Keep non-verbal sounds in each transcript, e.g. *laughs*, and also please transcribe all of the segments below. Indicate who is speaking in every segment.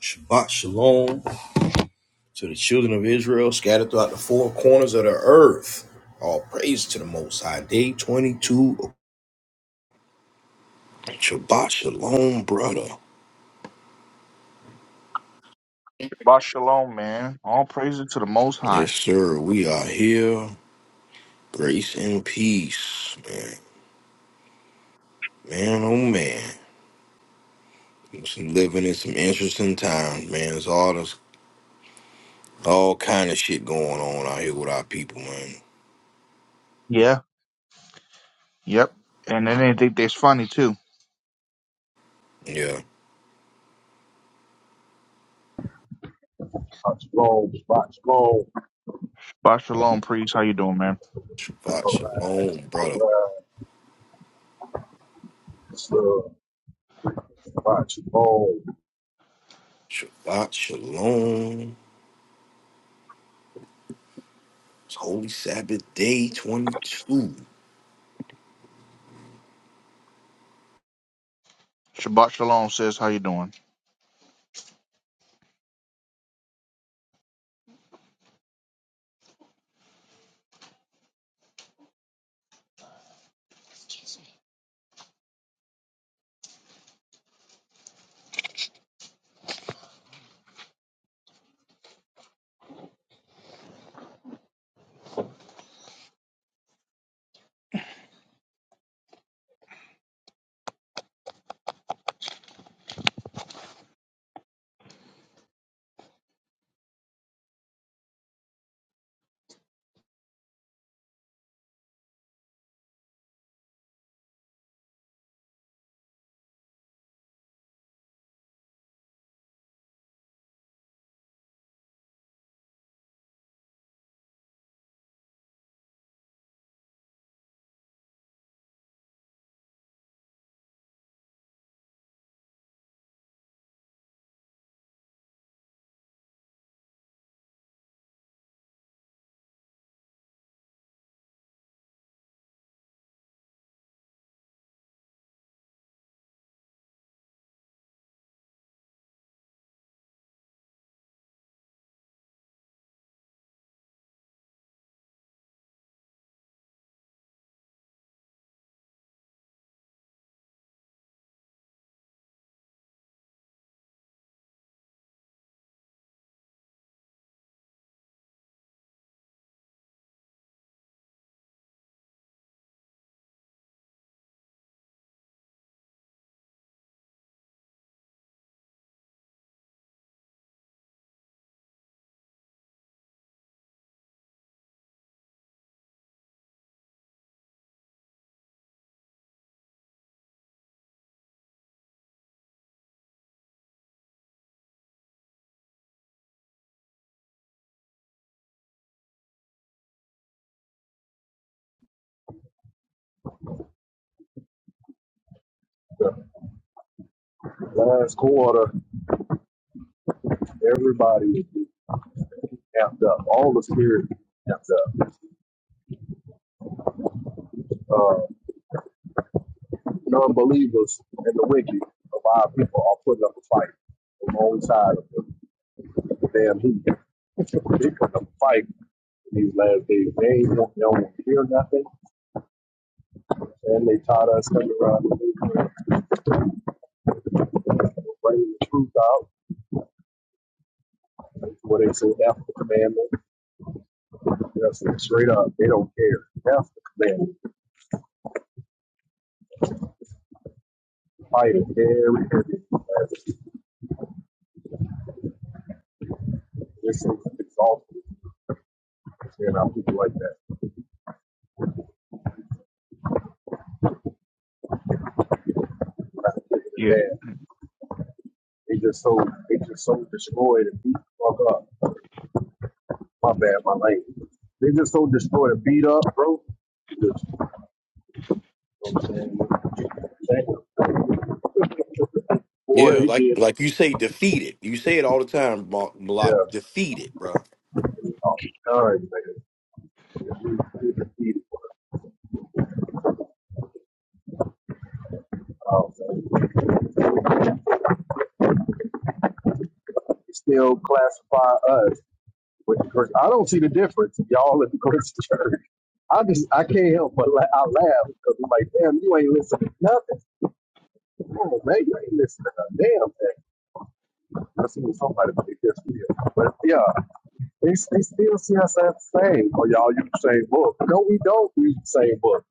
Speaker 1: Shabbat Shalom to the children of Israel scattered throughout the four corners of the earth. All praise to the Most High. Day 22. Shabbat Shalom, brother.
Speaker 2: Bah shalom, man. All praises to the Most High.
Speaker 1: Yes, sir. We are here. Grace and peace, man. Man, oh man. Just living in some interesting times, man. There's all this, all kind of shit going on out here with our people, man.
Speaker 2: Yeah. Yep. And they didn't think that's funny too.
Speaker 1: Yeah.
Speaker 3: Watch Bone, Watch Bone,
Speaker 2: Bah shalom, priest. How you doing, man?
Speaker 1: Shabbat Shalom,
Speaker 3: All
Speaker 1: brother.
Speaker 3: right, so Watch Bone.
Speaker 1: Shabbat Shalom. It's Holy Sabbath Day 22.
Speaker 2: Shabbat shalom, says. How you doing?
Speaker 3: The last quarter, everybody is amped up. All the spirit amped up. Uh, non believers and the wicked of our people are putting up a fight alongside of the damn heat. They're putting up a fight in these last days. They ain't they don't want to hear nothing. And they taught us coming around the bringing the truth out, where they say, after the commandment. That's it, straight up. They don't care. Half the man fighting every every match. They're so exhausted. You know, people like that. That's the thing with
Speaker 2: Yeah,
Speaker 3: that. They just so they just so destroyed and beat the fuck up. My bad, my lane. They just so destroyed and beat up, bro. Just, you know what I'm saying? Damn. *laughs* Boy,
Speaker 1: Yeah,
Speaker 3: they
Speaker 1: like
Speaker 3: did.
Speaker 1: like you say, defeated. You say it all the time, Blo- Block.
Speaker 3: Yeah.
Speaker 1: Defeated, bro.
Speaker 3: All right, man. Um, still classify us. With the Christian. I don't see the difference. Y'all in the Christian church. I just I can't help but la- I laugh because I'm like, damn, you ain't listening to nothing. Oh man, you ain't listening to a damn thing. I see what somebody did this year. But yeah, they, they still see us as the same. Oh, y'all use the same book. No, we don't read the same book.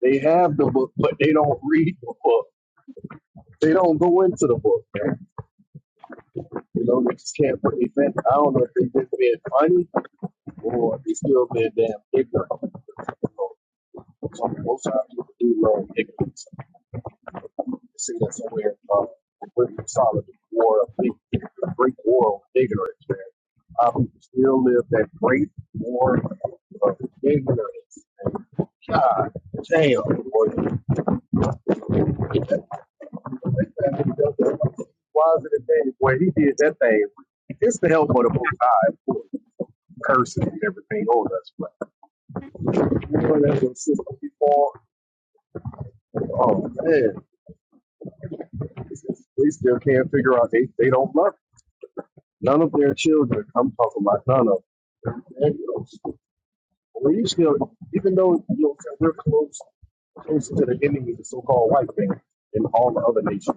Speaker 3: They have the book, but they don't read the book. They don't go into the book. Man. You know, they just can't put event. I don't know if they just being funny Boy, they still been damn ignorant. So most of you do learn ignorance. You See that somewhere uh pretty solid war a big the great war of ignorance, man. Our people still live that great war of ignorance. And God damn boy. Why is it a thing? Boy, he did that thing. It's the help of the most high, cursing and everything on us. but. Anyone that's insistent before, oh man, they still can't figure out they, they don't love it. None of their children. I'm talking about none of them. And, you know, we still, even though you know so we're close, closer to the enemy, the so-called white man, than all the other nations,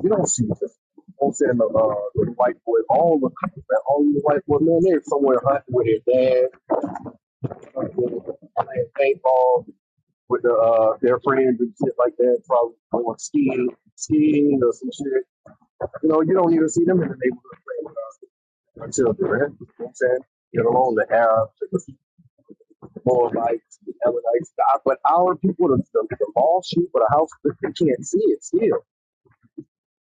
Speaker 3: you don't see this. I'm saying the, uh, the white boy, all the all the white boy, man, they're somewhere hunting with their dad, playing paintball, with the, uh, their friends and shit like that, probably going skiing, skiing or some shit. You know, you don't even see them in the neighborhood playing with us until they're in. You know what I'm saying? Get along the Arabs, the Moabites, the Ammonites. the- But our people, the, the, the mall sheep or the house, they can't see it still.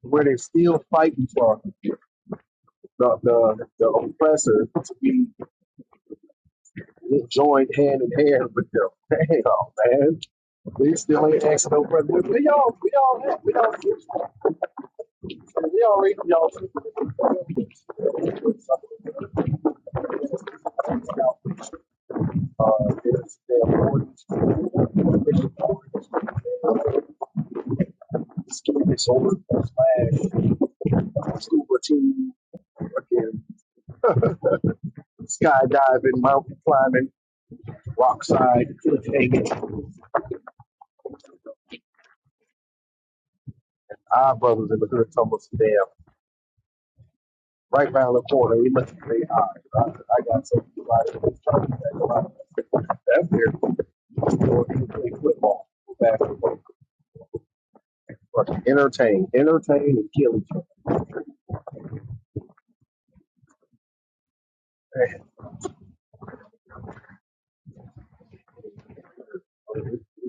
Speaker 3: Where they are still fighting for the, the, the oppressor to be Just joined hand in hand with them. *laughs* Damn, man. They still ain't asking no questions. We we all, we all, have- we all, we all read y'all. Uh, it's their mortgage. It's getting this over. Slash scuba team. Again, *laughs* skydiving, mountain climbing. Rockside, Hagan. Our brothers in the hood told us, damn, right round the corner, we must be high. I, I got so excited. That's weird. Or you play football, basketball. Fucking Entertain, entertain and kill each other. Man.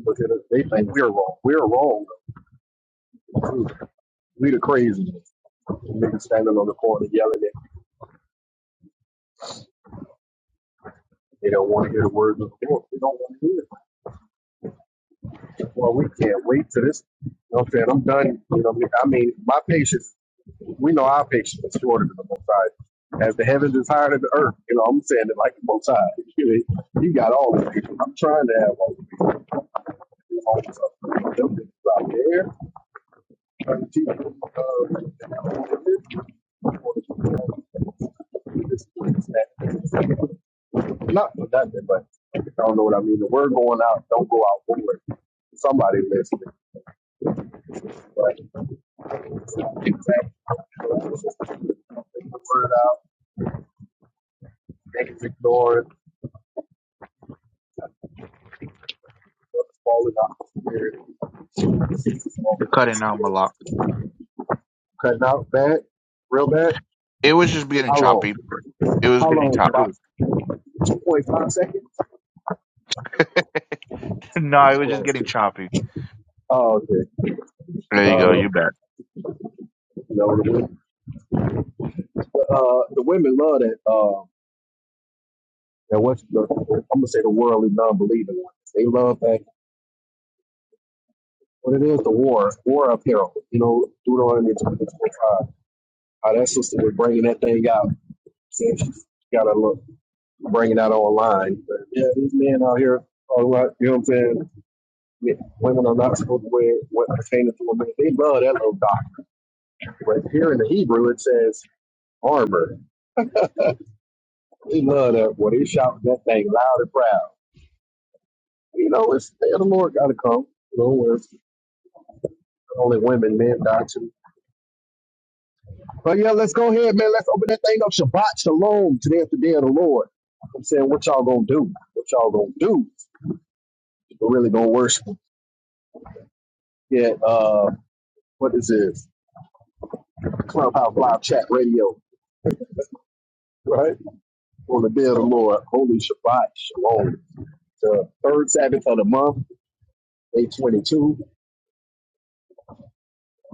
Speaker 3: Look at us. They think we're wrong. We're wrong. We the crazy ones. Niggas standing on the corner yelling at. me. They don't want to hear the words of the Lord. They don't want to hear. Well, we can't wait to this. You know what I'm saying? I'm done. You know, what I mean, I mean, my patience, we know our patience is shorter than the most high. As the heavens is higher than the earth, you know, I'm saying it like the most high. *laughs* You, know, you got all the patience. I'm trying to have all the patience. All this stuff. Them niggas out there trying to teach them, uh, Not for nothing, but I don't know what I mean. The word going out, don't go out forward. Somebody listening but exactly the word out, niggas ignore it, falling out the spirit.
Speaker 2: you're cutting out Malak.
Speaker 3: Cutting out bad, real bad.
Speaker 2: It was just getting
Speaker 3: How long?
Speaker 2: choppy. It was
Speaker 3: How
Speaker 2: getting
Speaker 3: long?
Speaker 2: choppy. It
Speaker 3: About
Speaker 2: was-
Speaker 3: 2.5 seconds?
Speaker 2: *laughs* no,
Speaker 3: How
Speaker 2: it was just
Speaker 3: long?
Speaker 2: getting choppy.
Speaker 3: Oh, okay.
Speaker 2: There you go.
Speaker 3: Uh,
Speaker 2: You bet.
Speaker 3: you know, the, women- uh, the women love that. Uh, that what? I'm gonna say the worldly non-believing ones. They love that what it is, the war, war apparel. You know, Deuteronomy 20, twenty-five. How that sister was bringing that thing out. Saying she's got to look, bring it out online. But yeah, these men out here, all right, you know what I'm saying? Yeah, Women are not supposed to wear what pertains to women. They love that little doc. But here in the Hebrew, it says armor. They love that. Well, they shout that thing loud and proud. You know, it's the the Lord got to come. You know, where it's only women, men die too. But yeah, let's go ahead, man. Let's open that thing up. Shabbat Shalom. Today is the day of the Lord. I'm saying what y'all gonna do. What y'all gonna do. We're really gonna worship. Yeah, uh, what is this? Clubhouse Live Chat Radio, right? On the day of the Lord. Holy Shabbat Shalom. The third Sabbath of the month, day 22.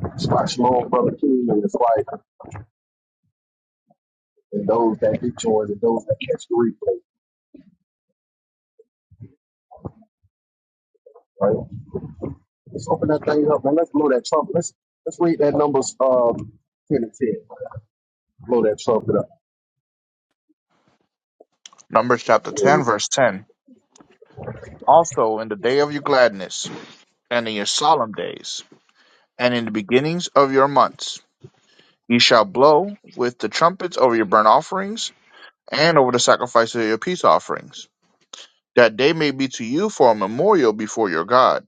Speaker 3: Shabbat Shalom, Brother King and his wife, and those that do join and those that catch the replay, right? Let's open that thing up and let's blow that trumpet. Let's, let's read that numbers um, 10 and 10. blow that trumpet up.
Speaker 2: Numbers chapter ten, verse ten. Also, in the day of your gladness, and in your solemn days, and in the beginnings of your months, ye shall blow with the trumpets over your burnt offerings and over the sacrifice of your peace offerings, that they may be to you for a memorial before your God.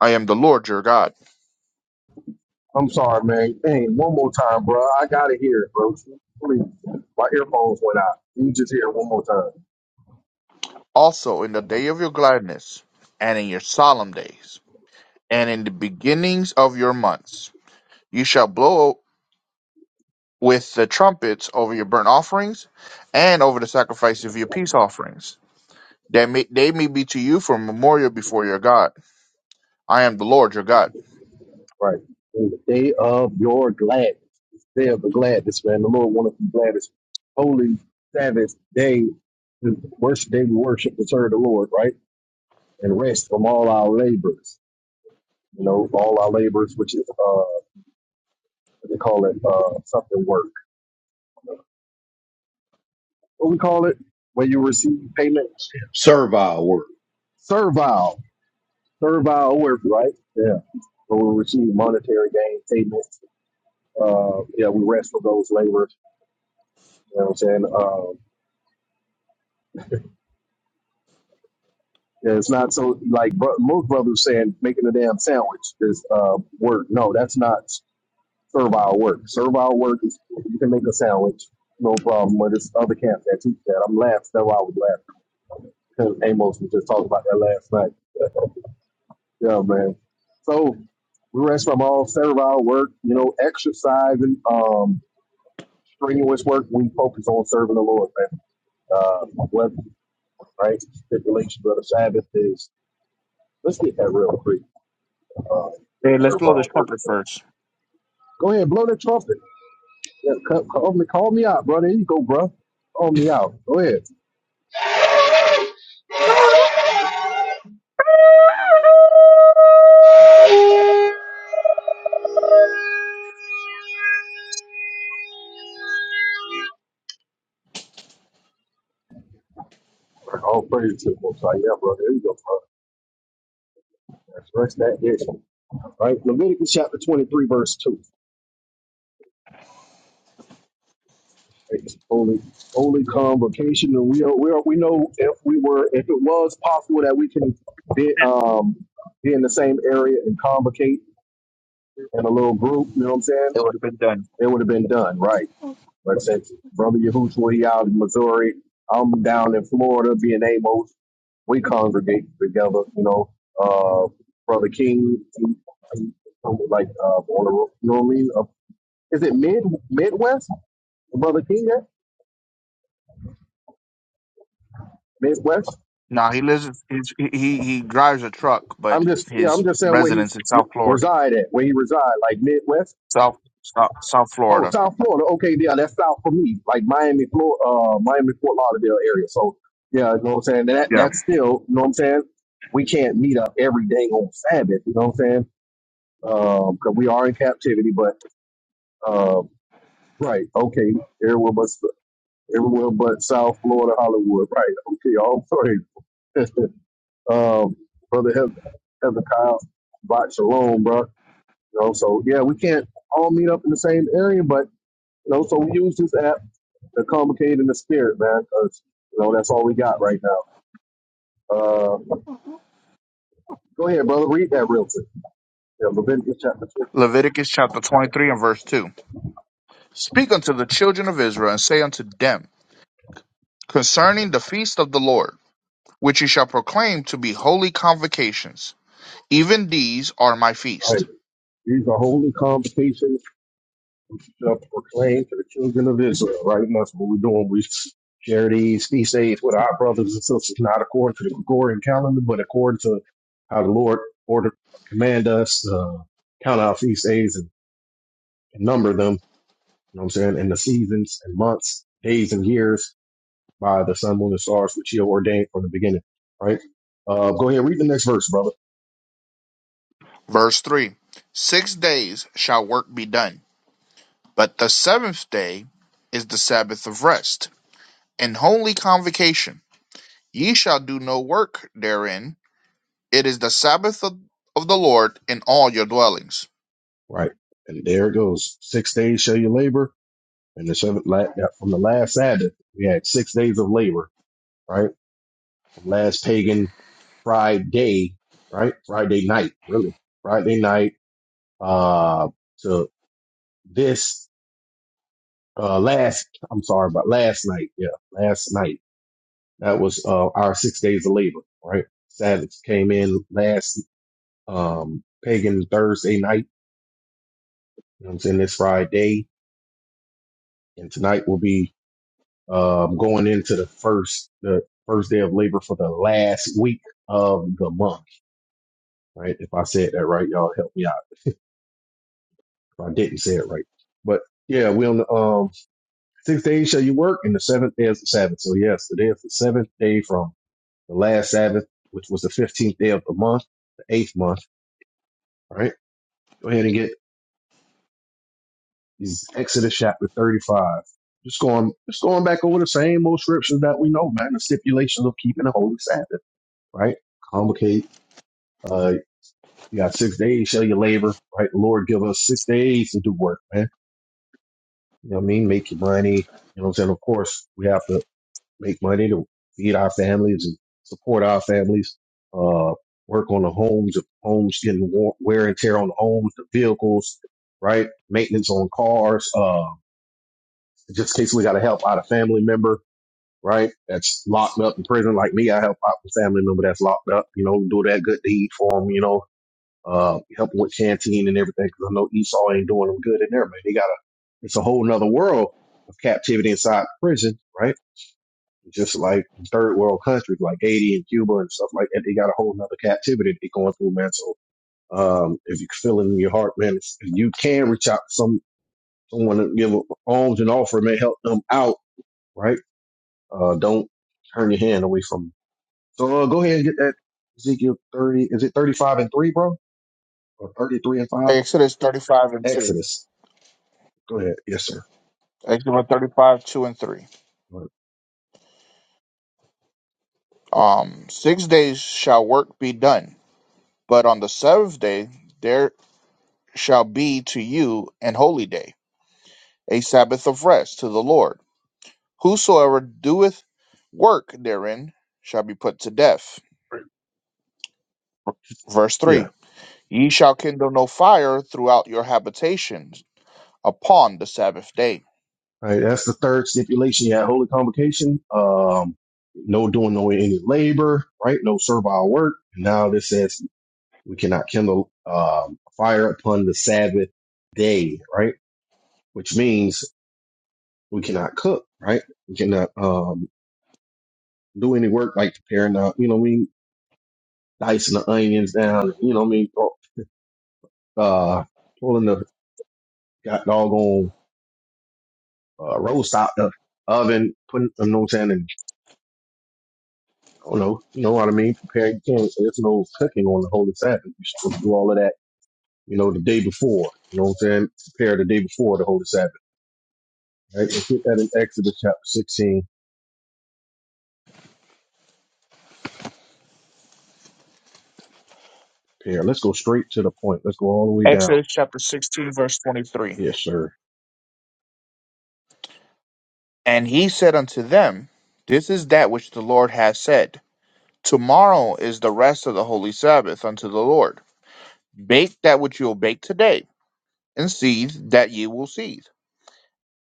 Speaker 2: I am the Lord your God.
Speaker 3: I'm sorry, man. Dang, one more time, bro. I gotta hear it, bro. Please. My earphones went out. You just hear it one more time.
Speaker 2: Also in the day of your gladness, and in your solemn days, and in the beginnings of your months, you shall blow with the trumpets over your burnt offerings, and over the sacrifice of your peace offerings, that may, they may be to you for a memorial before your God. I am the Lord your God.
Speaker 3: Right. In the day of your gladness, day of the gladness, man. The Lord wanted to be gladness. Holy Sabbath day, the worship day we worship and serve the Lord, right? And rest from all our labors. You know, all our labors, which is uh what they call it uh something work. What we call it? Where you receive payment.
Speaker 1: Servile work.
Speaker 3: Servile. servile worker, right? Yeah. So we receive monetary gain payments. Uh, yeah, we rest for those laborers. You know what I'm saying? Um, yeah, it's not so like bro- most brothers saying making a damn sandwich is uh, work. No, that's not servile work. Servile work is you can make a sandwich, no problem. But it's other camps that teach that. I'm laughing. That's why I was laughing because Amos was just talking about that last night. *laughs* yeah, man. So we rest from all servile work. You know, exercising. Um, strenuous work, we focus on serving the Lord, man. Uh, whether, right? Stipulations of the Sabbath is, let's get that real quick. Uh, we'll
Speaker 2: Hey, let's
Speaker 3: serve
Speaker 2: blow
Speaker 3: our
Speaker 2: this
Speaker 3: work.
Speaker 2: trumpet
Speaker 3: man.
Speaker 2: first.
Speaker 3: Go ahead, blow that trumpet. Yeah, call, call me, call me out, brother. There you go, bro. Call me out. Go ahead. All praise to the Most High. Yeah, brother. There you go, bro. That's right. that's that issue. All Right? Leviticus chapter 23, verse 2. It's only only convocation, and we are, we are, we know if we were if it was possible that we can be um be in the same area and convocate in a little group. You know what I'm saying?
Speaker 2: It would have been done.
Speaker 3: It would have been done, right? But since brother Yahushua he out in Missouri, I'm down in Florida, being Amos, we congregate together. You know, uh, brother King, he- he- like uh, on the, you know what I mean? Uh, is it mid Midwest, brother King? at? Midwest.
Speaker 2: No, he lives. His, he he he drives a truck, but
Speaker 3: I'm just yeah, I'm
Speaker 2: his
Speaker 3: just saying where he's
Speaker 2: residence in
Speaker 3: r-
Speaker 2: South Florida,
Speaker 3: reside at, where he reside, like Midwest.
Speaker 2: South South, South
Speaker 3: Oh,
Speaker 2: Florida.
Speaker 3: South Florida. Okay, yeah, that's south for me, like Miami, Florida, uh, Miami, Fort Lauderdale area. So yeah, you know what I'm saying. That
Speaker 2: Yeah.
Speaker 3: that's still, you know what I'm saying. We can't meet up every day on Sabbath. You know what I'm saying? Because we are in captivity, but um, right, okay, everywhere but everywhere but South Florida, Hollywood. Right, okay, all sorry, *laughs* um, brother Hezekiah, Bot Shalom, bro. You know, so yeah, we can't all meet up in the same area, but you know, so we use this app to communicate in the spirit, man, because you know that's all we got right now. Uh, go ahead, brother, read that real quick. Yeah, Leviticus chapter two.
Speaker 2: Leviticus chapter twenty three and verse two. Speak unto the children of Israel and say unto them concerning the feast of the Lord, which ye shall proclaim to be holy convocations. Even these are my
Speaker 3: Right.
Speaker 2: feast.
Speaker 3: These are holy convocations which you shall proclaim to the children of Israel. Right, and that's what we're doing. We share these feast days with our brothers and sisters, not according to the Gregorian calendar, but according to how the Lord ordered command us to uh, count our feast days and, and number them You know what I'm saying? And the seasons and months, days and years by the sun, moon, and stars, which he ordained from the beginning. Right? Uh, go ahead, read the next verse, brother.
Speaker 2: Verse three. Six days shall work be done, but the seventh day is the Sabbath of rest and holy convocation Ye shall do no work therein. It is the Sabbath of, of the Lord in all your dwellings.
Speaker 3: Right. And there it goes. Six days shall you labor. And the seventh, la- that- from the last Sabbath, we had six days of labor, right? From last pagan Friday, right? Friday night, really. Friday night, uh, to this, uh, last, I'm sorry, but last night. Yeah. Last night That was uh, our six days of labor, right? Sabbath came in last um, pagan Thursday night. You know what I'm saying? This Friday and tonight will be um, going into the first the first day of labor for the last week of the month, right? If I said that right, y'all help me out. If I didn't say it right, but yeah, we on the um, six days shall you work, and the seventh day is the Sabbath. So yes, today is the seventh day from the last Sabbath, which was the fifteenth day of the month, the eighth month. All right, go ahead and get He's exited chapter 35. Just going, just going back over the same old scriptures that we know, man. The stipulations of keeping the holy Sabbath, right? Complicate. Uh, you got six days, shall your labor, right? The Lord give us six days to do work, man. You know what I mean? Make your money. You know what I'm saying? Of course, we have to make money to feed our families and support our families. Uh, work on the homes, if homes getting war- wear and tear on the homes, the vehicles, right? Maintenance on cars. Uh, just in case we got to help out a family member, right? That's locked up in prison, like me. I help out a family member that's locked up. You know, do that good deed for them. You know, uh, help 'em with canteen and everything. Because I know Esau ain't doing them good in there, man. They got a It's a whole nother world of captivity inside prison, right? Just like third world countries like Haiti and Cuba and stuff like that, they got a whole nother captivity they going through, man. So, um, if you feel it in your heart, man, if you can reach out to some someone and give alms and offer, man, help them out, right? Uh, don't turn your hand away from. So uh, go ahead and get that Ezekiel thirty. Is it thirty five and three, bro, or thirty three and five?
Speaker 2: Exodus 35 and 2.
Speaker 3: Exodus. Go ahead. Yes, sir.
Speaker 2: Exodus 35, 2 and 3.
Speaker 3: Go ahead.
Speaker 2: Um, six days shall work be done, but on the seventh day there shall be to you an holy day, a Sabbath of rest to the Lord. Whosoever doeth work therein shall be put to death. Verse
Speaker 3: Yeah.
Speaker 2: 3 Ye shall kindle no fire throughout your habitations upon the Sabbath day
Speaker 3: All right. That's the third stipulation. You had Holy convocation. Um, no doing no any labor, right? No servile work. And now this says we cannot kindle um, fire upon the Sabbath day, right? Which means we cannot cook, right? We cannot um, do any work like preparing. Uh, you know, what I mean? dicing the onions down, you know what I mean? Uh, pulling the got doggone uh, roast out the oven, putting, you know what I'm saying? And, I don't know, you know what I mean? Prepare, you can't, there's no cooking on the Holy Sabbath. You're supposed to do all of that, you know, the day before, you know what I'm saying? Prepare the day before the Holy Sabbath, right? Let's get that in Exodus chapter 16. Prepare. Let's go straight to the point. Let's go all the way down.
Speaker 2: Exodus chapter 16, verse 23.
Speaker 3: Yes, sir.
Speaker 2: And he said unto them, This is that which the Lord hath said. Tomorrow is the rest of the holy Sabbath unto the Lord. Bake that which you will bake today, and seethe that ye will seethe.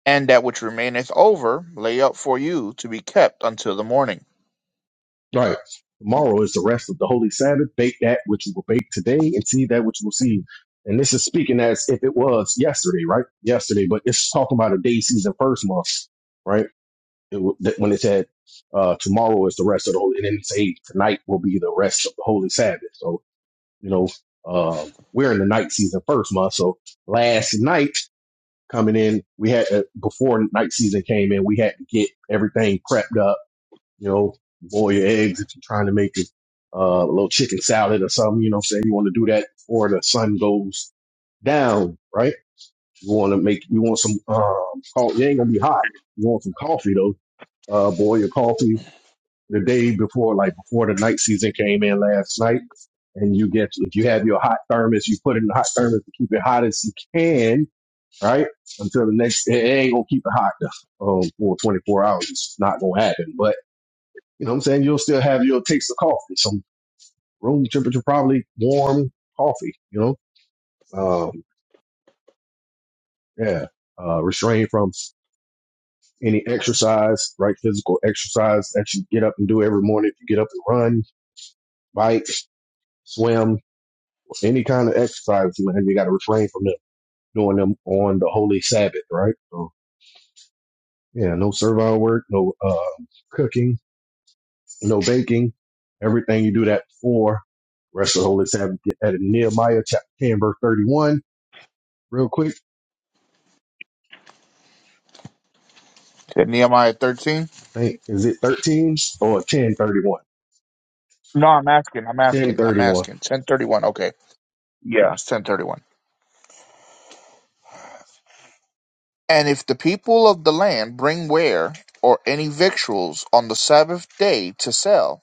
Speaker 2: And that which remaineth over, lay up for you to be kept until the morning.
Speaker 3: Right. Tomorrow is the rest of the holy Sabbath. Bake that which you will bake today and see that which you will see. And this is speaking as if it was yesterday, right? Yesterday, but it's talking about a day season first month, right? It, wa- that when it said uh, tomorrow is the rest of the holy, and then it say tonight will be the rest of the holy Sabbath. So you know uh, we're in the night season first month. So last night coming in, we had uh, before night season came in, we had to get everything prepped up you know, boil your eggs if you're trying to make it uh, a little chicken salad or something, you know what I'm saying? You want to do that before the sun goes down, right? You want to make, you want some, um, coffee. It ain't going to be hot. You want some coffee though. Uh, boil your coffee the day before, like before the night season came in last night. And you get, if you have your hot thermos, you put it in the hot thermos to keep it hot as you can, right? Until the next, it ain't going to keep it hot um, for 24 hours. It's not going to happen, but you know what I'm saying? You'll still have your taste of coffee, some room temperature, probably warm coffee, you know? Um, yeah. Uh, restrained from any exercise, right? Physical exercise that you get up and do every morning. If you get up and run, bike, swim, any kind of exercise, you, know, you got to refrain from them doing them on the holy Sabbath, right? So, yeah, no servile work, no uh, cooking, no baking. Everything you do that for, rest of the holy Sabbath. Get that in Nehemiah chapter 10, verse 31 real quick.
Speaker 2: Said Nehemiah 13?
Speaker 3: I think is it 13 or 1031?
Speaker 2: No, I'm asking, I'm asking, I'm
Speaker 3: 1031,
Speaker 2: asking. 1031, okay. Yeah, it's 1031. And if the people of the land bring ware, or any victuals, on the sabbath day to sell,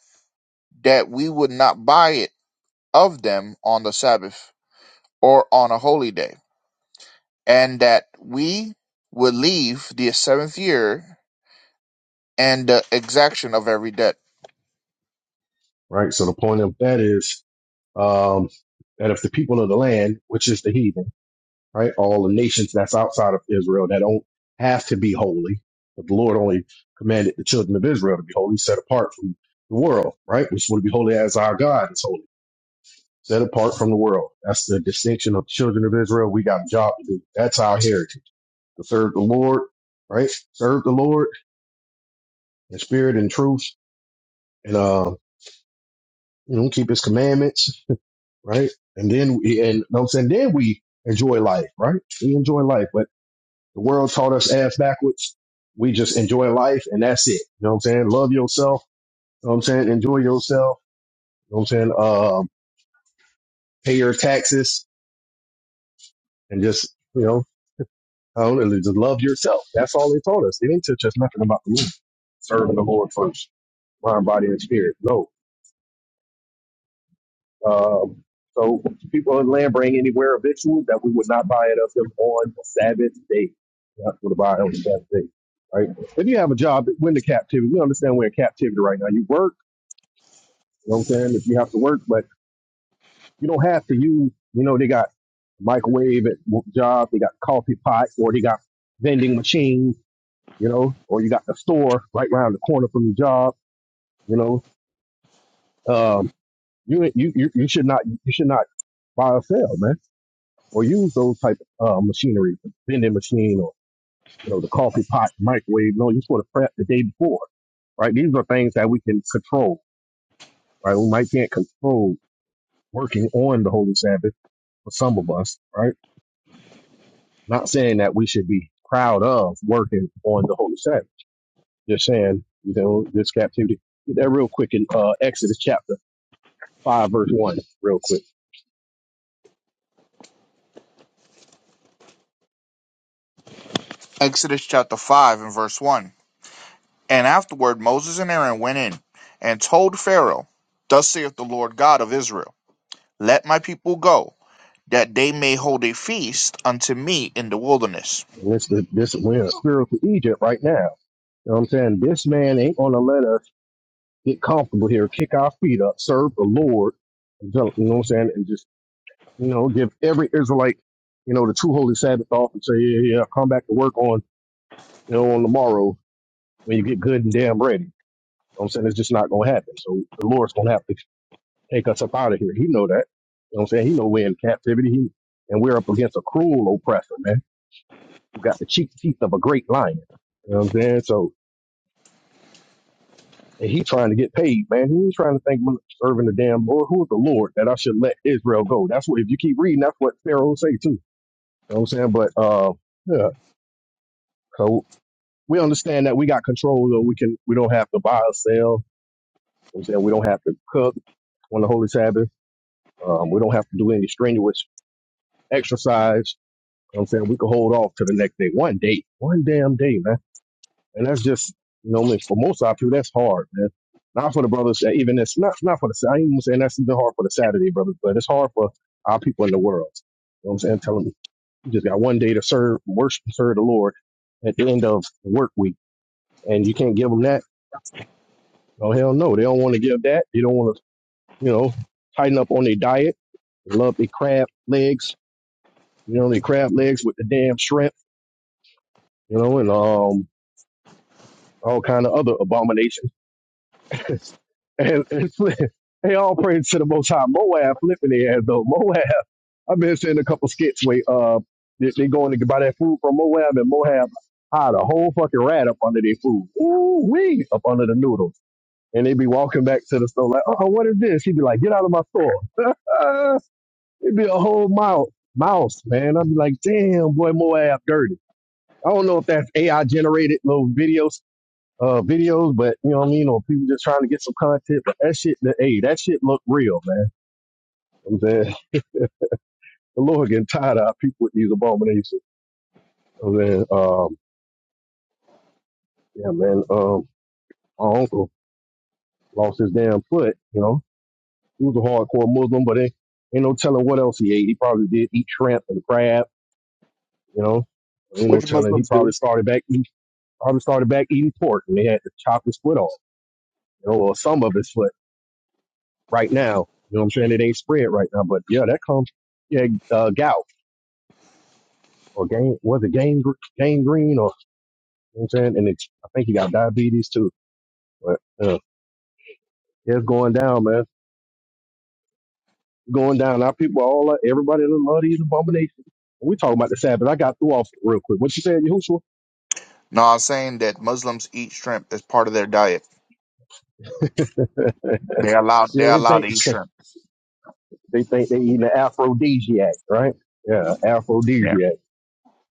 Speaker 2: that we would not buy it of them on the sabbath, or on a holy day, and that we would leave the seventh year and the exaction of every debt.
Speaker 3: right? So the point of that is um, that if the people of the land, which is the heathen, right, all the nations that's outside of Israel that don't have to be holy, but the Lord only commanded the children of Israel to be holy, set apart from the world, right, which would be holy as our God is holy, set apart from the world. That's the distinction of children of Israel. We got a job to do. That's our heritage to serve the Lord, right? Serve the Lord in spirit and truth and uh, you know, keep his commandments, right? And then we and you know what I'm saying then we enjoy life, right? We enjoy life. But the world taught us ass backwards. We just enjoy life and that's it. You know what I'm saying? Love yourself, you know what I'm saying? Enjoy yourself, you know what I'm saying? Um, pay your taxes and just, you know, I don't know, just love yourself. That's all they taught us. They didn't teach us nothing about the Lord. Serving the Lord first, mind, body, and spirit. No. Um, so people in land bring anywhere of victuals that we would not buy it of them on a Sabbath day. We're Not going to buy it on the Sabbath day, right? If you have a job, when the captivity, we understand we're in captivity right now. You work, you know what I'm saying? If you have to work, but you don't have to use, you know, they got microwave at wo- job, they got coffee pot, or they got vending machine, you know, or you got the store right around the corner from your job, you know. Um, you, you, you you should not, you should not buy or sell, man or use those type of uh, machinery, the vending machine or you know the coffee pot, microwave. No, you're supposed to prep the day before, right? These are things that we can control, right? We might can't control working on the holy Sabbath for some of us, right? Not saying that we should be proud of working on the holy Sabbath. Just saying, you know, this captivity. Get that real quick in uh, Exodus chapter five, verse one, real quick.
Speaker 2: Exodus chapter 5 and verse 1. And afterward Moses and Aaron went in, and told Pharaoh, Thus saith the Lord God of Israel, Let my people go that they may hold a feast unto me in the wilderness.
Speaker 3: And this, this we're in a spiritual Egypt right now. You know what I'm saying? This man ain't gonna let us get comfortable here, kick our feet up, serve the Lord, you know what I'm saying, and just, you know, give every Israelite, you know, the true holy Sabbath off and say, yeah, yeah, come back to work on, you know, on tomorrow when you get good and damn ready. You know what I'm saying? It's just not going to happen. So the Lord's going to have to take us up out of here. He know that. You know what I'm saying? He know we're in captivity. He, and we're up against a cruel oppressor, man, who got the cheek teeth of a great lion. You know what I'm saying? So And he trying to get paid, man. He trying to think i serving the damn Lord. Who is the Lord that I should let Israel go? That's what if you keep reading, that's what Pharaoh say too. You know what I'm saying? But uh yeah. So we understand that we got control though. We can we don't have to buy or sell. You know what I'm saying we don't have to cook on the holy Sabbath. Um, we don't have to do any strenuous exercise. You know what I'm saying we can hold off to the next day. One day. One damn day, man. And that's just you know, like, for most of our people, that's hard, man. Not for the brothers, uh, even it's not not for the. I ain't even saying that's even hard for the Saturday brothers, but it's hard for our people in the world. You know what I'm saying? Tell them you just got one day to serve, worship, and serve the Lord at the end of the work week, and you can't give them that. Oh hell no, they don't want to give that. They don't want to, you know, tighten up on their diet. They love their crab legs, you know, their crab legs with the damn shrimp, you know, and um all kind of other abominations *laughs* and, and flip. They all praise to the Most High. Moab flipping their ass though. Moab. *laughs* I've been seeing a couple skits where uh they, they going to buy that food from Moab and Moab hide a whole fucking rat up under their food. Ooh wee up under the noodles. And they be walking back to the store like, oh, what is this? He'd be like, get out of my store. *laughs* It'd be a whole mouth mouse, man. I'd be like, damn boy, Moab dirty. I don't know if that's AI generated little videos uh videos, but you know what I mean, or people just trying to get some content. But that shit, that hey, that shit look real, man. You know what I'm saying *laughs* the Lord getting tired of our people with these abominations. You know what I'm saying, um, yeah, man. Um, my uncle lost his damn foot. You know, he was a hardcore Muslim, but ain't, ain't no telling what else he ate. He probably did eat shrimp and crab. You know, ain't no
Speaker 2: Which
Speaker 3: telling. He
Speaker 2: Muslims
Speaker 3: probably
Speaker 2: do.
Speaker 3: started back. He probably started back eating pork, and they had to chop his foot off. You know, or some of his foot right now. You know what I'm saying? It ain't spread right now, but yeah, that comes yeah, uh, gout. or Gang was it Gang Gr- Gang Green or you know what I'm saying? And it's, I think he got diabetes too. But uh, yeah, it's going down, man. Going down. Our people all uh, everybody that love these abominations. we talking about the Sabbath. I got through off real quick. What you said, Yahushua?
Speaker 2: No, I'm saying that Muslims eat shrimp as part of their diet. They allow
Speaker 3: Yeah,
Speaker 2: they
Speaker 3: they
Speaker 2: allow to
Speaker 3: think
Speaker 2: eat shrimp.
Speaker 3: *laughs* they think they eating the aphrodisiac, right? Yeah,
Speaker 2: Yeah.
Speaker 3: aphrodisiac.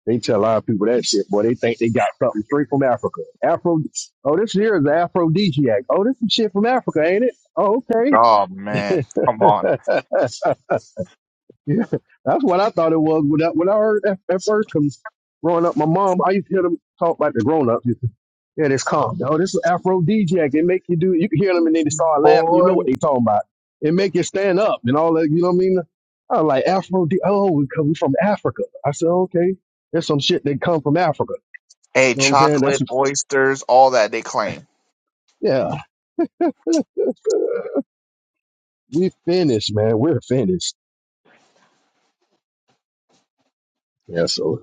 Speaker 3: They tell a lot of people that shit, boy. They think they got something straight from Africa. Afro. Oh, this here is aphrodisiac. Oh, this some shit from Africa, ain't it? Oh, okay.
Speaker 2: Oh man, come on,
Speaker 3: *laughs* Yeah, that's what I thought it was when I, when I heard that at first. Cause growing up, my mom, I used to hear them talk like the grown ups. Yeah, this calm. Oh, this is aphrodisiac. It make you do. You can hear them and then they start laughing. You know
Speaker 2: boy.
Speaker 3: what they talking about. It make you stand up and all that. You know what I mean? I was like Afro. Oh, because we from Africa. I said okay. There's some shit that come from Africa.
Speaker 2: Hey,
Speaker 3: You know what I'm saying? That's
Speaker 2: chocolate, oysters, all that they claim.
Speaker 3: yeah. We finished, man. We're finished. Yeah. So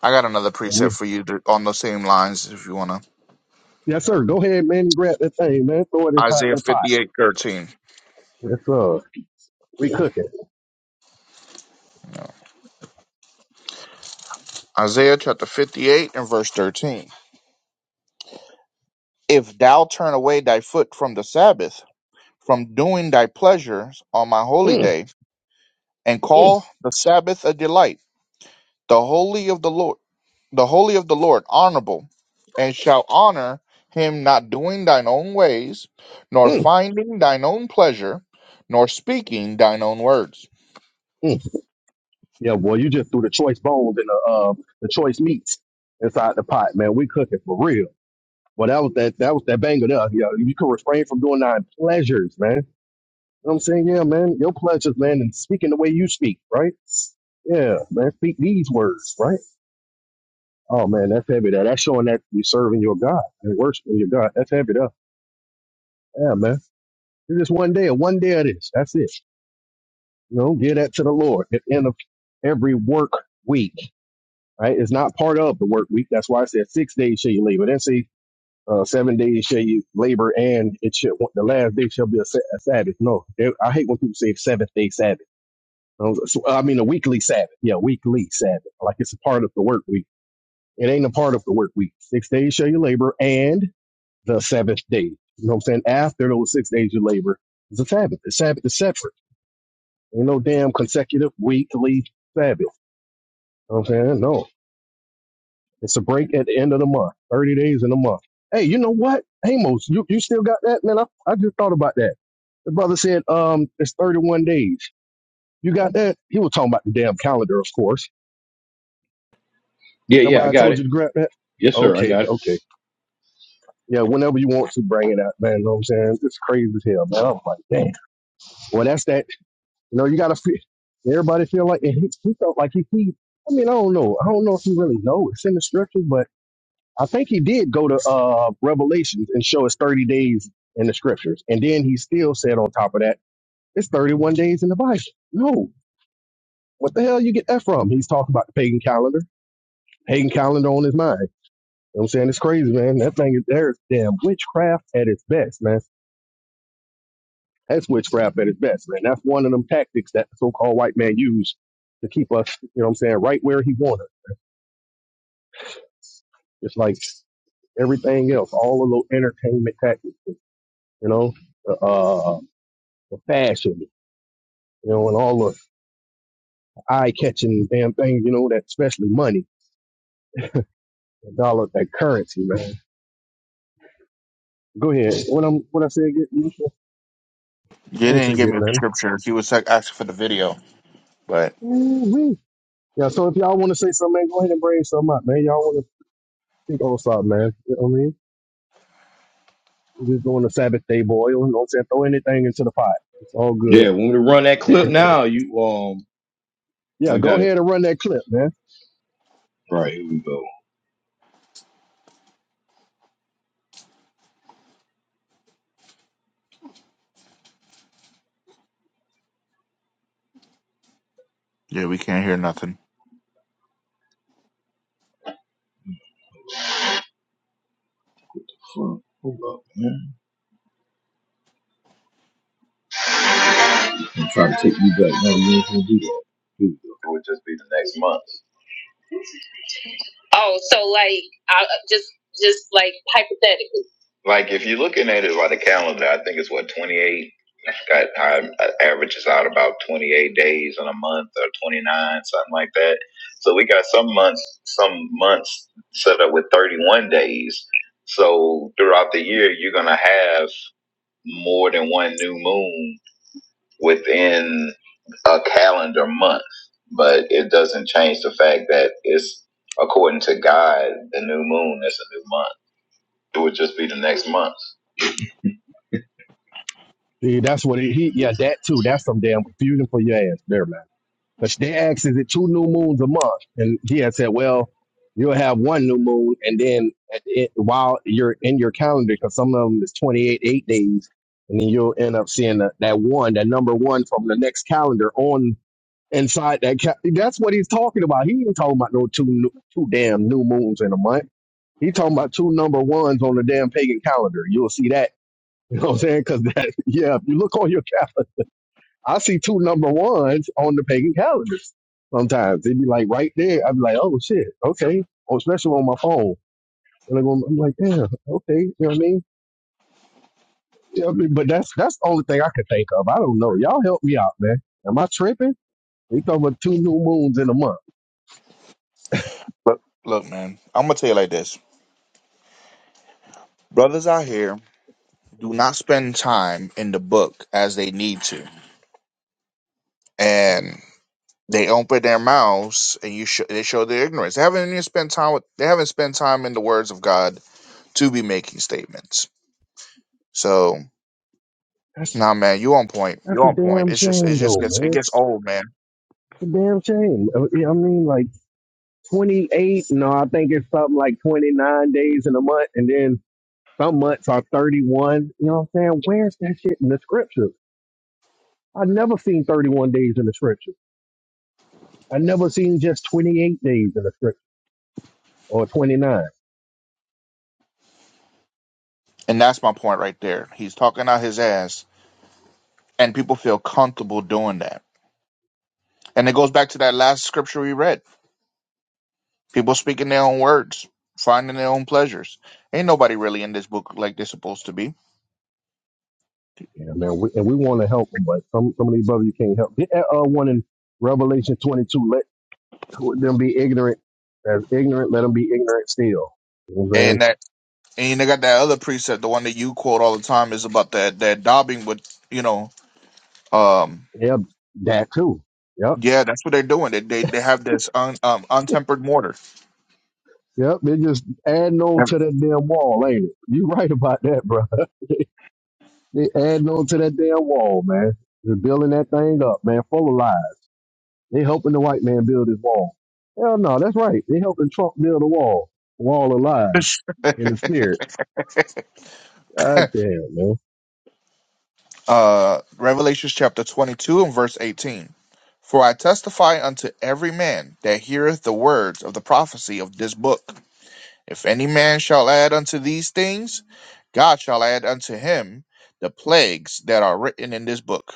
Speaker 2: I got another precept
Speaker 3: we.
Speaker 2: for you to, on the same lines if you wanna.
Speaker 3: Yes, sir. Go ahead, man. Grab that thing, man. Throw it in pot,
Speaker 2: Isaiah
Speaker 3: that pot.
Speaker 2: fifty-eight thirteen.
Speaker 3: Yes, sir. We cooking.
Speaker 2: Isaiah chapter 58 and verse 13. If thou turn away thy foot from the Sabbath, from doing thy pleasures on my holy day, and
Speaker 3: Mm,
Speaker 2: call the Sabbath a delight, the holy of the Lord, the holy of the Lord honorable, and shall honor him not doing thine own ways, nor
Speaker 3: mm,
Speaker 2: finding thine own pleasure, nor speaking thine own words.
Speaker 3: mm. Yeah, boy, you just threw the choice bones and the uh, the choice meats inside the pot, man. We cooking for real. But that was that that was that banger there. Yeah, you could refrain from doing nine pleasures, man. You know what I'm saying? Yeah, man. Your pleasures, man, and speaking the way you speak, right? Yeah, man. Speak these words, right? Oh man, that's heavy. That that's showing that you're serving your God and worshiping your God. That's heavy there. Yeah, man. It's just one day, one day of this. That's it. You know, give that to the Lord at the end of every work week right? It's not part of the work week. That's why I said six days shall you labor. Then say uh, seven days shall you labor, and it should the last day shall be a, sa- a Sabbath. No, they- I hate when people say seventh day Sabbath. I was- so- I mean a weekly Sabbath. Yeah, weekly Sabbath. Like it's a part of the work week. It ain't a part of the work week. Six days shall you labor, and the seventh day. You know what I'm saying? After those six days you labor, it's a Sabbath. The Sabbath is separate. Ain't no damn consecutive weekly Sabbath. You know what I'm saying? No. It's a break at the end of the month, 30 days in a month. Hey, you know what? Amos, you, you still got that? Man, I, I just thought about that. The brother said, um, it's 31 days. You got that? He was talking about the damn calendar, of course.
Speaker 1: Yeah,
Speaker 3: Remember
Speaker 1: yeah, I
Speaker 3: I
Speaker 1: got
Speaker 3: told you
Speaker 1: it.
Speaker 3: to grab that?
Speaker 1: Yes, sir, I
Speaker 3: Okay,
Speaker 1: got it.
Speaker 3: okay. Yeah, whenever you want to bring it out, man. You know what I'm saying? It's crazy as hell, man. I was like, damn. Well, that's that. You know, you got to feel, everybody feel like, and he, he felt like he, he, I mean, I don't know. I don't know if he really know. It's in the scriptures, but I think he did go to uh, Revelations and show us 30 days in the scriptures. And then he still said on top of that, it's 31 days in the Bible. No. What the hell you get that from? He's talking about the pagan calendar. Pagan calendar on his mind. You know what I'm saying? It's crazy, man. That thing is there's damn witchcraft at its best, man. That's witchcraft at its best, man. That's one of them tactics that the so-called white man used to keep us, you know what I'm saying, right where he wanted us. It's like everything else, all of those entertainment tactics, you know. Uh, uh, the fashion, you know, and all the eye catching damn things, you know, that especially money, the dollar, that currency, man. Go ahead. What I'm what I said get
Speaker 2: You
Speaker 3: I ain't
Speaker 2: didn't
Speaker 3: say
Speaker 2: give
Speaker 3: get
Speaker 2: me a
Speaker 3: nothing.
Speaker 2: scripture. He was like asking for the video, but
Speaker 3: Ooh-wee. Yeah, so if y'all wanna say something, man, go ahead and bring something up, man. Y'all wanna think on something, man. You know what I mean? We're just doing the Sabbath day boil, you know what I'm saying? Throw anything into the pot. It's all good.
Speaker 1: Yeah, want me to run that clip now? You um,
Speaker 3: Yeah,
Speaker 1: I
Speaker 3: go
Speaker 1: got it.
Speaker 3: ahead and run that clip, man.
Speaker 1: All right, here we go.
Speaker 2: yeah, we can't hear nothing.
Speaker 1: Hold up, hold up. I'm trying to take you back. No, you ain't gonna do that. Here we go. It would just be the next month. Oh, so like I just just like hypothetically. Like if you're looking at it by the calendar, I think it's what 28. I forgot how it averages out about 28 days in a month or 29, something like that. So we got some months, some months set up with 31 days. So throughout the year, you're gonna have more than one new moon within a calendar month, but it doesn't change the fact that it's according to God, the new moon is a new month. It would just be the next month.
Speaker 3: See, that's what it, he yeah, that too. That's some damn confusion for your ass there, man. But they asked, is it two new moons a month? And he had said, well, you'll have one new moon. And then at the end, while you're in your calendar, because some of them is 28, eight days, and then you'll end up seeing that, that one, that number one from the next calendar on inside that. Ca- That's what he's talking about. He ain't talking about no two, new, two damn new moons in a month. He talking about two number ones on the damn pagan calendar. You'll see that. *laughs* You know what I'm saying? Because that, *laughs* yeah, if you look on your calendar I see two number ones on the pagan calendars sometimes. They'd be like right there. I'd be like, oh shit, okay. Or especially on my phone. And I'm I'm like, yeah, okay. You know what I mean? Yeah, I mean, but that's that's the only thing I could think of. I don't know. Y'all help me out, man. Am I tripping? We talking about two new moons in a month?
Speaker 2: Look, look, man, I'm gonna tell you like this: brothers out here do not spend time in the book as they need to, and They open their mouths and you show they show their ignorance. They haven't even spent time with they haven't spent time in the words of God to be making statements. So
Speaker 3: That's
Speaker 2: nah man, you on point. You
Speaker 3: That's a
Speaker 2: on point.
Speaker 3: damn
Speaker 2: It's just it
Speaker 3: shame,
Speaker 2: just
Speaker 3: though,
Speaker 2: gets it
Speaker 3: man.
Speaker 2: gets
Speaker 3: It's
Speaker 2: old, man.
Speaker 3: a damn shame. I I mean, like 28, no, I think it's something like 29 days in a month, and then some months are 31. You know what I'm saying? Where's that shit in the scriptures? I've never seen 31 days in the scriptures. I've never seen just 28 days in the scripture or 29.
Speaker 2: And that's my point right there. He's talking out his ass and people feel comfortable doing that. And it goes back to that last scripture we read. People speaking their own words, finding their own pleasures. Ain't nobody really in this book like they're supposed to be.
Speaker 3: Yeah, man, we, and we want to help them, but some, some of these brothers you can't help. Get that uh, one in Revelation 22, let them be ignorant. As ignorant, let them be ignorant still. You know what I'm saying?
Speaker 2: and that. And you know, got that other precept, the one that you quote all the time, is about that that daubing with you know, um,
Speaker 3: Yep, that too. Yep,
Speaker 2: yeah, that's what they're doing. They they, they have this un, um, untempered mortar.
Speaker 3: yep. They just adding on to that damn wall, ain't it? You *laughs* right about that, bro. They adding on to that damn wall, man. They're building that thing up, man, full of lies. They helping the white man build his wall. Hell no, that's right. They helping Trump build a wall, wall of lies in the spirit. God damn, man.
Speaker 2: Uh, Revelations chapter twenty two and verse eighteen. For I testify unto every man that heareth the words of the prophecy of this book. If any man shall add unto these things, God shall add unto him the plagues that are written in this book.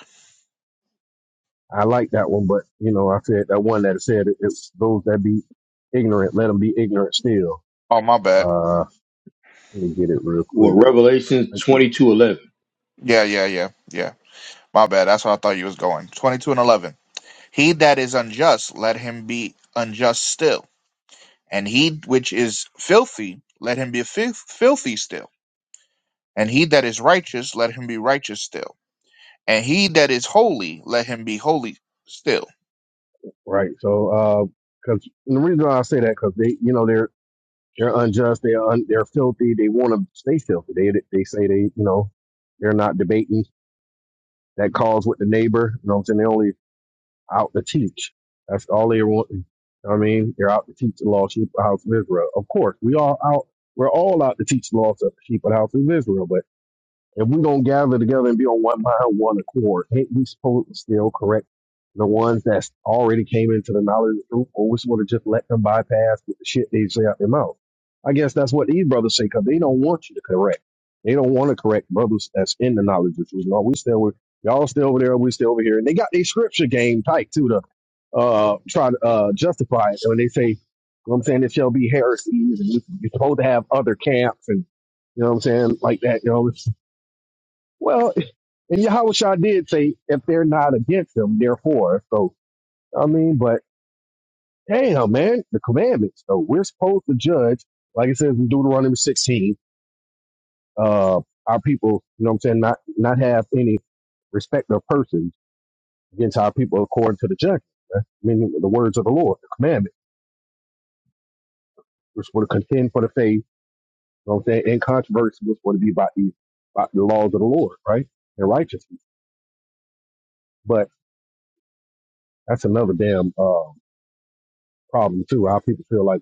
Speaker 3: I like that one, but you know, I said that one that said it, it's those that be ignorant, let them be ignorant still.
Speaker 2: Oh my bad.
Speaker 3: Uh, let me get it real quick.
Speaker 1: Well, Revelation twenty two eleven.
Speaker 2: Yeah, yeah, yeah, yeah. My bad. That's where I thought you was going. 22 and 11. He that is unjust, let him be unjust still. And he which is filthy, let him be fil- filthy still. And he that is righteous, let him be righteous still. And he that is holy, let him be holy still.
Speaker 3: Right. So, because the reason why I say that because they, you know, they're they're unjust. They're un, they're filthy. They want to stay filthy. They they say they, you know, they're not debating that cause with the neighbor. You know what I'm saying? They're only out to teach. That's all they want. You know what I mean, they're out to teach the law, sheep of the house of Israel. Of course, we all out. We're all out to teach the laws of the sheep of the house of Israel. But if we don't gather together and be on one mind, one accord, ain't we supposed to still correct the ones that's already came into the knowledge of the truth, or we supposed to just let them bypass with the shit they say out their mouth? I guess that's what these brothers say because they don't want you to correct. They don't want to correct brothers that's in the knowledge of the truth. No, we still with y'all still over there, we still over here. And they got their scripture game tight too to uh try to uh justify it. When they say, you know what I'm saying, there shall be heresies and you- you're supposed to have other camps and you know what I'm saying? Like that, you know. Well, and Yahusha did say, if they're not against them, they're for us. So, I mean, but damn, man, the commandments. So we're supposed to judge, like it says in Deuteronomy 16, uh, our people, you know what I'm saying, not, not have any respect of persons against our people according to the judgment, right? meaning the words of the Lord, the commandment, which were to contend for the faith, you know what I'm saying, and controversy was going to be about the, about the laws of the Lord, right? And righteousness. But that's another damn, uh, problem too. How people feel like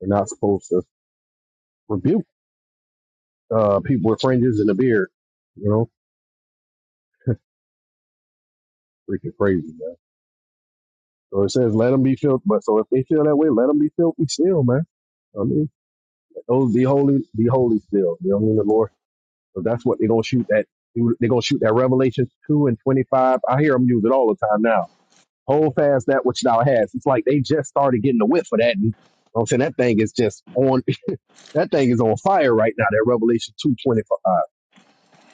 Speaker 3: they're not supposed to rebuke uh, people with fringes and a beard. You know, freaking crazy, man. So it says, "Let them be filthy." But so if they feel that way, let them be filthy still, man. I mean, those be holy, be holy still. You know what I mean, the Lord. So that's what they're gonna shoot that. They're gonna shoot that Revelations two and twenty five. I hear them use it all the time now. Hold fast that which thou hast. It's like they just started getting the whip for that. And, you know what I'm saying that thing is just on. *laughs* That thing is on fire right now. That Revelation two twenty five.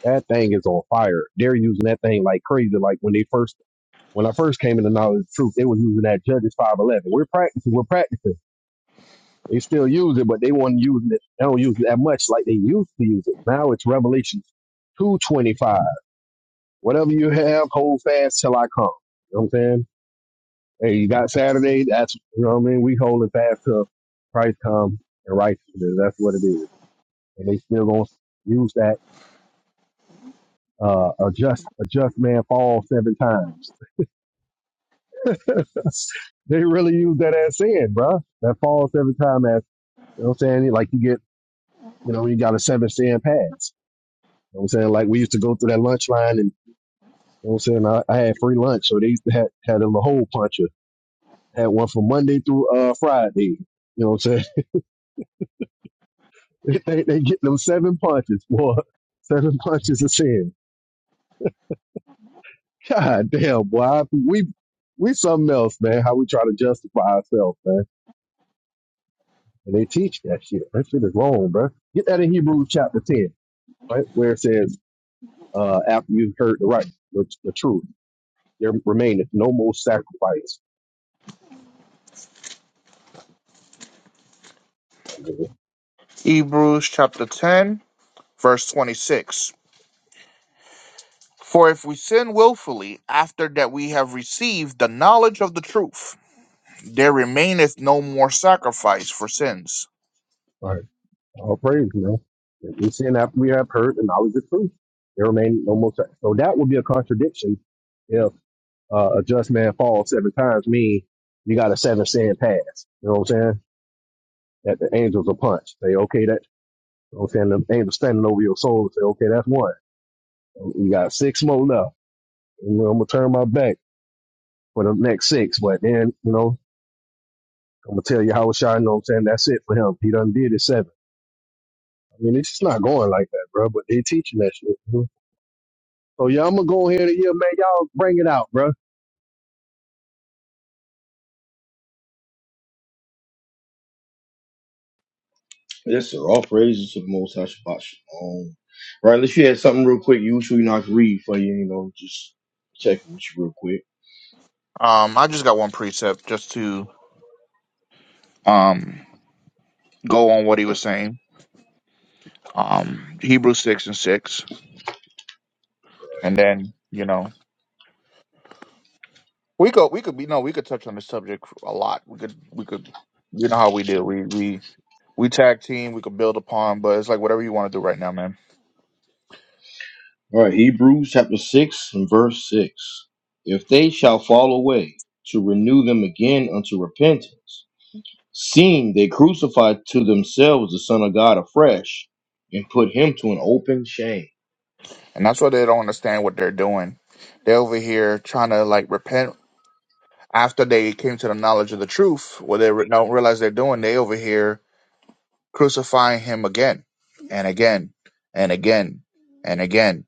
Speaker 3: That thing is on fire. They're using that thing like crazy. Like when they first, when I first came into knowledge of truth, they was using that Judges five eleven. We're practicing. We're practicing. They still use it, but they weren't using it. They don't use it that much like they used to use it. Now it's Revelation two twenty five. Whatever you have, hold fast till I come. You know what I'm saying? Hey, you got Saturday. That's you know what I mean. We holding fast till Christ come and righteousness. That's what it is. And they still gonna use that. Uh, a just a just man falls seven times. they really use that as sand, bro. That falls every time as you know what I'm saying? Like you get, you know, you got a seven sand pass. You know what I'm saying? Like we used to go through that lunch line and you know what I'm saying? I, I had free lunch, so they used to had had them a hole puncher. Had one from Monday through uh Friday. You know what I'm saying? *laughs* They they get them seven punches, boy. Seven punches of sin. God damn, boy. I- We we something else, man. How we try to justify ourselves, man. And they teach that shit. That shit is wrong, bro. Get that in Hebrews chapter ten. right? Where it says, uh, after you've heard the right, the, the truth, there remaineth no more sacrifice. I mean,
Speaker 2: Hebrews chapter 10, verse 26. For if we sin willfully after that we have received the knowledge of the truth, there remaineth no more sacrifice for sins.
Speaker 3: Right. All praise, you know. We are saying after we have heard the knowledge of truth. There remain no more sacrifice. So that would be a contradiction if uh, a just man falls seven times mean you got a seven sin pass. You know what I'm saying? That the angels will punch. Say, okay, that, you know what I'm saying? The angels standing over your soul and say, okay, that's one. You got six more left. And I'm going to turn my back for the next six. But then, you know, I'm gonna tell you how it's shot, you know what I'm saying? That's it for him. He done did his seven. I mean, it's just not going like that, bro. But they teaching that shit. mhm. So yeah, I'm gonna go ahead and yeah, man, y'all bring it out, bro.
Speaker 1: Yes, sir. All praises to the Most High Shabbat Shalom. Right, unless you had something real quick, you usually not read for you, you know, just checking with you real quick.
Speaker 2: Um, I just got one precept just to um go on what he was saying. Um Hebrews six and six. And then, you know we could we could be no, we could touch on this subject a lot. We could we could you know how we do. We we we tag team, we could build upon, but it's like whatever you want to do right now, man.
Speaker 1: All right, Hebrews chapter 6 and verse 6. If they shall fall away, to renew them again unto repentance, Seeing they crucified to themselves the Son of God afresh and put him to an open shame.
Speaker 2: And that's why they don't understand what they're doing. They're over here trying to like repent after they came to the knowledge of the truth, what they re- don't realize they're doing, they over here crucifying him again and again and again and again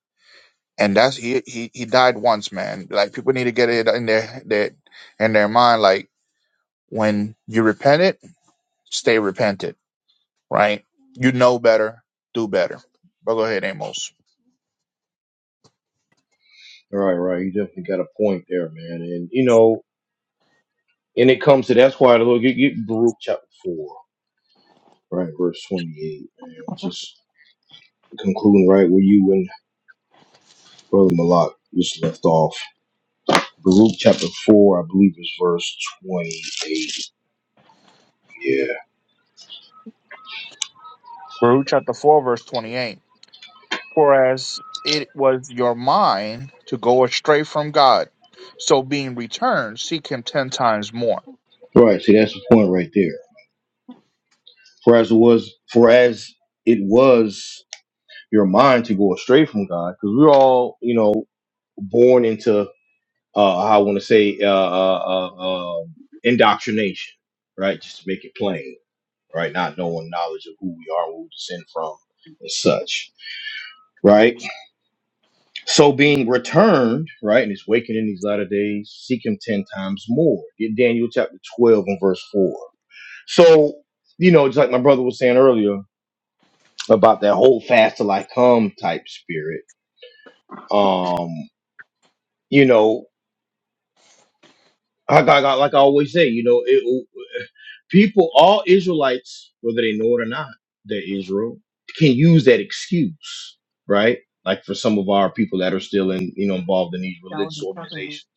Speaker 2: and that's he he he died once, man. Like people need to get it in their their in their mind. Like when you repent it, stay repented, right? You know better, do better. But go ahead, Amos.
Speaker 1: All right, right. You definitely got a point there, man. And, you know, and it comes to that's why the Lord, get, get Baruch chapter 4, right, verse 28, man. Just concluding right where you and Brother Malak just left off. Baruch chapter 4, I believe, is verse 28. Yeah.
Speaker 2: Baruch chapter four, verse twenty-eight. It was your mind to go astray from God, so being returned, seek Him ten times more.
Speaker 1: Right. See, that's the point right there. For as it was, for as it was your mind to go astray from God because we're all, you know, born into uh, I want to say uh, uh, uh, uh, indoctrination, right? Just to make it plain, right? Not knowing knowledge of who we are, where we descend from, and such, right? So being returned, right, and it's waking in these latter days, seek Him ten times more. Get Daniel chapter twelve and verse four. So you know, just like my brother was saying earlier about that whole fast till I come type spirit. Um, you know I got, got- like I always say, you know, it, people, all Israelites, whether they know it or not, they're Israel, can use that excuse, right? Like for some of our people that are still in, you know, involved in these religious organizations,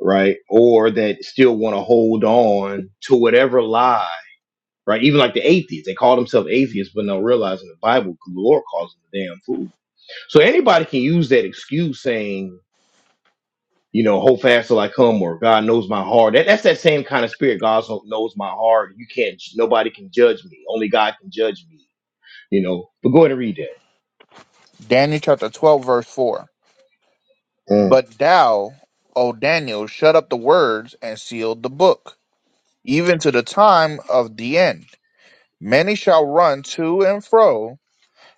Speaker 1: right? Or that still want to hold on to whatever lie, right? Even like the atheists, they call themselves atheists, but not realizing the Bible, the Lord calls them a damn fool. So anybody can use that excuse saying, you know, hold fast till I come, or God knows my heart. That, that's that same kind of spirit. God so- knows my heart. You can't, nobody can judge me. Only God can judge me, you know. But go ahead and read that.
Speaker 2: Daniel chapter twelve, verse four.
Speaker 1: Mm,
Speaker 2: But thou, O Daniel, shut up the words and sealed the book, even to the time of the end Many shall run to and fro,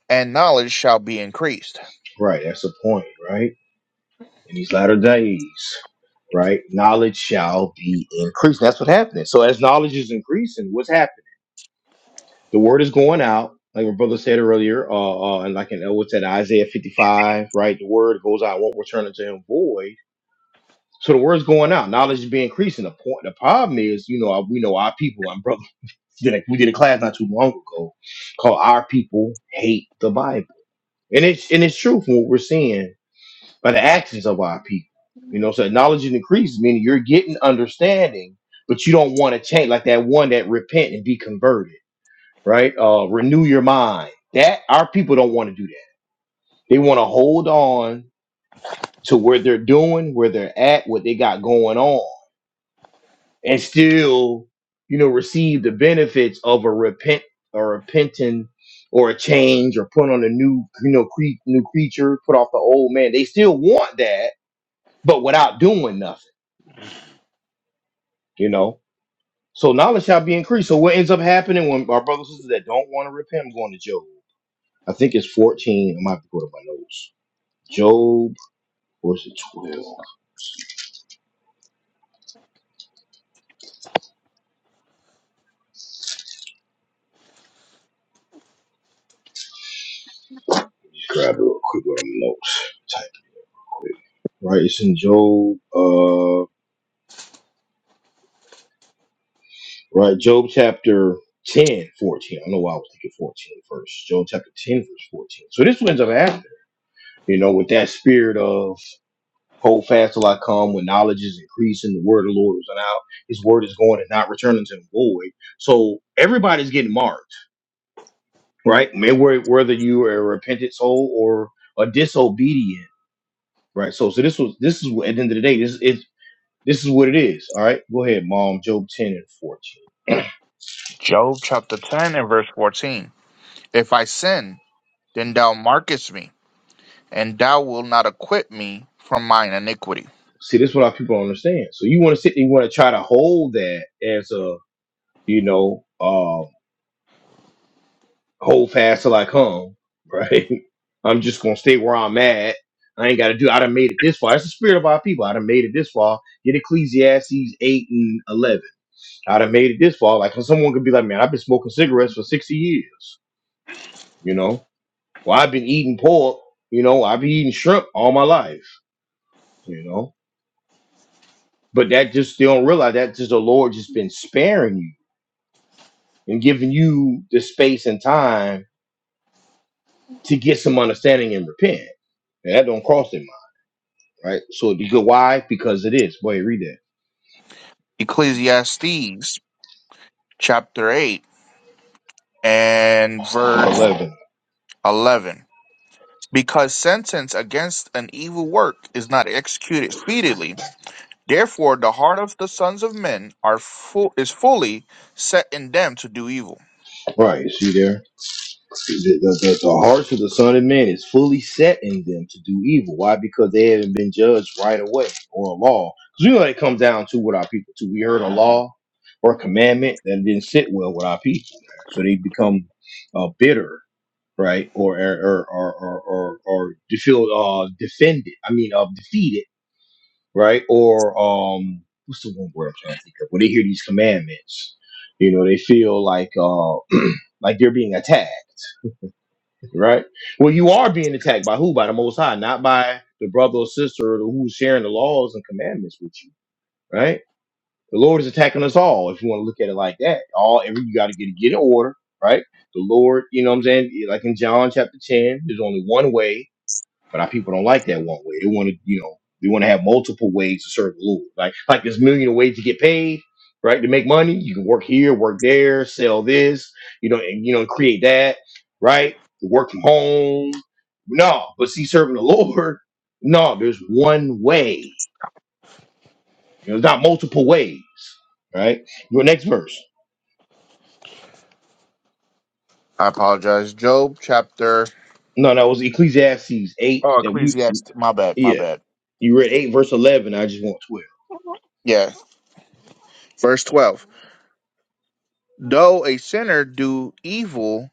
Speaker 2: and knowledge shall be increased.
Speaker 1: right, that's the point, right? In these latter days, right? Knowledge shall be increased. That's what happening. So as knowledge is increasing, what's happening? The word is going out. Like my brother said earlier, uh, uh, and like in uh, what's that Isaiah 55, right? The word goes out, won't return unto him void So the word's going out. Knowledge is being increasing. The point, the problem is, you know, our- we know our people. I'm brother. *laughs* Did a, we did a class not too long ago called "Our People Hate the Bible," and it's and it's true from what we're seeing by the actions of our people. You know, so knowledge is increasing, meaning you're getting understanding, but you don't want to change. Like that one that repent and be converted, right? Uh, renew your mind. That our people don't want to do that. They want to hold on to where they're doing, where they're at, what they got going on and still, you know, receive the benefits of a repent or repenting or a change or put on a new, you know, cre- new creature, put off the old man. They still want that, but without doing nothing, you know. So knowledge shall be increased. So what ends up happening when our brothers and sisters that don't want to repent, I'm going to Job. I think it's 14. I might have to go to my notes. Job, or is it 12? Just grab it real quick with my notes. Type quick. Right, it's in Job. Uh, Right. Job chapter 10, 14. I don't know why I was thinking 14 first. Job chapter 10, verse 14. So this ends up happening, you know, with that spirit of hold fast till I come, when knowledge is increasing, the word of the Lord is out, his word is going and not returning to him void. So everybody's getting marked, right? May- whe- Whether you are a repentant soul or a disobedient, right? So so this was this is what- at the end of the day, this is this is what it is. All right. Go ahead, mom. Job 10 and 14.
Speaker 2: Job chapter 10 and verse 14. If I sin, then thou markest me, and thou wilt not acquit me from mine iniquity.
Speaker 1: See, this is what our people don't understand. So you want to sit there, you want to try to hold that as a, you know, uh, hold fast till I come, right? *laughs* I'm just gonna stay where I'm at. I ain't gotta do. I done made it this far. That's the spirit of our people. I done made it this far. Get Ecclesiastes eight and eleven. I done made it this far. Like someone could be like, man, I've been smoking cigarettes for sixty years. You know, well, I've been eating pork. You know, I've been eating shrimp all my life. You know, but that just they don't realize that just the Lord just been sparing you and giving you the space and time to get some understanding and repent. And that don't cross their mind, right? So you go why? Because it is. Wait, read that.
Speaker 2: Ecclesiastes chapter 8 and verse
Speaker 1: Eleven.
Speaker 2: 11. Because sentence against an evil work is not executed speedily, therefore the heart of the sons of men are full, is fully set in them to do evil.
Speaker 1: Right, see there? The, the, the, the hearts of the Son of Man is fully set in them to do evil. Why? Because they haven't been judged right away or a law. Because we know it comes down to what our people do. We heard a law or a commandment that didn't sit well with our people. man. So they become uh, bitter right? Or or or or or, or, to feel uh defended. I mean, uh, defeated, right? Or um, what's the one word I'm trying to think of? When they hear these commandments, you know, they feel like uh, *clears throat* like they're being attacked, right? Well, you are being attacked by who? By the Most High, not by the brother or sister who's sharing the laws and commandments with you, right? The Lord is attacking us all. If you want to look at it like that, all every you got to get get in order, right? The Lord, you know what I'm saying? Like in John chapter 10, there's only one way, But our people don't like that one way. They want to, you know, they want to have multiple ways to serve the Lord. Like, like there's a million ways to get paid, right? To make money, you can work here, work there, sell this, you know, and you know, create that, right? Work from home. No, but see, serving the *laughs* Lord, no, there's one way. You know, there's not multiple ways, right? Your next verse.
Speaker 2: I apologize. Job chapter
Speaker 1: No, that was Ecclesiastes eight.
Speaker 2: Oh,
Speaker 1: That we,
Speaker 2: Ecclesiastes. My bad. My
Speaker 1: yeah,
Speaker 2: bad.
Speaker 1: you read eight verse eleven. I just want 12
Speaker 2: Yeah. Verse 12. Though a sinner do evil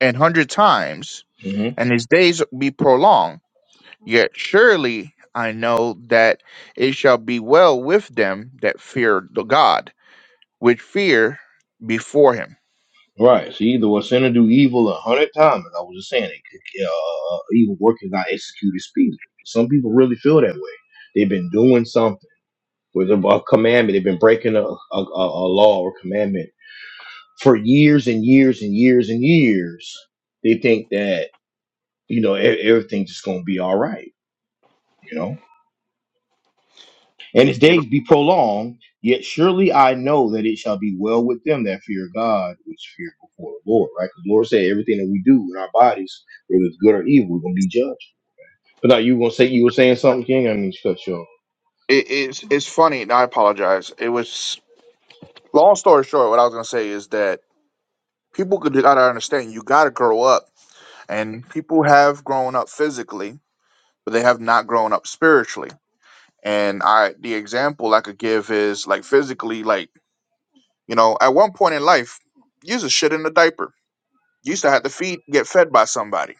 Speaker 2: an hundred times,
Speaker 1: Mm-hmm.
Speaker 2: and his days be prolonged, yet surely I know that it shall be well with them that fear the God, which fear before him.
Speaker 1: Right. see, the was sinner do evil a hundred times. As I was just saying, it could, uh, uh, uh, evil work is not executed speedily. Some people really feel that way. They've been doing something with a, a commandment. They've been breaking a, a, a a law or commandment for years and years and years and years. They think that you know e- everything's just gonna be all right. You know. and his
Speaker 2: You know,
Speaker 1: days be prolonged. Yet surely I know that it shall be well with them that fear God, which fear before the Lord. Right? Because the Lord said everything that we do in our bodies, whether it's good or evil, we're gonna be judged. But now you were gonna say you were saying something, King. I mean, cut you off.
Speaker 2: it, it's, it's funny, and I apologize. It was, long story short, what I was going to say is that people could- gotta understand you gotta grow up, and people have grown up physically but they have not grown up spiritually. And I the example I could give is like physically, like, you know, at one point in life, you used to shit in a diaper. You used to have to feed get fed by somebody.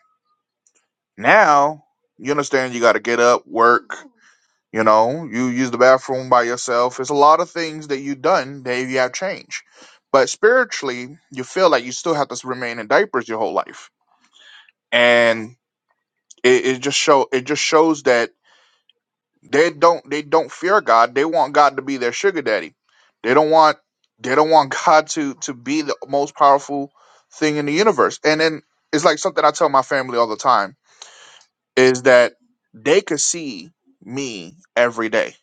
Speaker 2: Now you understand you gotta get up, work, you know, you use the bathroom by yourself. It's a lot of things that you've done that you have changed. But spiritually, you feel like you still have to remain in diapers your whole life. And it, it just show it just shows that They don't they don't fear God. They want God to be their sugar daddy. They don't want they don't want *laughs* God to to be the most powerful thing in the universe. And then it's like something I tell my family all the time is that they could see me every day.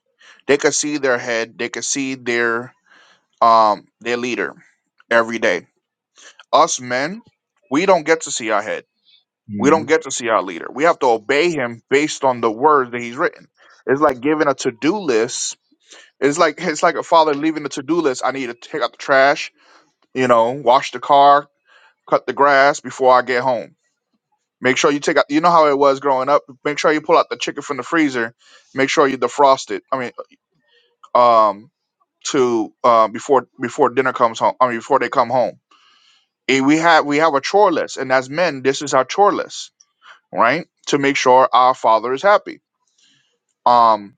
Speaker 2: They could see their head, they could see their um their leader every day. Us men, we don't get to see our head. We don't
Speaker 1: Mhm.
Speaker 2: get to see our leader. We have to obey him based on the words that he's written. It's like giving a to-do list it's like it's like a father leaving the to-do list. I need to take out the trash, you know, wash the car, cut the grass before I get home. Make sure you take out. You know how it was growing up. Make sure you pull out the chicken from the freezer. Make sure you defrost it. I mean, um, to uh, before before dinner comes home. I mean, before they come home. And we have we have a chore list, and as men, this is our chore list, right? To make sure our father is happy. Um,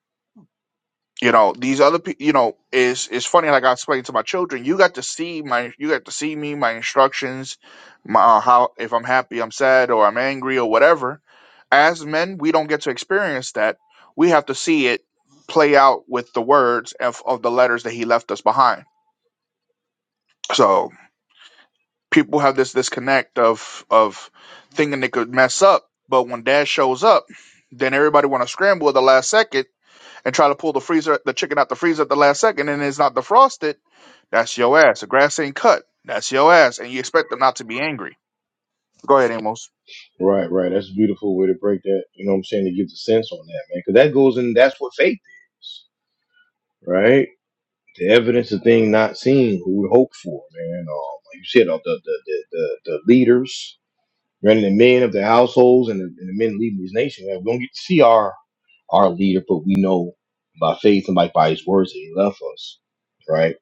Speaker 2: you know these other people you know it's it's funny like i explained to my children you got to see my you got to see me my instructions my uh, how if i'm happy i'm sad or i'm angry or whatever as men we don't get to experience that we have to see it play out with the words of, of the letters that he left us behind so people have this disconnect of of thinking they could mess up but when dad shows up then everybody want to scramble at the last second and try to pull the freezer, the chicken out the freezer at the last second, and it's not defrosted, that's your ass. The grass ain't cut. That's your ass, and you expect them not to be angry. Go ahead, Amos.
Speaker 1: Right, right. That's a beautiful way to break that. You know what I'm saying? To give the sense on that, man. Because that goes in. That's what faith is, right? The evidence of thing not seen, who we hope for, man. Um, like you said, uh, the the the the, the leaders running the men of their households and the, and the men leading this nation. Man, we don't get to see our our leader, but we know by faith and like by his words that he left us. Right,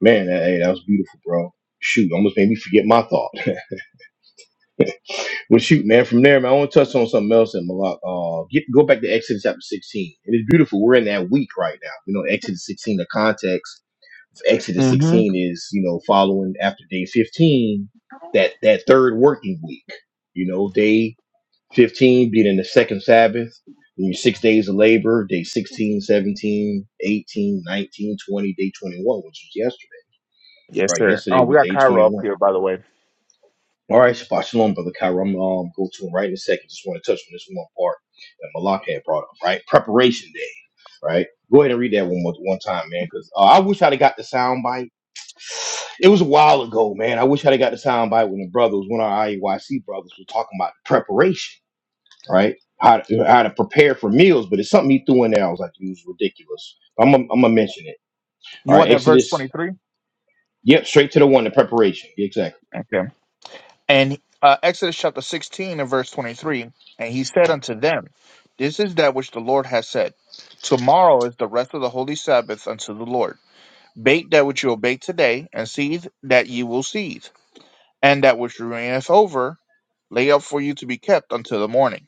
Speaker 1: man. That, hey, that was beautiful, bro. Shoot, almost made me forget my thought. *laughs* Well, shoot, man. From there, man, I want to touch on something else. And Malak, uh, get go back to Exodus chapter sixteen. It is beautiful. We're in that week right now. You know, Exodus sixteen. The context of Exodus
Speaker 2: Mm-hmm.
Speaker 1: sixteen is you know following after day fifteen. That that third working week. You know, day 15 being the second Sabbath, and your six days of labor, day 16, 17, 18, 19, 20. day 21, which was yesterday.
Speaker 2: Yes,
Speaker 1: Right,
Speaker 2: sir. Oh,
Speaker 1: yesterday
Speaker 2: we
Speaker 1: was
Speaker 2: got
Speaker 1: day
Speaker 2: Cairo up
Speaker 1: 21.
Speaker 2: here, by the way.
Speaker 1: All right, Shabbat Shalom, Brother Kyra. I'm gonna um, go to him right in a second. Just want to touch on this one part that Malak had brought up, right? Preparation day, right? Go ahead and read that one more one time, man, because uh, I wish I'd have got the sound bite. It was a while ago, man. I wish I'd have got the sound bite when the brothers, when our IEYC brothers were talking about preparation right? How to, how to prepare for meals, but it's something he threw in there. I was like, it was ridiculous. I'm gonna I'm gonna mention it.
Speaker 2: You
Speaker 1: All right,
Speaker 2: want that verse
Speaker 1: Exodus.
Speaker 2: 23?
Speaker 1: Yep, straight to the one, the preparation. Exactly.
Speaker 2: Okay. And uh, Exodus chapter sixteen and verse twenty-three, and he said unto them, This is that which the Lord has said. Tomorrow is the rest of the holy Sabbath unto the Lord. Bake that which you will bake today, and seethe that ye will seethe. and that which remaineth over lay up for you to be kept until the morning.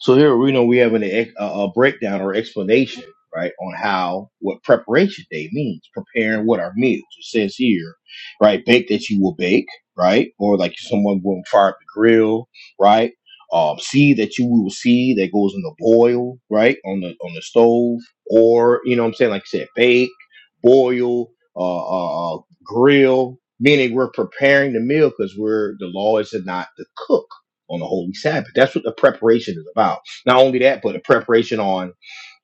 Speaker 1: So here we know we have an, ex- a a breakdown or explanation, right, on how what preparation day means, preparing what our meals. It says here, right, bake that you will bake, right, or like someone will fire up the grill, right, um, seed that you will seed that goes in the boil, right, on the on the stove, or you know what I'm saying, like I said, bake, boil, uh, uh, uh, grill. Meaning we're preparing the meal because we're the law is to not to cook on the holy Sabbath. That's what the preparation is about. Not only that, but the preparation on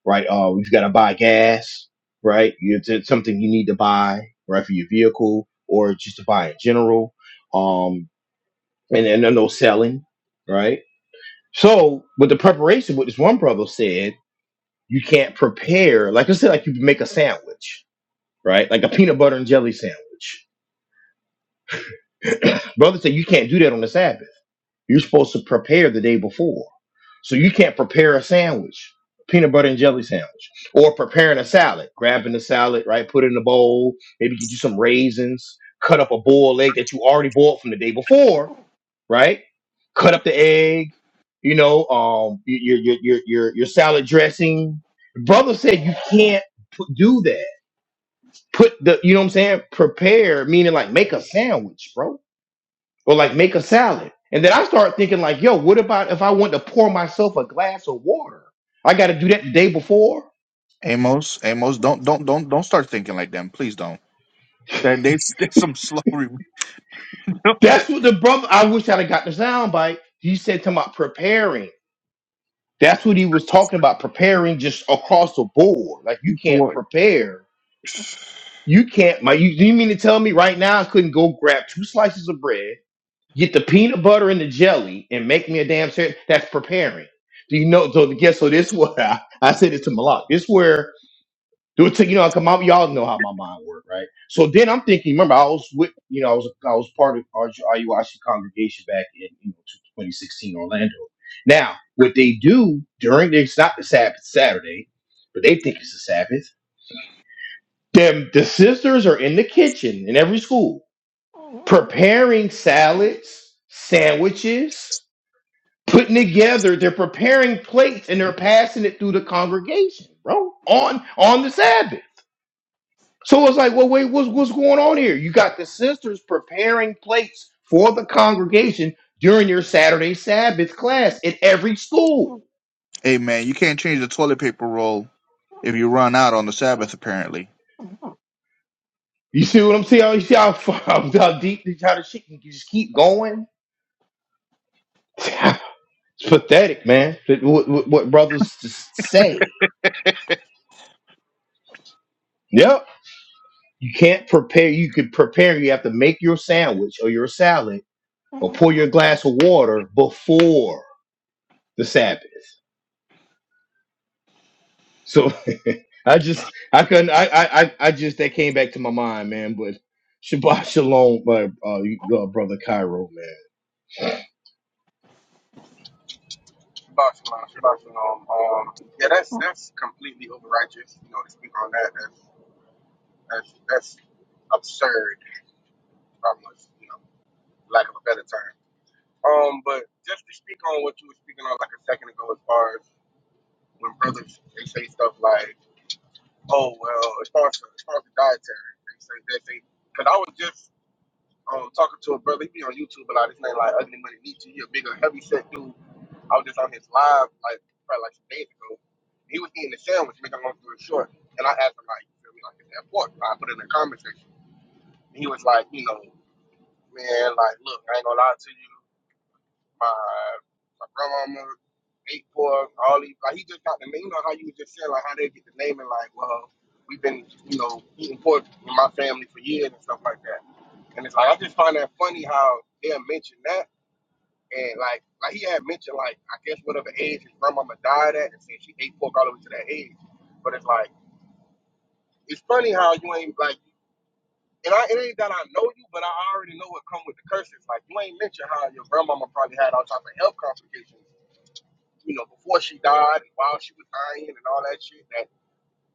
Speaker 1: right. Uh, you've got to buy gas, right? It's it's something you need to buy, right, for your vehicle or just to buy in general. Um, and and then no selling, right? So, with the preparation, what this one brother said, you can't prepare. Like I said, like you make a sandwich, right? Like a peanut butter and jelly sandwich. *clears throat* brother said you can't do that on the Sabbath. You're supposed to prepare the day before. So you can't prepare a sandwich, peanut butter and jelly sandwich, or preparing a salad, grabbing the salad, right? Put it in a bowl, maybe get you some raisins, cut up a boiled egg that you already boiled from the day before, right? Cut up the egg, you know, um, your your your your, your salad dressing. Brother said you can't put, do that. Put the, you know what I'm saying? Prepare, meaning like make a sandwich, bro or like make a salad. And then I start thinking like, yo, what about if I want to pour myself a glass of water? I got to do that the day before.
Speaker 2: Amos, Amos, don't don't don't don't start thinking like them. Please don't. That they, *laughs* they some slow
Speaker 1: That's
Speaker 2: *laughs*
Speaker 1: what the brother. I wish I'd have got the sound bite. He said to about preparing. That's what he was talking about preparing, just across the board. Like you can't
Speaker 2: boy.
Speaker 1: prepare. You can't. My, you, you mean to tell me right now I couldn't go grab two slices of bread, get the peanut butter and the jelly, and make me a damn sandwich? That's preparing. Do you know? So guess so. This *laughs* is what I, I said it to Malak. This where Do It to you know, come out. Y'all know how my mind worked, right? So then I'm thinking. Remember, I was with, you know, I was I was part of our IUIC congregation back in you know 2016 Orlando. Now, what they do during the, it's not the Sabbath Saturday, but they think it's the Sabbath. Them the sisters are in the kitchen in every school preparing salads, sandwiches, putting together. They're preparing plates and they're passing it through the congregation, bro. On on the Sabbath. So it's like, well, wait, what's what's going on here? You got the sisters preparing plates for the congregation during your Saturday Sabbath class at every school.
Speaker 2: Hey man, you can't change the toilet paper roll if you run out on the Sabbath, apparently.
Speaker 1: You see what I'm saying? You see how far, *laughs* how deep how the shit can just keep going? *laughs* It's pathetic, man. That- What, what, what brothers just say? Yep. You can't prepare. You could prepare. You have to make your sandwich or your salad or pour your glass of water before the Sabbath. So *laughs* I just I couldn't I, I I I just that came back to my mind, man. But Shabbat *laughs* Shalom, my uh, you- uh, brother Cairo, man.
Speaker 4: Shabbat shalom, shabbat shalom. Um, yeah, that's that's completely overrighteous. You know, to speak on that, that's that's that's absurd. Almost, you know, lack of a better term. Um, but just to speak on what you were speaking on like a second ago, as far as when brothers they say stuff like, "Oh well," as far as as far as the dietary, they say they say. Because I was just um talking to a brother, he be on YouTube a lot. His name like Ugly Money Nietzsche. He a bigger, heavy set dude I was just on his live like probably like some days ago. He was eating a sandwich, making a long story short. And I asked him like, you feel me, like is that pork? I put it in the comment section. And he was like, you know, man, like look, I ain't gonna lie to you. My my grandmama ate pork, all these like he just got the name. You know how you just said like how they get the name and like, well, we've been, you know, eating pork in my family for years and stuff like that. And it's like I just find that funny how they'll mention that and like like he had mentioned, like I guess whatever age his grandmama died at, and said she ate pork all the way to that age. But it's like it's funny how you ain't like, and I, it ain't that I know you, but I already know what come with the curses. Like you ain't mentioned how your grandmama probably had all types of health complications, you know, before she died and while she was dying and all that shit that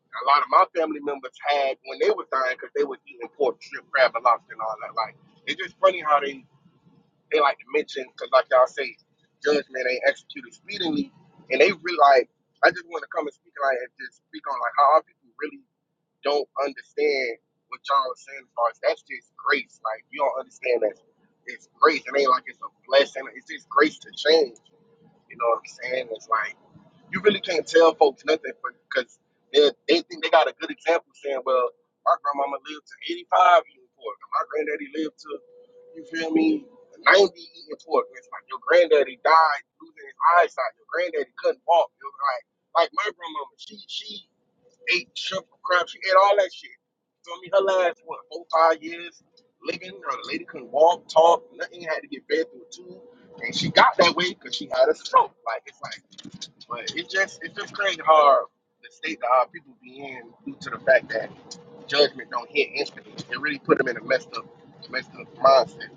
Speaker 4: a lot of my family members had when they were dying because they were eating pork, shrimp, crab, and lobster and all that. Like it's just funny how they they like to mention because, like y'all say, judgment ain't executed speedily, and they really like. I just want to come and speak like and just speak on like how our people really don't understand what y'all are saying as far as that's just grace. Like you don't understand that it's grace. It ain't like it's a blessing. It's just grace to change. You know what I'm saying? It's like you really can't tell folks nothing because they they think they got a good example saying, well, my grandmama lived to 85 eating pork, and my granddaddy lived to, you feel me, 90 eating pork. It's like your granddaddy died losing his eyesight. Your granddaddy couldn't walk. It was like like my grandmama, she she ate shrimp, crab, she ate all that shit. You feel me? Her last what four five years living, her lady couldn't walk, talk, nothing, had to get fed through a tube, and she got that way because she had a stroke. Like it's like but it just it just crazy hard the state that our people be in due to the fact that judgment don't hit instantly. It really put them in a messed up messed up mindset.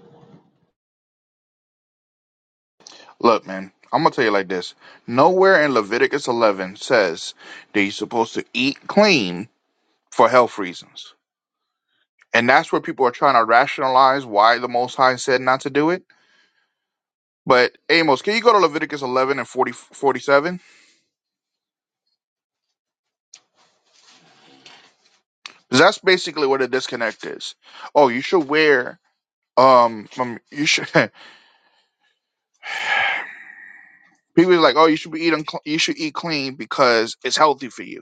Speaker 2: Look, man, I'm gonna tell you like this. Nowhere in Leviticus 11 says that you're supposed to eat clean for health reasons. And that's where people are trying to rationalize why the Most High said not to do it. But Amos, can you go to Leviticus 11 and 40, 47? 'Cause that's basically what a disconnect is. Oh, you should wear um, um you should *laughs* people are like, "Oh, you should be eating cl- you should eat clean because it's healthy for you."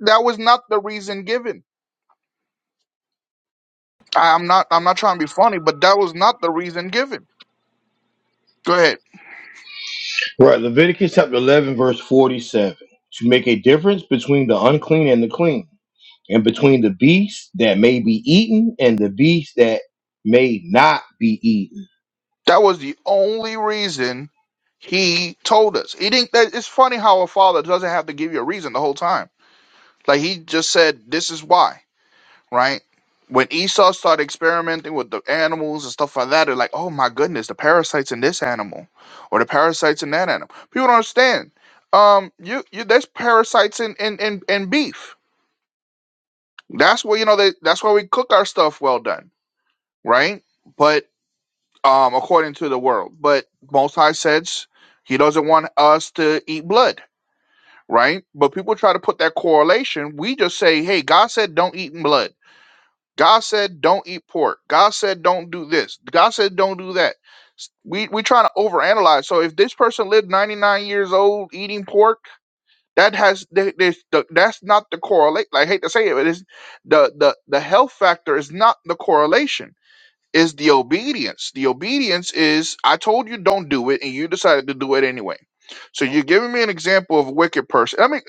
Speaker 2: that was not the reason given. I, I'm not I'm not trying to be funny, but that was not the reason given. Go ahead.
Speaker 1: Right, Leviticus chapter eleven, verse forty-seven. To make a difference between the unclean and the clean, and between the beast that may be eaten and the beast that may not be eaten.
Speaker 2: That was the only reason he told us. He didn't. that- It's funny how a father doesn't have to give you a reason the whole time. Like he just said, "This is why." Right. When Esau started experimenting with the animals and stuff like that, they're like, "Oh my goodness, the parasites in this animal, or the parasites in that animal." People don't understand. Um, you, you there's parasites in in in, in beef That's what you know. They, that's why we cook our stuff well done, right? But um, according to the world, but Most High says He doesn't want us to eat blood, right? But people try to put that correlation. We just say, "Hey, God said don't eat blood. God said don't eat pork. God said don't do this. God said don't do that." S- We we trying to overanalyze. So if this person lived 99 years old eating pork that has th- there's the, that's not the correlate. I hate to say it, but it's the the the health factor is not the correlation. Is the obedience. The obedience is I told you don't do it, and you decided to do it anyway. So you're giving me an example of a wicked person. I mean,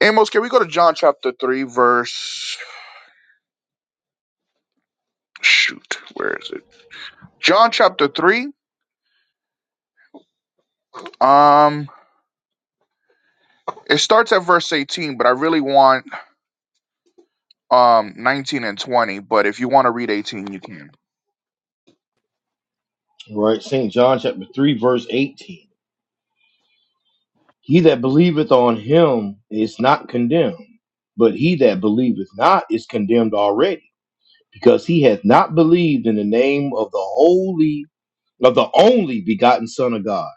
Speaker 2: Amos, can we go to John chapter three, verse? Shoot, where is it? John chapter three. Um, it starts at verse 18, but I really want um 19 and 20. But if you want to read 18, you can.
Speaker 1: Right, St. John chapter 3, verse 18. He that believeth on him is not condemned, but he that believeth not is condemned already, because he hath not believed in the name of the holy, of the only begotten Son of God.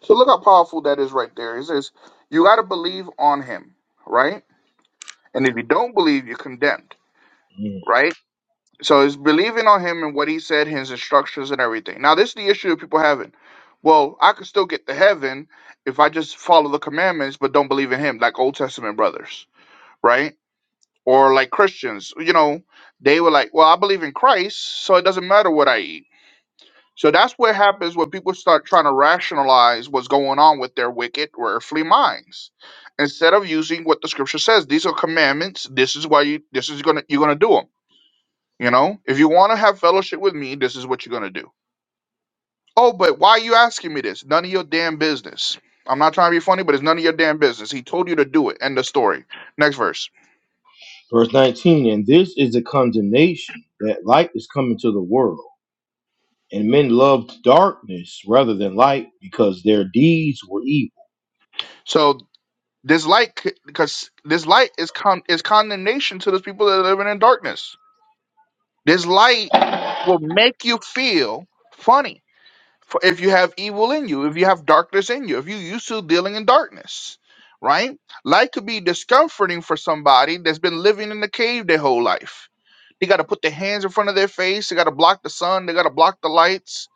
Speaker 2: So look how powerful that is right there. It says you got to believe on him, right? And if you don't believe, you're condemned,
Speaker 1: Mm.
Speaker 2: right? So it's believing on him and what he said, his instructions and everything. Now this is the issue of people having. Well, I could still get to heaven if I just follow the commandments but don't believe in him, like Old Testament brothers, right? Or like Christians, you know, they were like, "Well, I believe in Christ, so it doesn't matter what I eat." So that's what happens when people start trying to rationalize what's going on with their wicked or earthly minds. Instead of using what the scripture says, these are commandments. This is why you this is gonna you're gonna do them. You know, if you want to have fellowship with me, this is what you're gonna do. Oh, but why are you asking me this? None of your damn business. I'm not trying to be funny, but it's none of your damn business. He told you to do it. End of story. Next verse.
Speaker 1: Verse 19, and this is the condemnation that light is come into the world, and men loved darkness rather than light, because their deeds were evil.
Speaker 2: So this light, because this light is con- is condemnation to those people that are living in darkness This light will make you feel funny for if you have evil in you, if you have darkness in you, if you're used to dealing in darkness, right? Light could be discomforting for somebody that's been living in the cave their whole life. They got to put their hands in front of their face, they got to block the sun, they got to block the lights.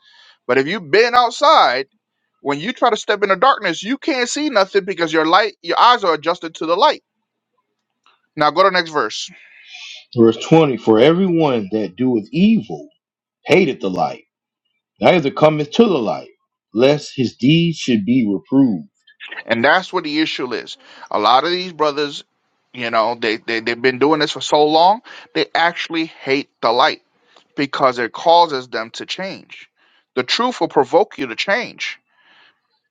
Speaker 2: But if you've been outside, when you try to step into darkness, you can't see nothing because your light, your eyes are adjusted to the light. Now go to the next verse.
Speaker 1: Verse 20, for everyone that doeth evil hated the light neither cometh to the light, lest his deeds should be reproved.
Speaker 2: And that's what the issue is. A lot of these brothers, you know, they, they, they've been doing this for so long, they actually hate the light because it causes them to change. The truth will provoke you to change.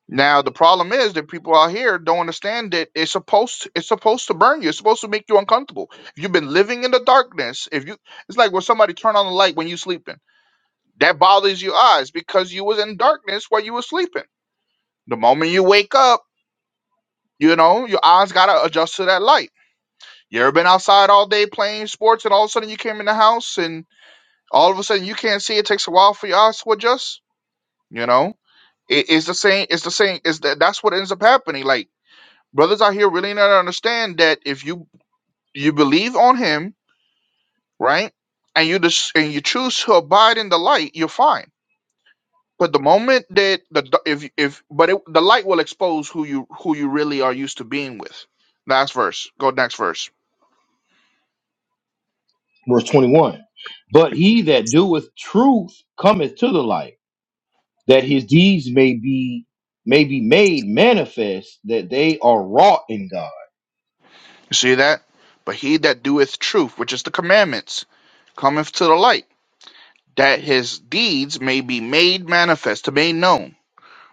Speaker 2: Now the problem is that people out here don't understand that it's supposed it's supposed to burn you. It's supposed to make you uncomfortable. If you've been living in the darkness, if you it's like when somebody turn on the light when you're sleeping. That bothers your eyes because you was in darkness while you were sleeping. The moment you wake up, You know, your eyes gotta adjust to that light. You ever been outside all day playing sports and all of a sudden you came in the house and all of a sudden you can't see? It takes a while for your eyes to adjust. You know, it, it's the same. It's the same. It's that. That's what ends up happening. Like brothers out here really not understand that if you you believe on Him, right, and you just and you choose to abide in the light, you're fine. But the moment that the d- if if but it, the light will expose who you who you really are used to being with. Last verse. Go next verse.
Speaker 1: Verse 21 But he that doeth truth cometh to the light, that his deeds may be may be made manifest that they are wrought in God.
Speaker 2: You see that? But he that doeth truth, which is the commandments, cometh to the light, that his deeds may be made manifest, to be known,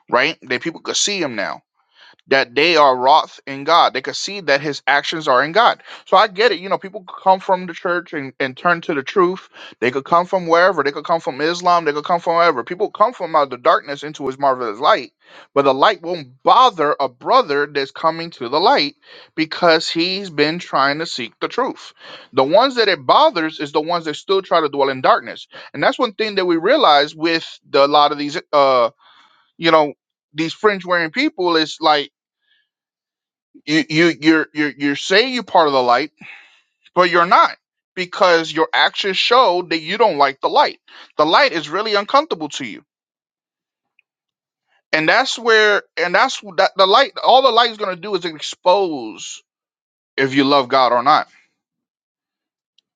Speaker 2: right? That people could see him now that they are wroth in God. They could see that his actions are in God. So I get it. You know, people could come from the church and, and turn to the truth. They could come from wherever. They could come from Islam. They could come from wherever. People come from out of the darkness into his marvelous light. But the light won't bother a brother that's coming to the light because he's been trying to seek the truth. The ones that it bothers is the ones that still try to dwell in darkness. And that's one thing that we realize with the, a lot of these, uh, you know, these fringe wearing people is like, you you you're you're you're saying you're part of the light, but you're not because your actions show that you don't like the light. The light is really uncomfortable to you, and that's where and that's wh- that the light. All the light is gonna do is expose if you love God or not.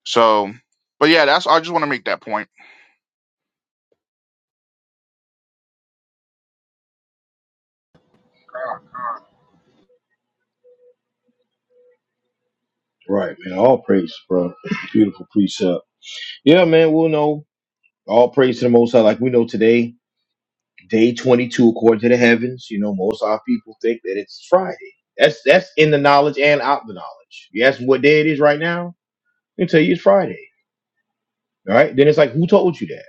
Speaker 2: So, but yeah, that's I just want to make that point.
Speaker 1: Right, man. All praise, bro. Beautiful precept. Yeah, man, we'll know. All praise to the most high, like we know today, day twenty-two according to the heavens. You know, most of our people think that it's Friday. That's that's in the knowledge and out the knowledge. You ask me what day it is right now? They tell you it's Friday. All right. Then it's like, who told you that?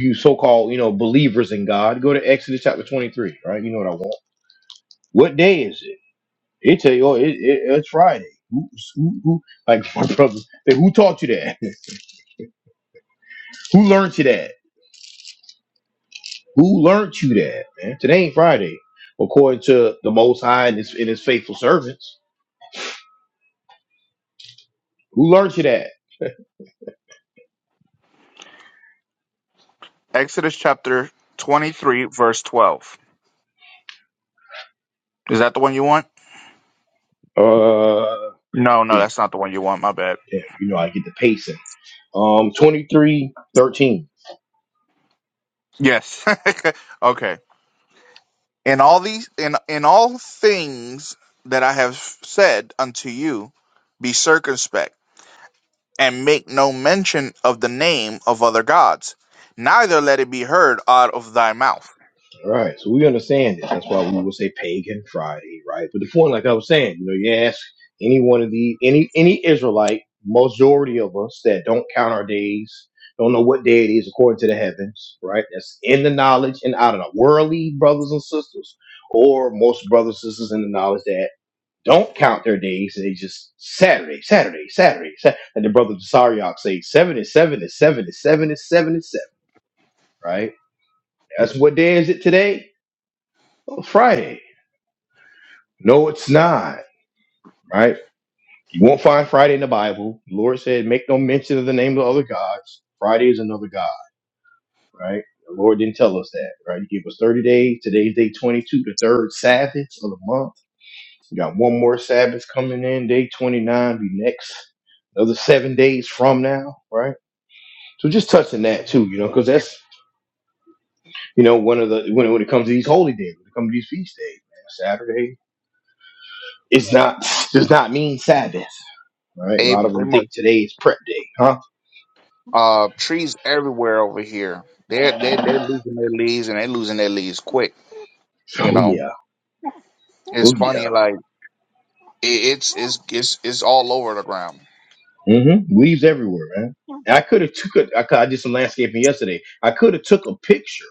Speaker 1: You so called, you know, believers in God. Go to Exodus chapter 23, right? You know what I want. What day is it? They tell you, oh, it, it, it's Friday. Who, who, who, like *laughs* my brother, said, who taught you that? *laughs* who learned you that? Who learned you that, man? Today ain't Friday, according to the Most High and his, and his faithful servants. Who learned you that?
Speaker 2: Exodus chapter twenty three, verse twelve. Is that the one you want?
Speaker 1: Uh,
Speaker 2: No, no,
Speaker 1: damn,
Speaker 2: that's not the one you want. My bad.
Speaker 1: damn, you know, I get the pacing. Um, twenty-three, thirteen.
Speaker 2: Yes. *laughs* okay. In all these in in all things that I have said unto you, be circumspect, and make no mention of the name of other gods, neither let it be heard out of thy mouth.
Speaker 1: All right, so we understand this. That's why we will say Pagan Friday, right? But the point, like I was saying, you know, you ask any one of the any any Israelite, majority of us that don't count our days, don't know what day it is according to the heavens, right? That's in the knowledge and out of the worldly brothers and sisters, or most brothers and sisters in the knowledge that don't count their days. They just Saturday, Saturday, Saturday, Saturday. And the brother Desariok say seven is seven is seven is seven is seven is seven, right? That's what day is it today? Oh, Friday No, it's not, right? You won't find Friday in the Bible. The Lord said, make no mention of the name of other gods. Friday is another God, right? The Lord didn't tell us that, right? He gave us 30 days. Today's day 22, the third Sabbath of the month. We got one more Sabbath coming in, day 29, be next, another seven days from now, right? So just touching that too, you know, because that's, you know, one of the, when, when it comes to these holy days, when it comes to these feast days, man, Saturday. It's not does not mean Sabbath. Right? A
Speaker 2: Hey,
Speaker 1: lot of them
Speaker 2: Amos,
Speaker 1: think today is prep day, huh?
Speaker 2: uh, trees everywhere over here. They're they are they they're losing their leaves and they're losing their leaves quick.
Speaker 1: So,
Speaker 2: You
Speaker 1: Oh
Speaker 2: know,
Speaker 1: yeah, oh
Speaker 2: it's
Speaker 1: yeah.
Speaker 2: funny. Like it, it's it's it's it's all over the ground.
Speaker 1: Mm-hmm. Leaves everywhere, man. And I could have took a, I, coulda- I did some landscaping yesterday. I could have took a picture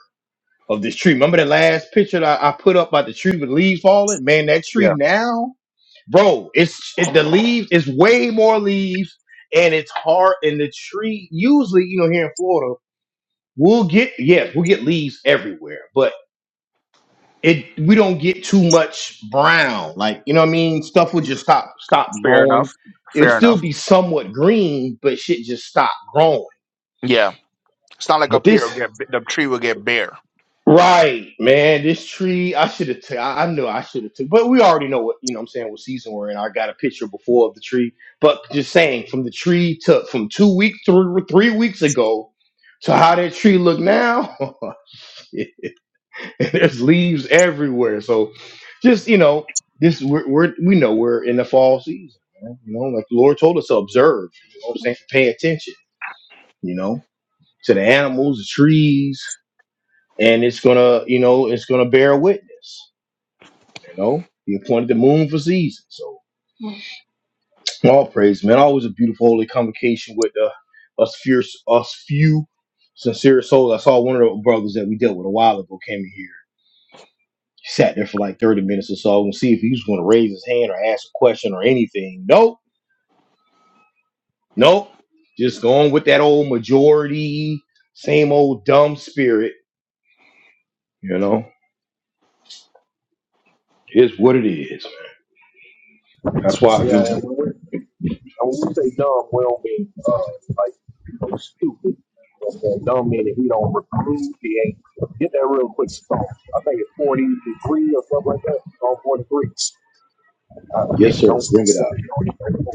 Speaker 1: of this tree. Remember the last picture that I, I put up about the tree with leaves falling? Man, that
Speaker 2: Yeah,
Speaker 1: tree now, bro, it's it, the leaves. It's way more leaves, and it's hard. And the tree usually, you know, here in Florida, we'll get yes, we'll get leaves everywhere, but it we don't get too much brown. Like, you know what I mean? Stuff will just stop stop
Speaker 2: fair
Speaker 1: growing.
Speaker 2: enough.
Speaker 1: It'll
Speaker 2: Fair
Speaker 1: still
Speaker 2: enough.
Speaker 1: be somewhat green, but shit just stopped growing.
Speaker 2: Yeah, it's not like
Speaker 1: But
Speaker 2: up here. it'll
Speaker 1: this
Speaker 2: Get the tree will get bare.
Speaker 1: right, man, this tree, I should have t- I, I knew I should have took but we already know what you know what I'm saying what season we're in. I got a picture before of the tree. But just saying from the tree to from two weeks through three weeks ago to how that tree look now. *laughs* *laughs* there's leaves everywhere. So just you know, this we're, we're we know we're in the fall season. Man. You know, like the Lord told us to observe. You know, what I'm saying pay attention. You know, to the animals, the trees, and it's gonna you know it's gonna bear witness. You know, He appointed the moon for seasons. So all praise, man. Always a beautiful holy convocation with uh, us fierce us few. Sincere souls. I saw one of the brothers that we dealt with a while ago came in here. Sat there for like 30 minutes or so and see if he was going to raise his hand or ask a question or anything. Nope, nope. Just going with that old majority, same old dumb spirit. You know, it's what it is. That's why, you
Speaker 3: Yeah,
Speaker 1: know,
Speaker 3: and when we, and when we say dumb, we don't mean uh, like you know, stupid. You know what I'm saying? Dumb meaning he don't recruit, he ain't get that real quick song. I think it's 43 or something like that. All 43. I I mean,
Speaker 1: yes,
Speaker 3: don't don't
Speaker 1: sir,
Speaker 3: quote me
Speaker 1: bring it up.
Speaker 3: on it.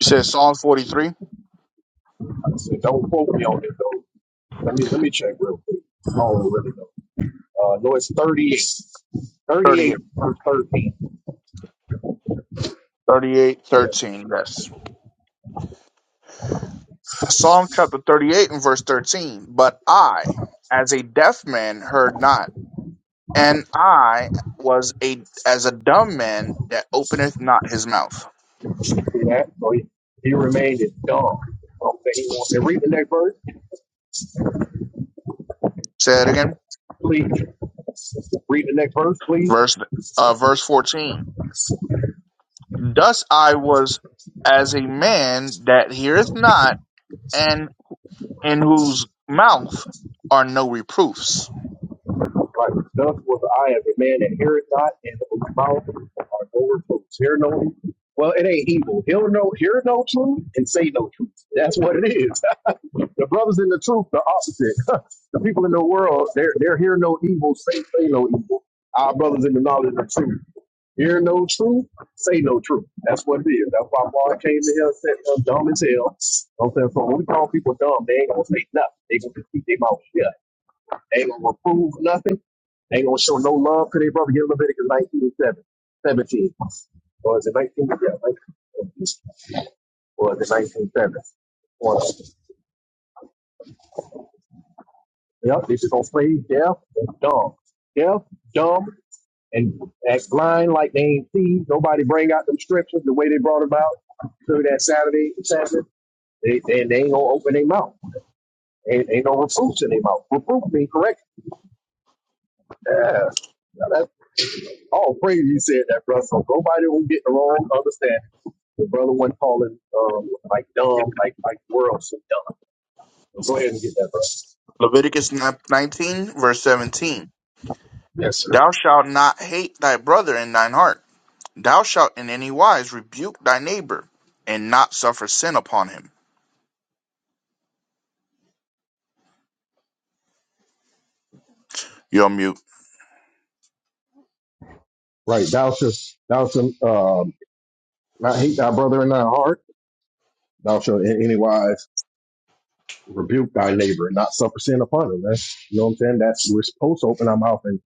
Speaker 2: You said Psalm 43?
Speaker 3: Like I said, Don't quote me on it though. Let me let me check real quick. I don't really know. Uh, no, it's thirty-eight,
Speaker 2: 38.
Speaker 3: thirty-eight 38 13.
Speaker 2: 38,
Speaker 3: Yeah,
Speaker 2: thirteen, Yes. Psalm chapter 38 and verse 13. But I, as a deaf man, heard not, and I was a as a dumb man that openeth not his mouth.
Speaker 3: do that. So he, he remained in dumb. I don't think he wants to read the next verse,
Speaker 2: Say that again.
Speaker 3: please. Read the next verse, please.
Speaker 2: Verse uh, verse 14. Thus I was as a man that heareth not, and in whose mouth are no reproofs.
Speaker 3: Like, thus was I as a man that heareth not, and whose mouth are no reproofs. Hear no evil. Well, it ain't evil. He'll know, hear no truth and say no truth. That's what it is. *laughs* The brothers in the truth, the opposite. *laughs* the people in the world, they're, they're hear no evil, say, say no evil. Our brothers in the knowledge of the truth. Hear no truth, say no truth. That's what it is. That's why Paul came to hell and said, "I'm dumb as hell. I'm saying, so when we call people dumb, they ain't gonna say nothing. They gonna keep their mouth shut. They ain't gonna prove nothing. They ain't gonna show no love to their brother. Get Leviticus 19 and 7, 17. Or is it 19? Yeah, 19. Or is it nineteen seven? 7? One Yep, they just gonna play deaf and dumb. Deaf, dumb, and act blind like they ain't see. Nobody bring out them scriptures the way they brought them out through that Saturday session. They, they, they ain't gonna open their mouth. Ain't, ain't no reproofs in their mouth. Reproof being correct. Yeah. Now that's all praise you said that, brother. So nobody will get the wrong understanding. The brother wasn't calling um, like dumb, like like the world so dumb. So go ahead and get that, brother.
Speaker 2: Leviticus 19, verse 17.
Speaker 3: Yes, sir.
Speaker 2: Thou shalt not hate thy brother in thine heart. Thou shalt in any wise rebuke thy neighbor, and not suffer sin upon him. You're mute.
Speaker 3: Right. Thou shalt, thou shalt, um, not hate thy brother in thy heart. Thou shalt in any wise. rebuke thy neighbor and not suffer sin upon him. That's, you know what I'm saying? That's, we're supposed to open our mouth and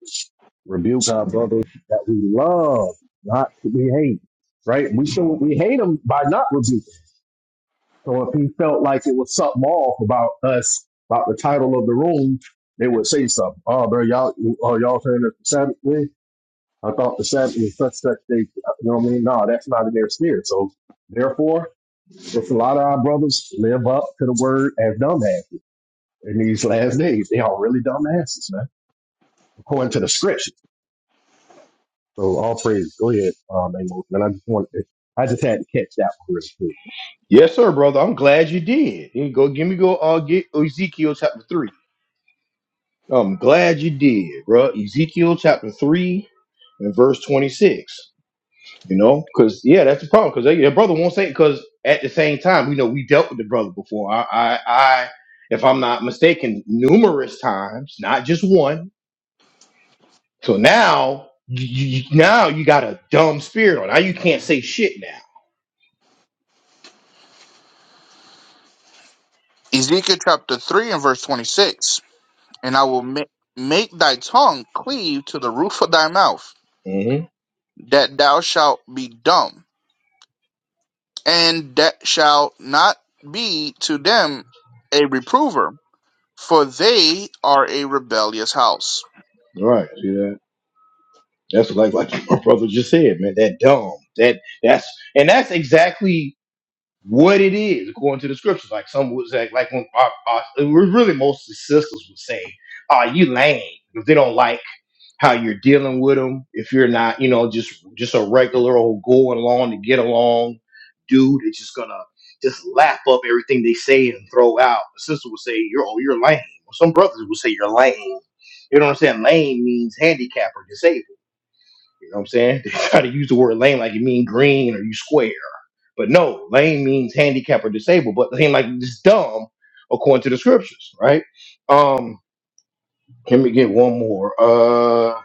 Speaker 3: rebuke our brother that we love, not that we hate, right? We show we hate him by not rebuking. So if he felt like it was something off about us, about the title of the room, they would say something. Oh, bro, y'all, oh, y'all saying that the Sabbath day? I thought the Sabbath was such, such day. You know what I mean? No, that's not in their spirit. So therefore, if a lot of our brothers live up to the word as dumbass in these last days. They are really dumbasses, man, according to the scriptures. So all praise. Go ahead, um, Amos. And I just want, I just had to catch that one really quick.
Speaker 1: Yes, sir, brother. I'm glad you did. You go give me go uh, get Ezekiel chapter three. I'm glad you did, bro. Ezekiel chapter three and verse 26. You know, because yeah, that's the problem. Because your brother won't say. Because at the same time, you know, we dealt with the brother before. I, I, I, if I'm not mistaken, numerous times, not just one. So now, you, you- now you got a dumb spirit on. Now you can't say shit.
Speaker 2: Ezekiel chapter 3 and verse 26. And I will ma- make thy tongue cleave to the roof of thy mouth,
Speaker 1: Now, mm-hmm.
Speaker 2: that thou shalt be dumb, and that shalt not be to them a reprover, for they are a rebellious house.
Speaker 1: right? See that? That's like like my brother just said, man. That dumb. That that's and that's exactly what it is according to the scriptures. Like some would say, like when our, our, it was really mostly sisters would say, "Are you lame?" If they don't like how you're dealing with them, if you're not, you know, just just a regular old going along to get along dude, it's just gonna just lap up everything they say and throw out. The sister would say, "You're oh, you're lame." Or some brothers would say, "You're lame." You know what I'm saying? Lame means handicapped or disabled. You know what I'm saying? *laughs* They try to use the word lame like it mean green or you square. But no, lame means handicapped or disabled, but lame like it's dumb according to the scriptures, right? Um, let me get one more. Uh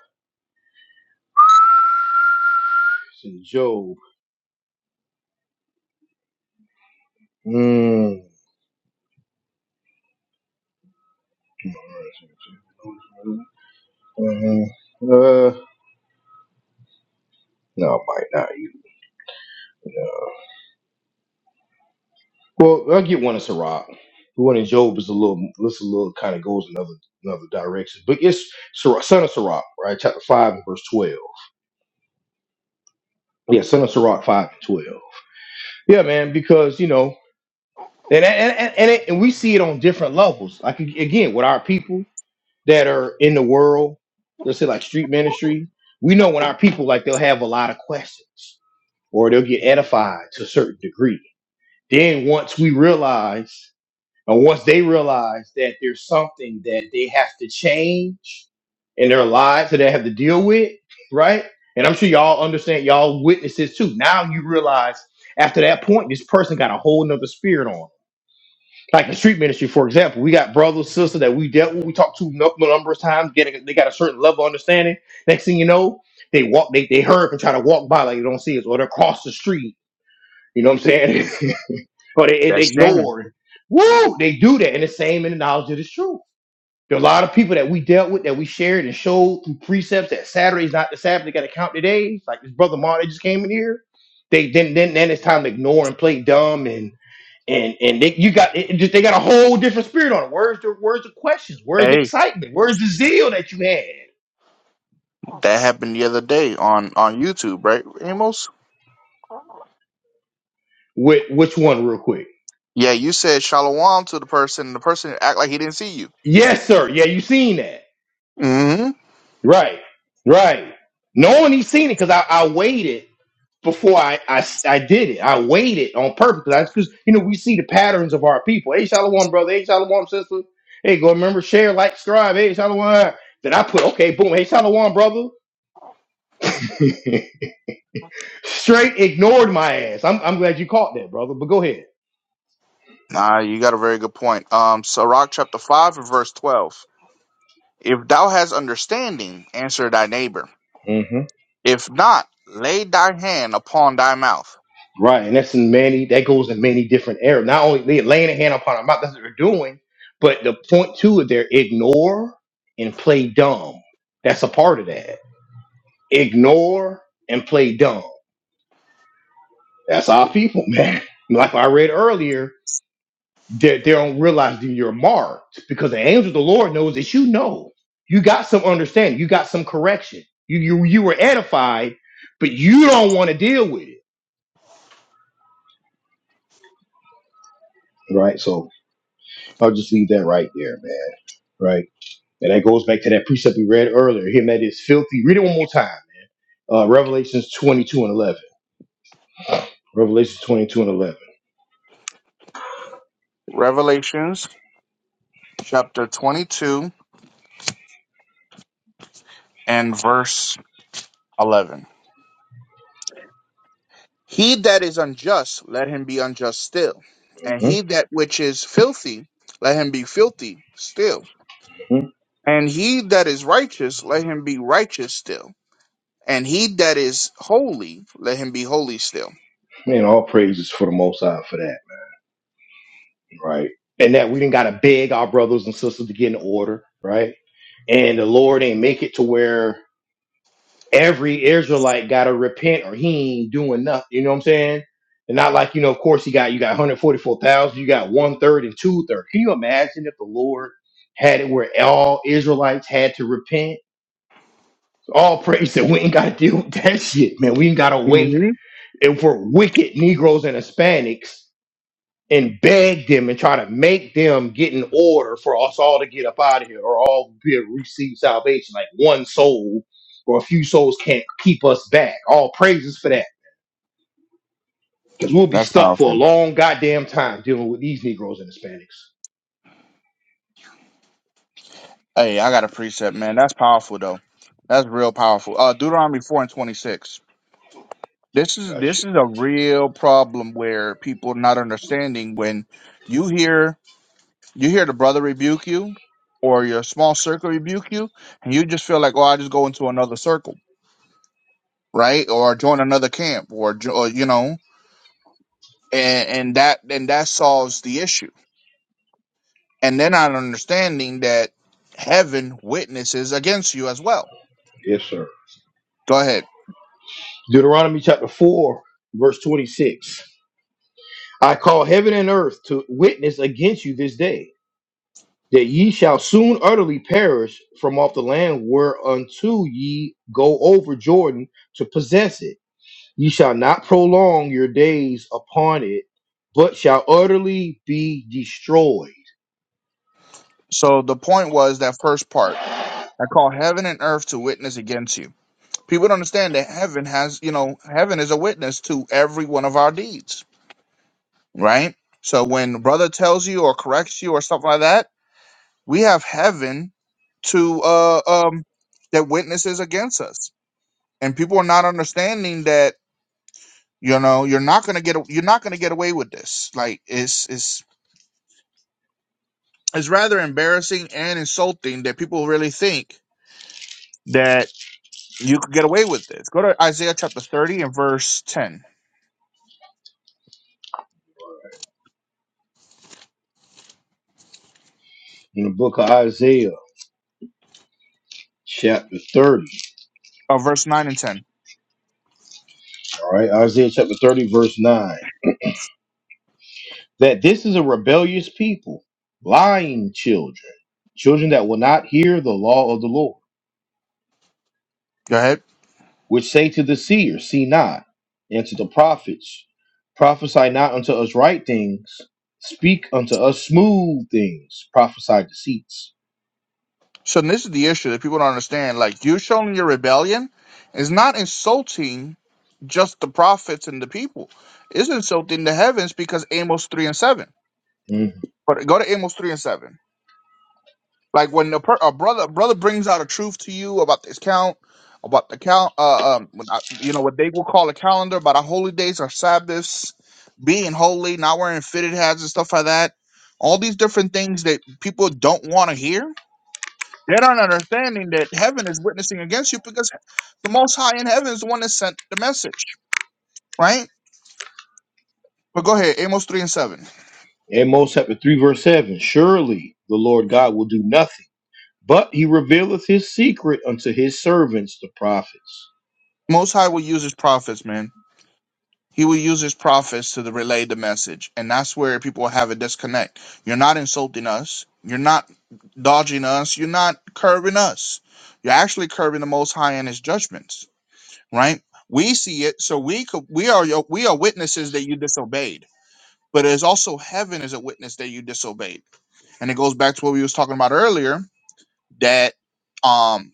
Speaker 1: it's in Job. Mm. hmm Mm-hmm. Uh no, I might not you. Well, I'll get one in Sirach. The one in Job is a little this a little kind of goes another another direction. But it's Sirach, son of Sirach, right? Chapter five and verse twelve. Yeah, Center Sirach five and twelve. Yeah, man, because you know, and and and, and, it, and we see it on different levels. Like ag- again, with our people that are in the world, let's say like street ministry, we know when our people like they'll have a lot of questions or they'll get edified to a certain degree. Then once we realize and once they realize that there's something that they have to change in their lives that they have to deal with, right? And I'm sure y'all understand, y'all witness this too. Now you realize after that point, this person got a whole nother spirit on. Like the street ministry, for example, we got brothers, sisters that we dealt with, we talked to nu- number of times, getting they got a certain level of understanding. Next thing you know, they walk, they, they hurry and try to walk by like they don't see us, or they're across the street. You know what I'm saying? *laughs* but it, it
Speaker 2: That's same.
Speaker 1: ignored. Woo! They do that, and the same in the knowledge of the truth. There are a lot of people that we dealt with that we shared and showed through precepts that Saturday's not the Sabbath. They got to count the days. Like this brother Mark that just came in here. They then then then it's time to ignore and play dumb and and and they, you got it, it just they got a whole different spirit on it. Where's the where's the questions? Where's the
Speaker 2: Hey,
Speaker 1: excitement? Where's the zeal that you had?
Speaker 2: that happened the other day on on YouTube, right, Amos?
Speaker 1: With which one, real quick?
Speaker 2: Yeah, you said shalom to the person, and the person act like he didn't see you.
Speaker 1: Yes, sir. Yeah, you seen that.
Speaker 2: hmm
Speaker 1: Right. Right. Knowing he's seen it because I, I waited. before I, I I did it. I waited on purpose because you know we see the patterns of our people. Hey, Shalom, brother. Hey, Shalom, sister. Hey, go remember share, like, subscribe. Hey, Shalom. Then I put okay, boom. Hey, Shalom, brother. *laughs* Straight ignored my ass. I'm I'm glad you caught that, brother. But go ahead.
Speaker 2: Nah, you got a very good point. Um, Sirach chapter five and verse twelve. If thou hast understanding, answer thy neighbor.
Speaker 1: hmm
Speaker 2: If not, lay thy hand upon thy mouth.
Speaker 1: Right, and that's in many. That goes in many different areas. Not only they laying a hand upon our mouth. That's what they're doing. But the point two of their ignore and play dumb. That's a part of that. Ignore and play dumb That's our people, man. *laughs* Like I read earlier, they, they don't realize that you're marked because the angel of the Lord knows that you know. You got some understanding. You got some correction. You you, you were edified, but you don't want to deal with it. Right. So I'll just leave that right there, man. Right. And that goes back to that precept we read earlier. Him that is filthy. Read it one more time. Uh, Revelations 22 and 11. Revelations 22 and 11.
Speaker 2: Revelations chapter twenty-two and verse eleven. He that is unjust, let him be unjust still, and
Speaker 1: Mhm,
Speaker 2: he that which is filthy, let him be filthy still,
Speaker 1: mhm.
Speaker 2: and he that is righteous, let him be righteous still And he that is holy, let him be holy still.
Speaker 1: Man, all praises for the Most High for that. right? And that we didn't gotta beg our brothers and sisters to get in order, right? And the Lord ain't make it to where every Israelite gotta repent or he ain't doing nothing. You know what I'm saying? And not like, you know, of course he got you got 144,000, you got one third and two third. Can you imagine if the Lord had it where all Israelites had to repent? All praise that we ain't gotta deal with that *laughs* shit, man. We ain't gotta
Speaker 2: hmm
Speaker 1: wait. And for wicked Negroes and Hispanics and beg them and try to make them get in order for us all to get up out of here or all be receive salvation. Like one soul or a few souls can't keep us back. All praises for that. Because we'll be
Speaker 2: That's
Speaker 1: stuck for a
Speaker 2: powerful.
Speaker 1: long goddamn time dealing with these Negroes and Hispanics.
Speaker 2: Hey, I got a precept, man. That's powerful though. That's real powerful. Uh Deuteronomy four and twenty six. This is
Speaker 1: Gotcha.
Speaker 2: this is a real problem where people not understanding when you hear you hear the brother rebuke you or your small circle rebuke you, and you just feel like, oh, I just go into another circle, right? Or join another camp, or, jo- or you know, and, and that and that solves the issue and they're not understanding that heaven witnesses against you as well.
Speaker 1: Yes, sir.
Speaker 2: Go ahead.
Speaker 1: Deuteronomy chapter 4, verse 26. I call heaven and earth to witness against you this day that ye shall soon utterly perish from off the land whereunto ye go over Jordan to possess it. Ye shall not prolong your days upon it, but shall utterly be destroyed.
Speaker 2: So the point was that first part. I call heaven and earth to witness against you. People don't understand that heaven has, you know, heaven is a witness to every one of our deeds, right? So when brother tells you or corrects you or stuff like that, we have heaven to uh um that witnesses against us. And people are not understanding that you know you're not gonna get you're not gonna get away with this like it's it's It's rather embarrassing and insulting that people really think that you could get away with this. Go to Isaiah chapter 30 and verse 10,
Speaker 1: In the book of Isaiah, chapter 30,
Speaker 2: or verse 9 and 10.
Speaker 1: all right, Isaiah chapter 30, verse 9, that this is a rebellious people, lying children, children that will not hear the law of the Lord.
Speaker 2: Go ahead.
Speaker 1: which say to the seer, See not, and to the prophets, Prophesy not unto us right things, speak unto us smooth things, prophesy deceits.
Speaker 2: So this is the issue that people don't understand. Like, you showing your rebellion is not insulting just the prophets and the people. It's insulting the heavens because Amos 3 and 7.
Speaker 1: Mhm.
Speaker 2: But go to Amos 3 and 7. Like when a, per- a brother brother brings out a truth to you about this count, about the count, uh, um, when I- you know what they will call a calendar, about our holy days, our Sabbaths, being holy, not wearing fitted hats and stuff like that. All these different things that people don't want to hear. They're not understanding that heaven is witnessing against you because the Most High in heaven is the one that sent the message, right? But go ahead, Amos three and seven.
Speaker 1: Amos chapter 3, verse 7 Surely the Lord God will do nothing, but he revealeth his secret unto his servants, the prophets.
Speaker 2: Most High will use his prophets, man. He will use his prophets to the- relay the message. And that's where people have a disconnect. You're not insulting us. You're not dodging us. You're not curbing us. You're actually curbing the Most High and his judgments, right? We see it, so we could, we are your, we are witnesses that you disobeyed. But it's also heaven is a witness that you disobeyed. And it goes back to what we was talking about earlier that um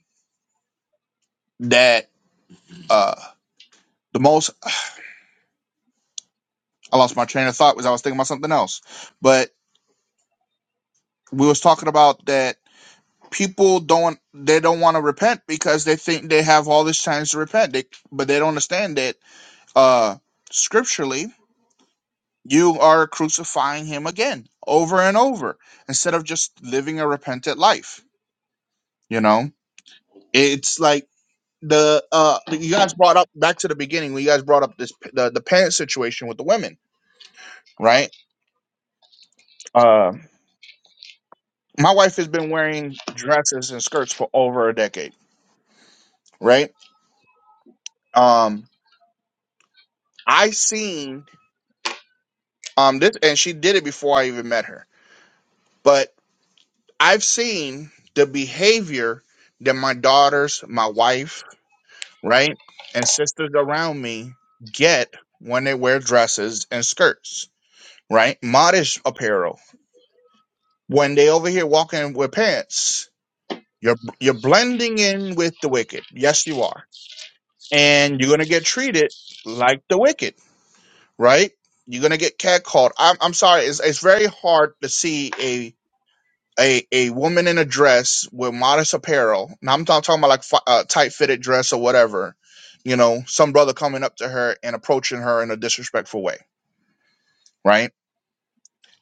Speaker 2: that uh the most I lost my train of thought was I was thinking about something else. But we was talking about that people don't they don't want to repent because they think they have all this time to repent they, but they don't understand that uh scripturally you are crucifying him again over and over instead of just living a repentant life you know it's like the uh you guys brought up back to the beginning when you guys brought up this the, the pants situation with the women right uh my wife has been wearing dresses and skirts for over a decade right um i seen Um, this, and she did it before I even met her. But I've seen the behavior that my daughters, my wife, right, and sisters around me get when they wear dresses and skirts, right, modest apparel. When they over here walking with pants, you're you're blending in with the wicked. Yes, you are, and you're gonna get treated like the wicked, right? You're gonna get catcalled. I'm I'm sorry. It's it's very hard to see a a woman in a dress with modest apparel. Now I'm not talking about like uh, tight fitted dress or whatever. You know, some brother coming up to her and approaching her in a disrespectful way, right?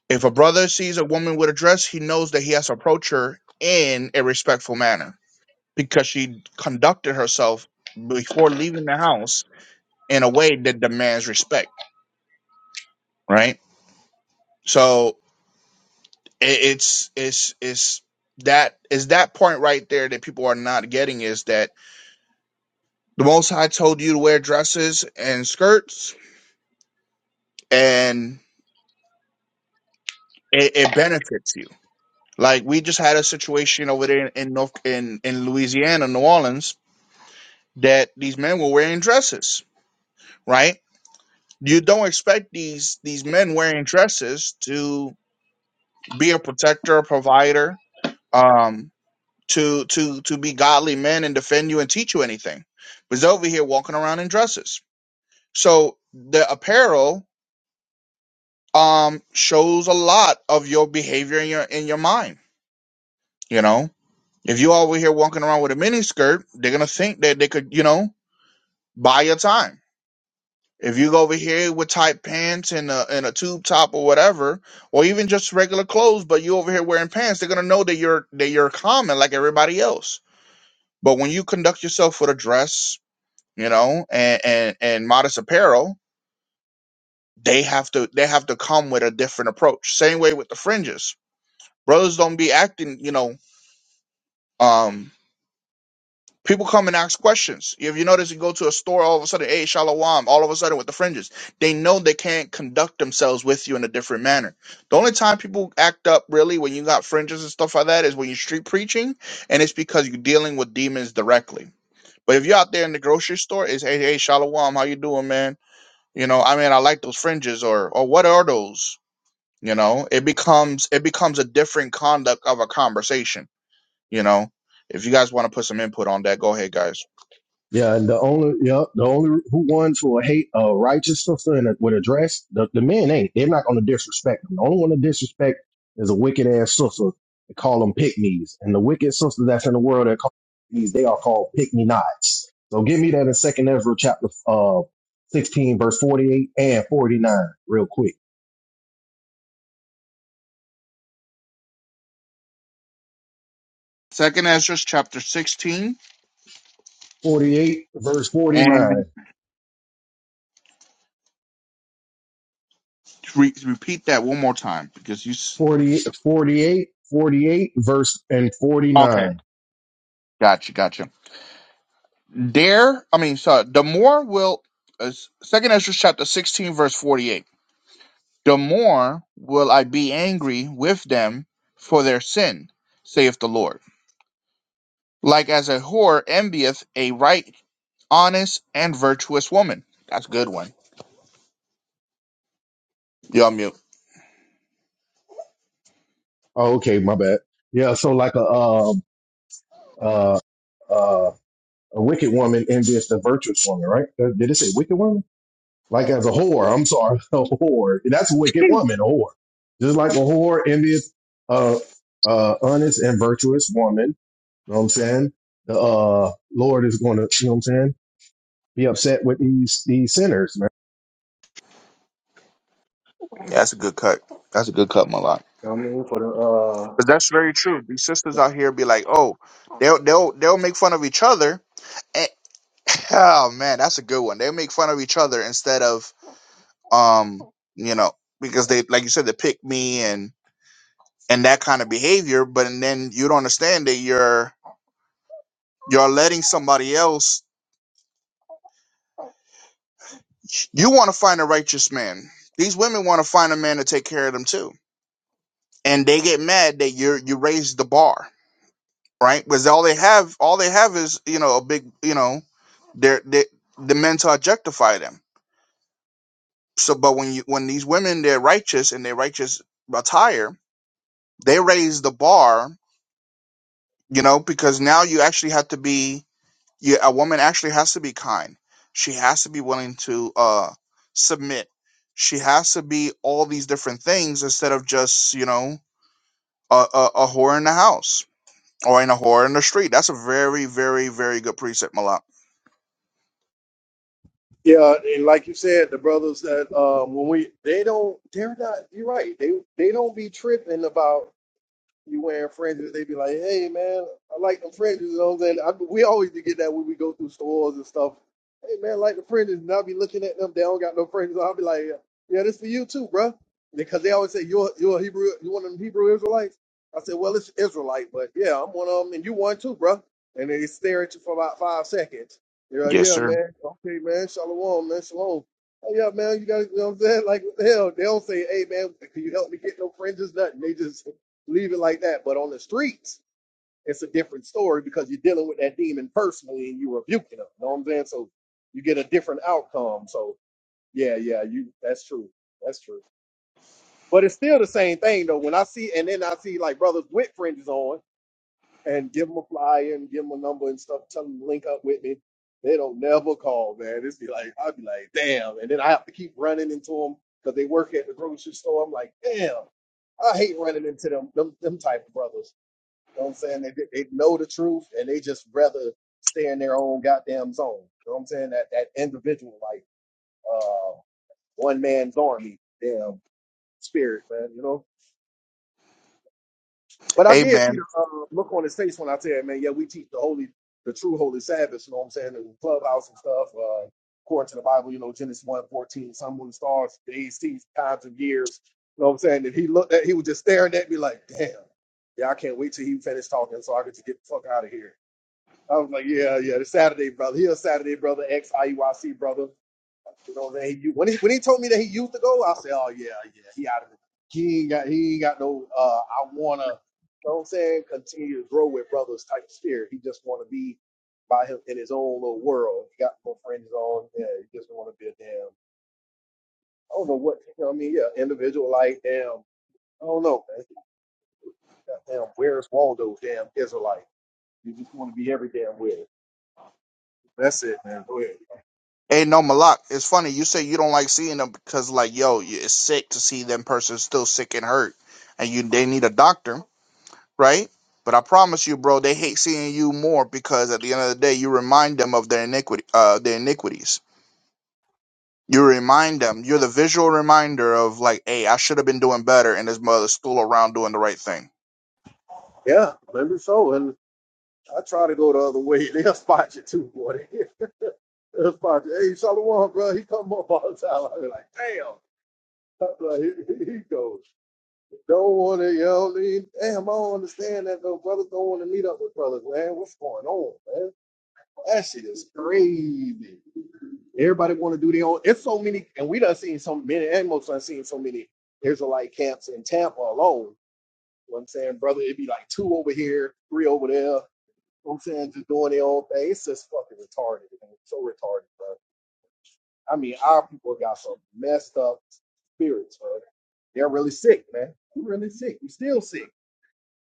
Speaker 2: If a brother sees a woman with a dress, he knows that he has to approach her in a respectful manner because she conducted herself before leaving the house in a way that demands respect, right? So it, it's it's it's that is that point right there that people are not getting is that The Most High told you to wear dresses and skirts, and it, it benefits you. Like we just had a situation over there in North in in Louisiana, New Orleans, that these men were wearing dresses, right? You don't expect these these men wearing dresses to be a protector, a provider, um, to to to be godly men and defend you and teach you anything. But they're over here walking around in dresses. So the apparel um shows a lot of your behavior in your in your mind. You know, if you over here walking around with a mini skirt, they're gonna think that they could, you know, buy your time. If you go over here with tight pants and a and a tube top or whatever, or even just regular clothes, but you over here wearing pants, they're gonna know that you're that you're common like everybody else. But when you conduct yourself with a dress, you know, and and, and modest apparel, they have to they have to come with a different approach. Same way with the fringes brothers don't be acting, you know. Um, people come and ask questions. If you notice, you go to a store, all of a sudden, hey, shalom, all of a sudden with the fringes. They know they can't conduct themselves with you in a different manner. The only time people act up really when you got fringes and stuff like that is when you're street preaching, and it's because you're dealing with demons directly. But if you're out there in the grocery store, it's hey, hey, shalom, how you doing, man? You know, I mean, I like those fringes, or or what are those? You know, it becomes it becomes a different conduct of a conversation you know, if you guys want to put some input on that, go ahead, guys.
Speaker 3: Yeah, and the only, yeah, the only who ones who will hate a righteous sister and would address the, the men ain't. They're not going to disrespect them. The only one to disrespect is a wicked ass sister. They call them pygmies, and the wicked sisters that's in the world that call these they are called pygmy knots. So give me that in Second Ezra chapter uh, sixteen, verse forty-eight and forty-nine, real quick.
Speaker 2: Second Ezra chapter 16,
Speaker 3: 48, verse 49.
Speaker 2: and re- repeat that one more time because you. S-
Speaker 3: 40, forty-eight, forty-eight, verse and
Speaker 2: okay,
Speaker 3: 49.
Speaker 2: gotcha, gotcha. Dare, I mean, so the more will. Uh, Second Ezra chapter 16, verse 48. The more will I be angry with them for their sin, saith the Lord. Like as a whore envieth a right, honest, and virtuous woman. That's a good one. Y'all mute.
Speaker 3: Oh, okay, my bad. Yeah, so like a uh, uh, uh, a wicked woman and just a virtuous woman, right? Uh, Did it say wicked woman? Like as a whore, I'm sorry, *laughs* a whore. That's a wicked woman, a whore. Just like a whore, envious, uh, uh, honest and virtuous woman. You know what I'm saying? The uh, Lord is going to, you know what I'm saying? Be upset with these these sinners, man.
Speaker 2: That's a good cut. That's a good cut, Malak.
Speaker 3: You know what I mean, for the uh,
Speaker 2: But that's very true. These sisters out here be like, oh, they'll they'll they'll make fun of each other. And, *laughs* oh man, that's a good one. They'll make fun of each other instead of um, you know, because they like you said, they pick me and and that kind of behavior. But and then you don't understand that you're you're letting somebody else. You want to find a righteous man. These women want to find a man to take care of them too, and they get mad that you're you raised the bar, right? Because all they have all they have is you know a big you know They're, they the men to objectify them. So, but when you when these women they're righteous and they righteous attire, they raise the bar, you know, because now you actually have to be you, a woman actually has to be kind. She has to be willing to uh submit. She has to be all these different things instead of just you know a, a, a whore in the house or in a whore in the street. That's a very very very good precept, Malak.
Speaker 3: Yeah, and like you said, the brothers that uh, when we they don't they're not. You're right. They they don't be tripping about you wearing fringes, they be like, "Hey man, I like them fringes." You know what I'm saying? I, we always do get that when we go through stores and stuff. Hey man, I like the fringes, and I'll be looking at them. They don't got no fringes. I'll be like, "Yeah, this for you too, bruh. Because they always say you're you're a Hebrew, you one of them Hebrew Israelites. I said, "Well, it's Israelite, but yeah, I'm one of them, and you one too, bruh. And they stare at you for about five seconds. You're like,
Speaker 2: Yes,
Speaker 3: "Yeah,
Speaker 2: sir.
Speaker 3: man, okay, man, shalom, man, shalom." Oh, yeah, man, you got you know what I'm saying? Like, what the hell, they don't say, hey, man, can you help me get no fringes? Nothing. They just leave it like that. But on the streets, it's a different story because you're dealing with that demon personally and you're rebuking them. You know what I'm saying? So you get a different outcome. So yeah, yeah, you that's true. That's true. But it's still the same thing though. When I see and then I see like brothers with fringes on and give them a flyer and give them a number and stuff, tell them to link up with me. They don't never call, man. It's be like I'd be like, damn. And then I have to keep running into them because they work at the grocery store. I'm like, damn. I hate running into them, them, them type of brothers. You know what I'm saying? They, they know the truth and they just rather stay in their own goddamn zone. You know what I'm saying? That that individual, like uh one man's army, damn spirit, man, you know. But I did see
Speaker 2: Amen.
Speaker 3: the uh, look on his face when I said, man, yeah, we teach the holy the true holy Sabbath, you know what I'm saying, in the clubhouse and stuff, uh according to the Bible, you know, Genesis one 14, sun, moon, stars, days, seasons, times and years. You know what I'm saying? And he looked at he was just staring at me like, damn, yeah, I can't wait till he finished talking so I could just get the fuck out of here. I was like, yeah, yeah, the Saturday brother. He a Saturday brother, ex IUIC brother. You know, man. He, u- when he when he told me that he used to go, I said, oh yeah, yeah, he out of it. He ain't got he ain't got no. Uh, I wanna, you know what I'm saying, continue to grow with brothers type spirit. He just wanna be by him in his own little world. He got no friends on. Yeah, he just wanna be a damn. I don't know what you know. What I mean, yeah, individual like damn. I don't know, man. Damn, where's Waldo? Damn Israelite. You just want to be every damn where. That's it, man. Go ahead.
Speaker 2: Hey, no, Malak, it's funny. You say you don't like seeing them because, like, yo, it's sick to see them person still sick and hurt, and you they need a doctor, right? But I promise you, bro, they hate seeing you more because at the end of the day, you remind them of their iniquity, uh, their iniquities. You remind them. You're the visual reminder of like, hey, I should have been doing better, and this mother's still around doing the right thing.
Speaker 3: Yeah, maybe so. And I try to go the other way. *laughs* They'll spot you too, boy. *laughs* They'll spot you. Hey, Shalom, bro. He come up all the time. I be like, damn. I'm like, *laughs* he goes. Don't want to, you know, lean- damn, I don't understand that though. Brothers don't want to meet up with brothers, man. What's going on, man? That shit is crazy. Everybody want to do their own. It's so many, and we done seen so many, and most done seen so many Israelite camps in Tampa alone. You know what I'm saying, brother, it'd be like two over here, three over there. know what I'm saying, just doing their own thing. It's just fucking retarded, man. So retarded, bro. I mean, our people got some messed up spirits, bro. They're really sick, man. We're really sick. We're still sick.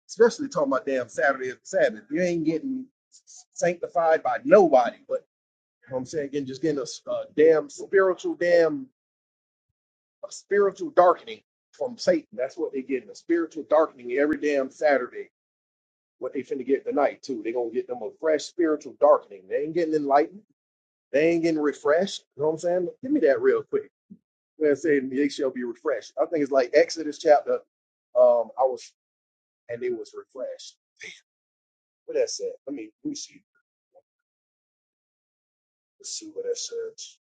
Speaker 3: Especially talking about damn Saturday and Sabbath. You ain't getting sanctified by nobody, but you know what I'm saying, again, just getting a a damn spiritual, damn a spiritual darkening from Satan. That's what they getting, a spiritual darkening every damn Saturday. What they finna get tonight, too. they gonna get them a fresh spiritual darkening. They ain't getting enlightened They ain't getting refreshed. You know what I'm saying? Give me that real quick. When I say they shall be refreshed. I think it's like Exodus chapter. Um, I was and they was refreshed. What that said? Let me let me see. Let's see what that says.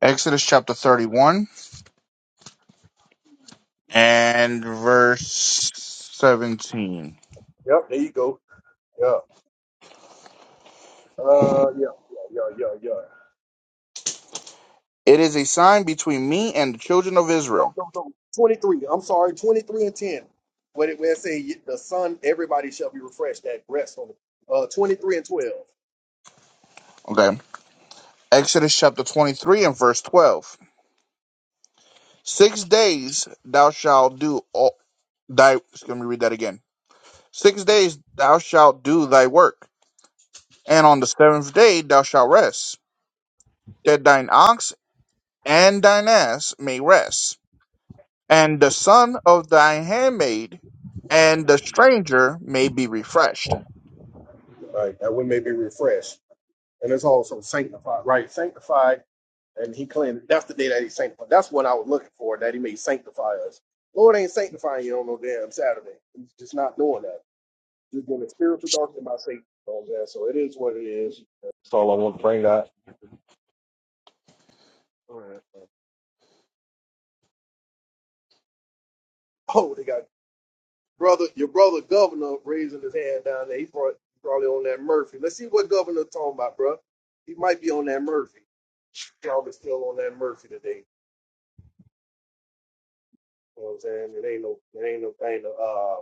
Speaker 2: Exodus chapter 31 and verse 17.
Speaker 3: Yep, there you go. Yeah. Uh yeah, yeah, yeah, yeah, yeah.
Speaker 2: It is a sign between me and the children of
Speaker 3: No,
Speaker 2: Israel.
Speaker 3: no, no. 23. I'm sorry, 23 and 10. What it where it say "Ye- the sun, everybody shall be refreshed, that rest on the uh 23 and 12.
Speaker 2: Okay. Exodus chapter 23 and verse 12. Six days thou shalt do all thy, let me read that again. Six days thou shalt do thy work, and on the seventh day thou shalt rest, that thine ox and thine ass may rest, and the son of thy handmaid and the stranger may be refreshed.
Speaker 3: Right, that we may be refreshed. And it's also sanctified, right? Sanctified And he claimed that's the day that he sanctified. That's what I was looking for, that he may sanctify us. Lord ain't sanctifying you on no damn Saturday. He's just not doing that. You're getting a spiritual darkness by Satan. You know So it is what it is. That's all I want to bring that. All right. Oh, they got brother your brother governor raising his hand down there. He brought probably on that Murphy. Let's see what governor talking about, bro. He might be on that Murphy. Probably still on that Murphy today. You know what I'm saying? It ain't no it ain't no thing to uh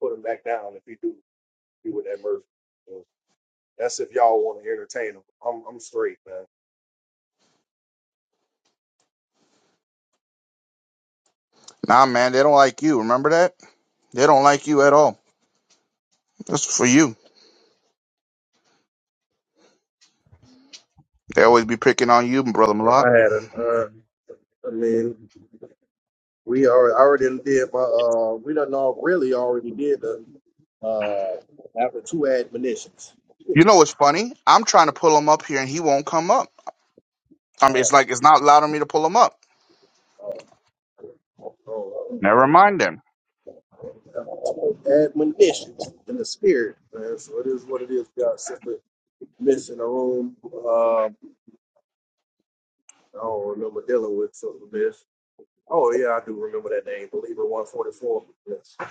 Speaker 3: put him back down if he do. do with that Murphy. So that's if y'all want to entertain them. I'm I'm straight, man.
Speaker 2: Nah, man, they don't like you. Remember that? They don't like you at all. That's for you. They always be picking on you, brother
Speaker 3: Yeah,
Speaker 2: Malak.
Speaker 3: I had a, uh, I mean, we already, already did my, uh, we done all really already did the, uh, after two admonitions.
Speaker 2: You know what's funny? I'm trying to pull him up here and he won't come up. I
Speaker 3: Uh,
Speaker 2: mean, it's like it's not allowing me to pull him up. Never
Speaker 3: Oh,
Speaker 2: mind then.
Speaker 3: admonitions in the spirit, man. So it is what it is. We got simply missing a room. Um, I don't remember dealing with something of this. Oh yeah, I do remember that name, Believer One Forty Four. Yes. All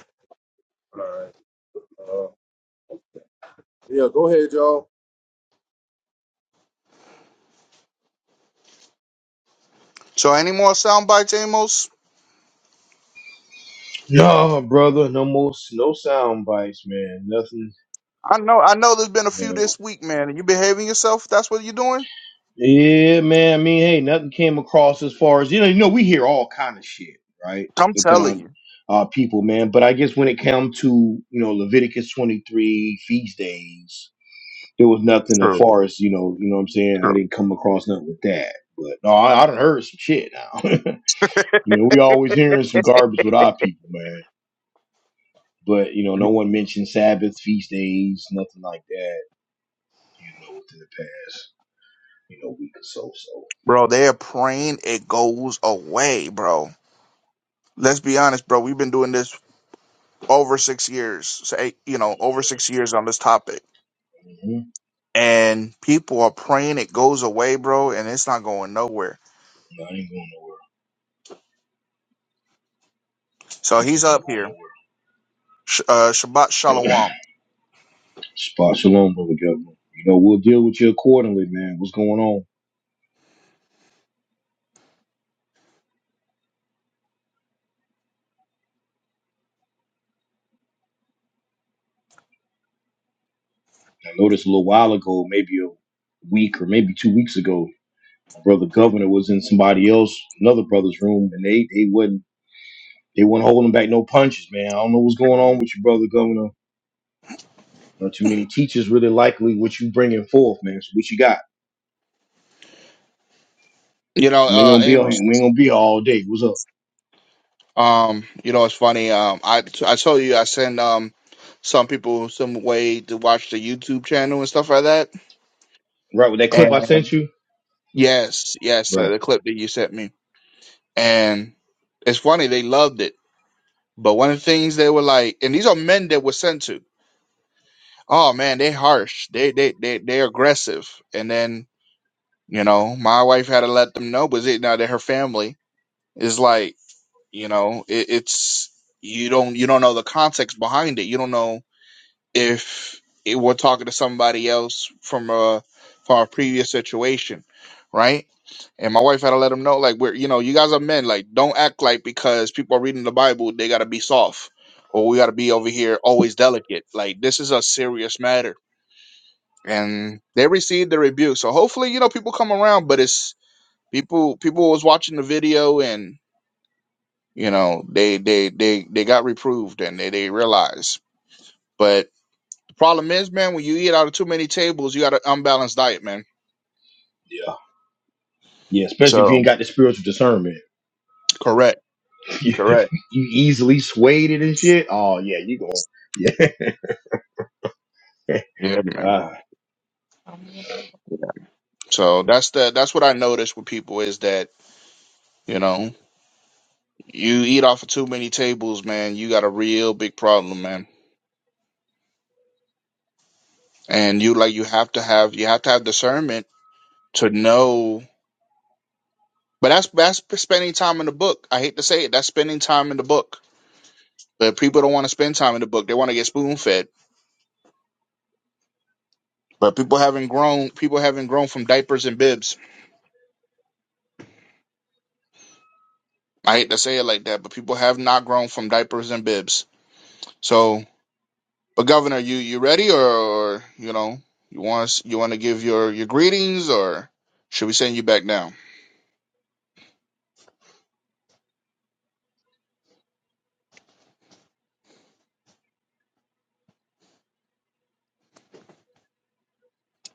Speaker 3: right. Uh, yeah, go ahead, y'all.
Speaker 2: So, any more sound bites, Amos?
Speaker 1: No, brother, no more, s- no sound bites, man. Nothing.
Speaker 2: I know, I know. There's been a few
Speaker 1: Yeah.
Speaker 2: this week, man. Are you behaving yourself? That's what you're doing.
Speaker 1: Yeah, man. I mean, hey, nothing came across as far as you know. You know, we hear all kind of shit, right,
Speaker 2: I'm
Speaker 1: within our
Speaker 2: telling you.
Speaker 1: uh, people, man. But I guess when it came to you know Leviticus twenty three feast days, there was nothing as
Speaker 2: True.
Speaker 1: far as you know. You know what I'm saying? I
Speaker 2: True.
Speaker 1: didn't come across nothing with that. But no, I, I done heard some shit now. *laughs* you know, we always hearing some garbage with our people, man. But you know, no
Speaker 2: *laughs*
Speaker 1: one mentioned Sabbath feast days, nothing like that. You know, within the past, you know, week or so. So,
Speaker 2: bro, they're praying it goes away, bro. Let's be honest, bro. We've been doing this over six years, say, you know, over six years on this topic.
Speaker 1: hmm
Speaker 2: And people are praying it goes away, bro, and it's not going nowhere.
Speaker 1: no, I ain't going nowhere.
Speaker 2: So he's
Speaker 1: Definitely ain't
Speaker 2: up
Speaker 1: going
Speaker 2: here.
Speaker 1: nowhere.
Speaker 2: Sh- uh, Shabbat Shalom.
Speaker 1: Spot shalom, brother Governor. You know, we'll deal with you accordingly, man. What's going on? I noticed a little while ago, maybe a week or maybe two weeks ago, my brother Governor was in somebody else, another brother's room, and they they wasn't they weren't holding back no punches, man. I don't know what's going on with you, brother Governor. Not too many teachers really likely what you bringing forth, man. So what you got?
Speaker 2: You know,
Speaker 1: We ain't
Speaker 2: uh,
Speaker 1: gonna be on
Speaker 2: Amos.
Speaker 1: hand. We ain't gonna be here all day. What's up?
Speaker 2: Um, you know, it's funny. Um, I I told you I send um some people some way to watch the YouTube channel and stuff like that.
Speaker 1: Right with that clip I sent
Speaker 2: And
Speaker 1: you?
Speaker 2: yes, yes, uh,
Speaker 1: Right.
Speaker 2: the clip that you sent me. And it's funny they loved it. But one of the things they were like, and these are men that were sent to. Oh man, they harsh. They they they they're aggressive. And then you know, my wife had to let them know, but it now that her family is like. You know, it, it's you don't you don't know the context behind it. You don't know if it, we're talking to somebody else from a from a previous situation, right? And my wife had to let them know, like, we're you know, you guys are men, like, don't act like because people are reading the Bible, they gotta be soft, or we gotta be over here always delicate. Like, this is a serious matter, and they received the rebuke. So hopefully, you know, people come around, but it's people people was watching the video and you know they they they they got reproved and they they realized but the problem is man when you eat out of too many tables you got an unbalanced diet man
Speaker 1: Yeah. Yeah, especially if you ain't
Speaker 2: so
Speaker 1: got the spiritual discernment.
Speaker 2: correct
Speaker 1: *laughs*
Speaker 2: correct
Speaker 1: you easily swayed it and shit, oh yeah, you going yeah.
Speaker 2: yeah
Speaker 1: *laughs*
Speaker 2: man
Speaker 1: Ah,
Speaker 2: so that's the that's what i noticed with people is that you know you eat off of too many tables man you got a real big problem man and you like you have to have you have to have discernment to know but that's that's spending time in the book i hate to say it that's spending time in the book but people don't want to spend time in the book they want to get spoon fed But people haven't grown. People haven't grown from diapers and bibs. I hate to say it like that, but people have not grown from diapers and bibs. So, but Governor, you you ready, or, or you know, you want us, you want to give your your greetings, or should we send you back down?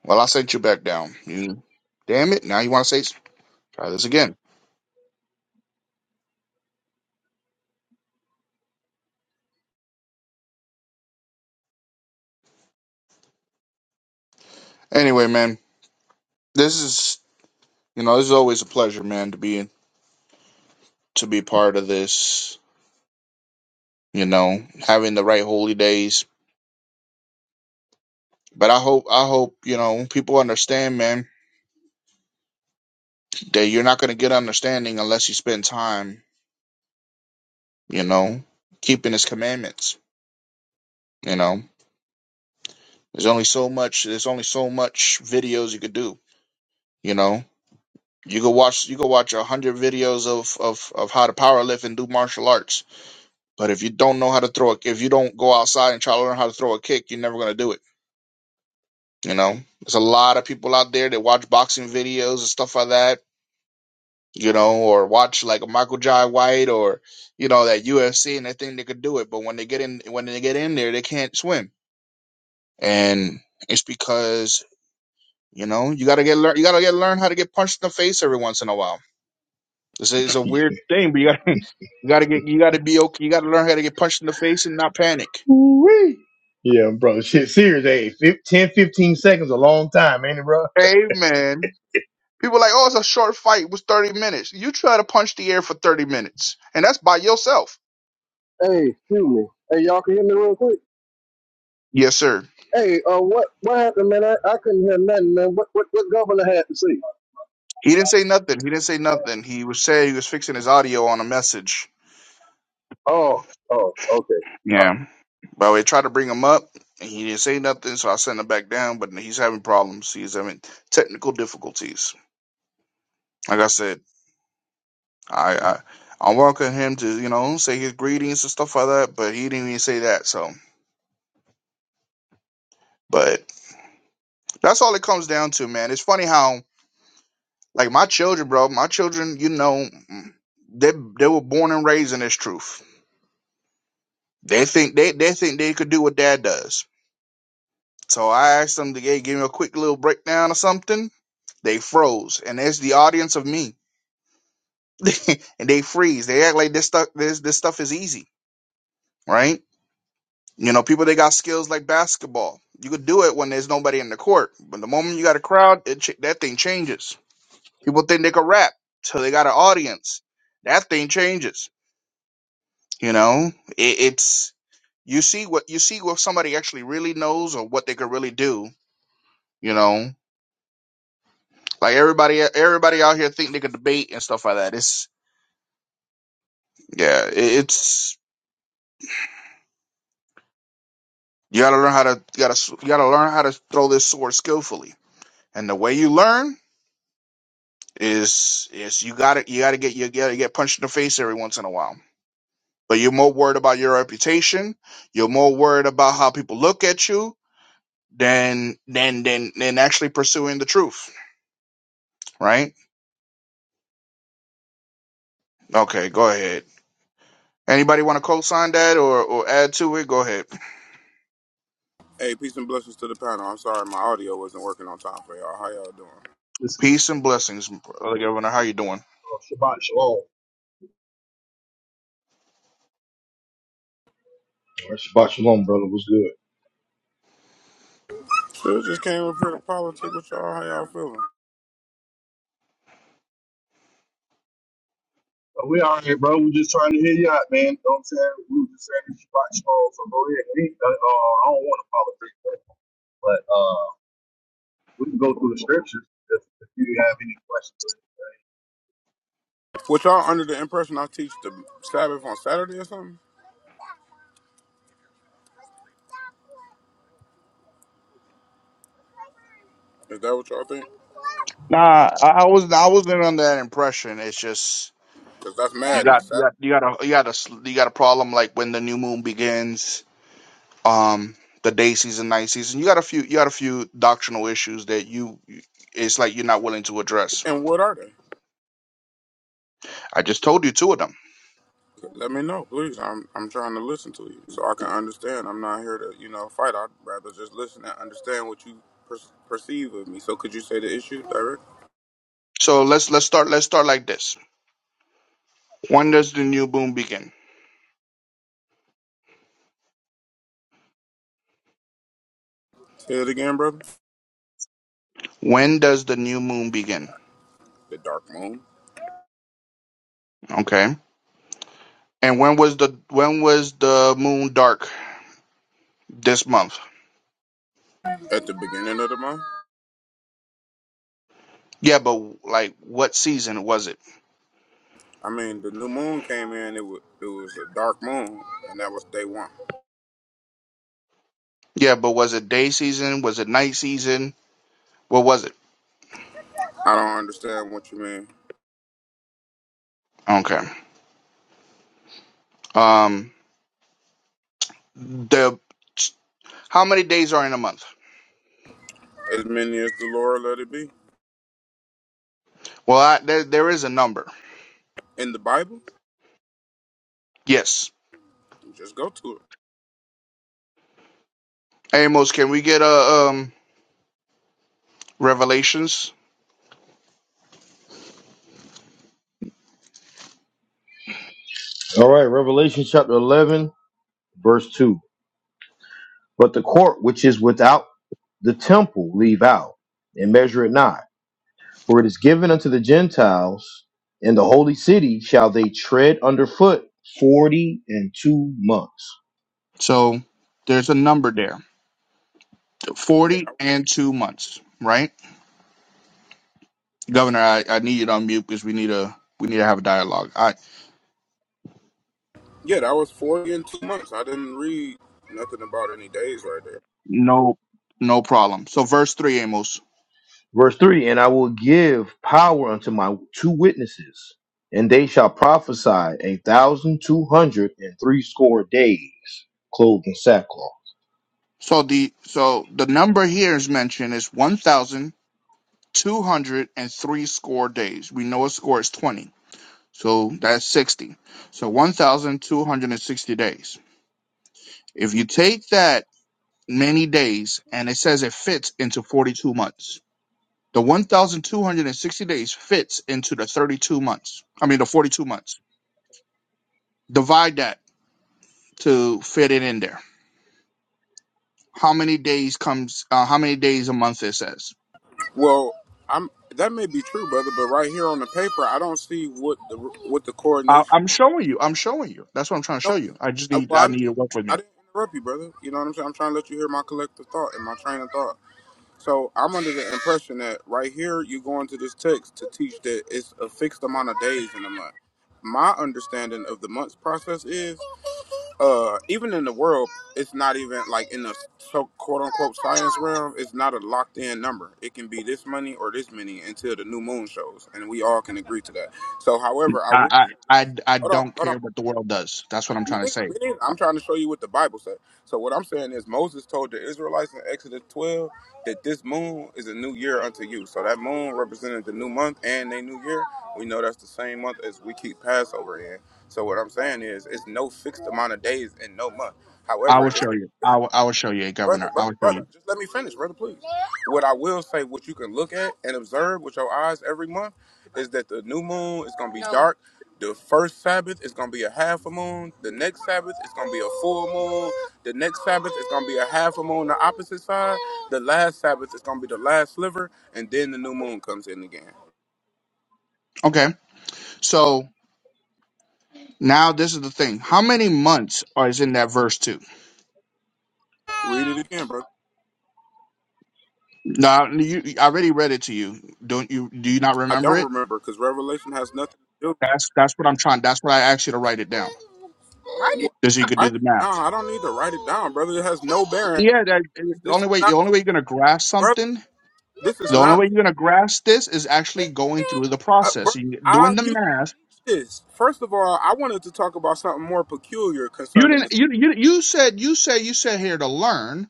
Speaker 2: Well, I sent you back down. You, damn it! Now you want to say s- try this again. Anyway, man, this is you know this is always a pleasure, man, to be to be part of this. You know, having the right holy days. But I hope I hope you know people understand, man that you're not going to get understanding unless you spend time, you know, keeping his commandments, you know. There's only so much there's only so much videos you could do, you know. You could watch you could watch a hundred videos of, of, of how to power lift and do martial arts. But if you don't know how to throw a if you don't go outside and try to learn how to throw a kick, you're never gonna do it. You know? There's a lot of people out there that watch boxing videos and stuff like that you know, or watch like a Michael Jai White or you know that UFC and they think they could do it, but when they get in when they get in there, they can't swim, and it's because you know you gotta get learn you gotta get learn how to get punched in the face every once in a while. This is a weird thing, but you gotta *laughs* you gotta get you gotta be okay. You gotta learn how to get punched in the face and not panic.
Speaker 1: wee. Yeah, bro. Shit, serious. Hey, fif- 10, fifteen seconds a long time, ain't it, bro? All
Speaker 2: Hey man, people are like, oh, it's a short fight. It was thirty minutes. You try to punch the air for thirty minutes, and that's by yourself.
Speaker 3: Hey, excuse me. Hey, y'all can hear me real quick.
Speaker 2: Yes, sir.
Speaker 3: Hey, uh, what what happened, man? I, I couldn't hear nothing, man. What what what governor had to say?
Speaker 2: He didn't say nothing. He didn't say nothing. He was saying he was fixing his audio on a message.
Speaker 3: Oh, oh, okay.
Speaker 2: Yeah. But we tried to bring him up and he didn't say nothing, so I sent him back down, but he's having problems. He's having technical difficulties. Like I said, I I, I welcome him to, you know, say his greetings and stuff like that, but he didn't even say that, so but that's all it comes down to, man. It's funny how like my children, bro, my children, you know, they they were born and raised in this truth. They think they they think they could do what dad does So I asked them to g- give me a quick little breakdown or something. They froze, and there's the audience of me, *laughs* and they freeze. They act like this stuff this this stuff is easy, right? You know, people they got skills like basketball. You could do it when there's nobody in the court, but the moment you got a crowd, it ch- that thing changes. People think they could rap till they got an audience. That thing changes. You know, it, it's you see what you see what somebody actually really knows or what they could really do. You know, Like everybody, everybody out here think they can debate and stuff like that. It's yeah, it, it's you gotta learn how to you gotta you gotta learn how to throw this sword skillfully. And the way you learn is is you gotta you gotta get you gotta get punched in the face every once in a while. But you're more worried about your reputation. You're more worried about how people look at you than than than than actually pursuing the truth. Right? Okay, go ahead. Anybody want to co-sign that or, or add to it? Go ahead.
Speaker 5: Hey, peace and blessings to the panel. I'm sorry my audio wasn't working on time for y'all. How y'all doing?
Speaker 3: This is
Speaker 2: Peace and blessings, brother Governor. How you doing?
Speaker 3: uh, Shabbat Shalom.
Speaker 1: right, Shabbat shalom, brother. What's good?
Speaker 5: So I just came up here to politic with y'all. How y'all feeling?
Speaker 3: Uh, we all right, bro. we just trying to hear you out, man. You know what I'm saying? We were just saying Shabbat Shalom. So go ahead. We, uh, uh, I don't want to politics, though. But uh, we can go through the scriptures if, if you have any questions.
Speaker 5: What y'all under the impression I teach the Sabbath on Saturday or something? Is that what y'all think?
Speaker 2: Nah, I, I was I wasn't under that impression. It's just
Speaker 5: Because that's
Speaker 2: you
Speaker 5: madness.
Speaker 2: got you
Speaker 5: Sat-
Speaker 2: got you got a you got a s- you got a problem like when the new moon begins, um, the day season, night season. You got a few you got a few doctrinal issues that you it's like you're not willing to address.
Speaker 5: And what are they?
Speaker 2: I just told you two of them.
Speaker 5: Let me know, please. I'm I'm trying to listen to you so I can understand. I'm not here to you know fight. I'd rather just listen and understand what you per- perceive of me. So could you say the issue, Derek?
Speaker 2: So let's let's start let's start like this. When does the new moon begin?
Speaker 5: Say it again, brother.
Speaker 2: When does the new moon begin?
Speaker 5: The dark moon
Speaker 2: Okay. And when was the when was the moon dark this month?
Speaker 5: at the beginning of the month.
Speaker 2: Yeah, but like what season was it?
Speaker 5: I mean, the new moon came in. It was it was a dark moon, and that was day one.
Speaker 2: Yeah, but was it day season? Was it night season? What was it?
Speaker 5: I don't understand what you mean.
Speaker 2: Okay. Um, the how many days are in a month?
Speaker 5: As many as the Lord let it be
Speaker 2: Well, I, there there is a number.
Speaker 5: in the Bible,
Speaker 2: Yes.
Speaker 5: just go to it.
Speaker 2: Hey, Amos, can we get a um revelations?
Speaker 1: All right, Revelation chapter 11, verse 2. But the court which is without the temple leave out and measure it not. For it is given unto the Gentiles, in the holy city shall they tread underfoot forty and two months.
Speaker 2: So there's a number there.
Speaker 5: Yeah,
Speaker 2: Forty
Speaker 5: that was
Speaker 2: and
Speaker 5: forty.
Speaker 2: two months, right? Governor, I, I need you to unmute because we need a we need to have a dialogue. I
Speaker 5: Yeah, that was forty in two months. I didn't read nothing about any days right there.
Speaker 2: no no problem. So verse three, Amos.
Speaker 1: Verse 3 And I will give power unto my two witnesses, and they shall prophesy a thousand two hundred and threescore days, clothed in sackcloth.
Speaker 2: So the so the number here is mentioned is 1,000. two hundred and three score days. We know a score is twenty, so that's sixty. So one thousand two hundred and sixty days. If you take that many days, and it says it fits into forty-two months, the one thousand two hundred and sixty days fits into the thirty-two months. I mean the forty-two months. Divide that to fit it in there. How many days comes? Uh, how many days a month? It says.
Speaker 5: Well, I'm that may be true, brother, but right here on the paper, I don't see what the what the
Speaker 2: I,
Speaker 5: coordination.
Speaker 2: I'm showing you. I'm showing you. That's what I'm trying to
Speaker 5: No,
Speaker 2: show you. I
Speaker 5: listen.
Speaker 2: just
Speaker 5: I,
Speaker 2: need.
Speaker 5: well,
Speaker 2: I
Speaker 5: I know
Speaker 2: need you to work with
Speaker 5: I
Speaker 2: me.
Speaker 5: didn't interrupt you, brother. You know what I'm saying? I'm trying to let you hear my collective thought and my train of thought. So I'm under the impression that right here you go into this text to teach that it's a fixed amount of days in a month. My understanding of the months process is, uh, even in the world, it's not even like in the so quote unquote science realm, it's not a locked in number. It can be this many or this many until the new moon shows, and we all can agree to that. So, however, I
Speaker 2: I,
Speaker 5: will
Speaker 2: I, I, I
Speaker 5: Hold on,
Speaker 2: don't
Speaker 5: hold on.
Speaker 2: care what the world does. That's what I'm
Speaker 5: Me
Speaker 2: trying to
Speaker 5: neither,
Speaker 2: say.
Speaker 5: me neither. I'm trying to show you what the Bible said. So what I'm saying is Moses told the Israelites in Exodus 12 that this moon is a new year unto you. So that moon represented the new month and their new year. We know that's the same month as we keep Passover in. So what I'm saying is it's no fixed amount of days in no month.
Speaker 2: I will
Speaker 5: However,
Speaker 2: show you.
Speaker 5: it's
Speaker 2: I will, I will show you,
Speaker 5: brother,
Speaker 2: Governor. I
Speaker 5: brother,
Speaker 2: will show
Speaker 5: brother.
Speaker 2: you.
Speaker 5: Just let me finish, brother, please. What I will say, what you can look at and observe with your eyes every month, is that the new moon is gonna be No. dark. The first Sabbath is gonna be a half a moon. The next Sabbath is gonna be a full moon. The next Sabbath is gonna be a half a moon, the opposite side. The last Sabbath is gonna be the last sliver, and then the new moon comes in again.
Speaker 2: Okay. So now this is the thing. How many months are is in that verse two?
Speaker 5: Read it again, bro.
Speaker 2: Now you, I already read it to you. Don't you? Do you not
Speaker 5: I
Speaker 2: remember
Speaker 5: don't
Speaker 2: it?
Speaker 5: remember because Revelation has nothing to do.
Speaker 2: That's that's what I'm trying. That's what I asked you to write it down,
Speaker 5: Write it
Speaker 2: just so you
Speaker 5: down.
Speaker 2: could do
Speaker 5: Write
Speaker 2: the
Speaker 5: it down.
Speaker 2: math.
Speaker 5: I don't need to write it down, brother. It has no bearing.
Speaker 2: Yeah. That, the
Speaker 5: This is
Speaker 2: only way. The
Speaker 5: not.
Speaker 2: only
Speaker 5: teaching.
Speaker 2: way you're gonna grasp
Speaker 5: brother,
Speaker 2: something.
Speaker 5: this is
Speaker 2: The only
Speaker 5: not,
Speaker 2: way you're gonna grasp this is actually going through the
Speaker 5: uh,
Speaker 2: process,
Speaker 5: brother.
Speaker 2: You-
Speaker 5: I
Speaker 2: doing the
Speaker 5: used to
Speaker 2: math
Speaker 5: teach this. First of all, I wanted to talk about something more peculiar
Speaker 2: You
Speaker 5: concerning
Speaker 2: didn't.
Speaker 5: this.
Speaker 2: You you you said you said you said here to learn.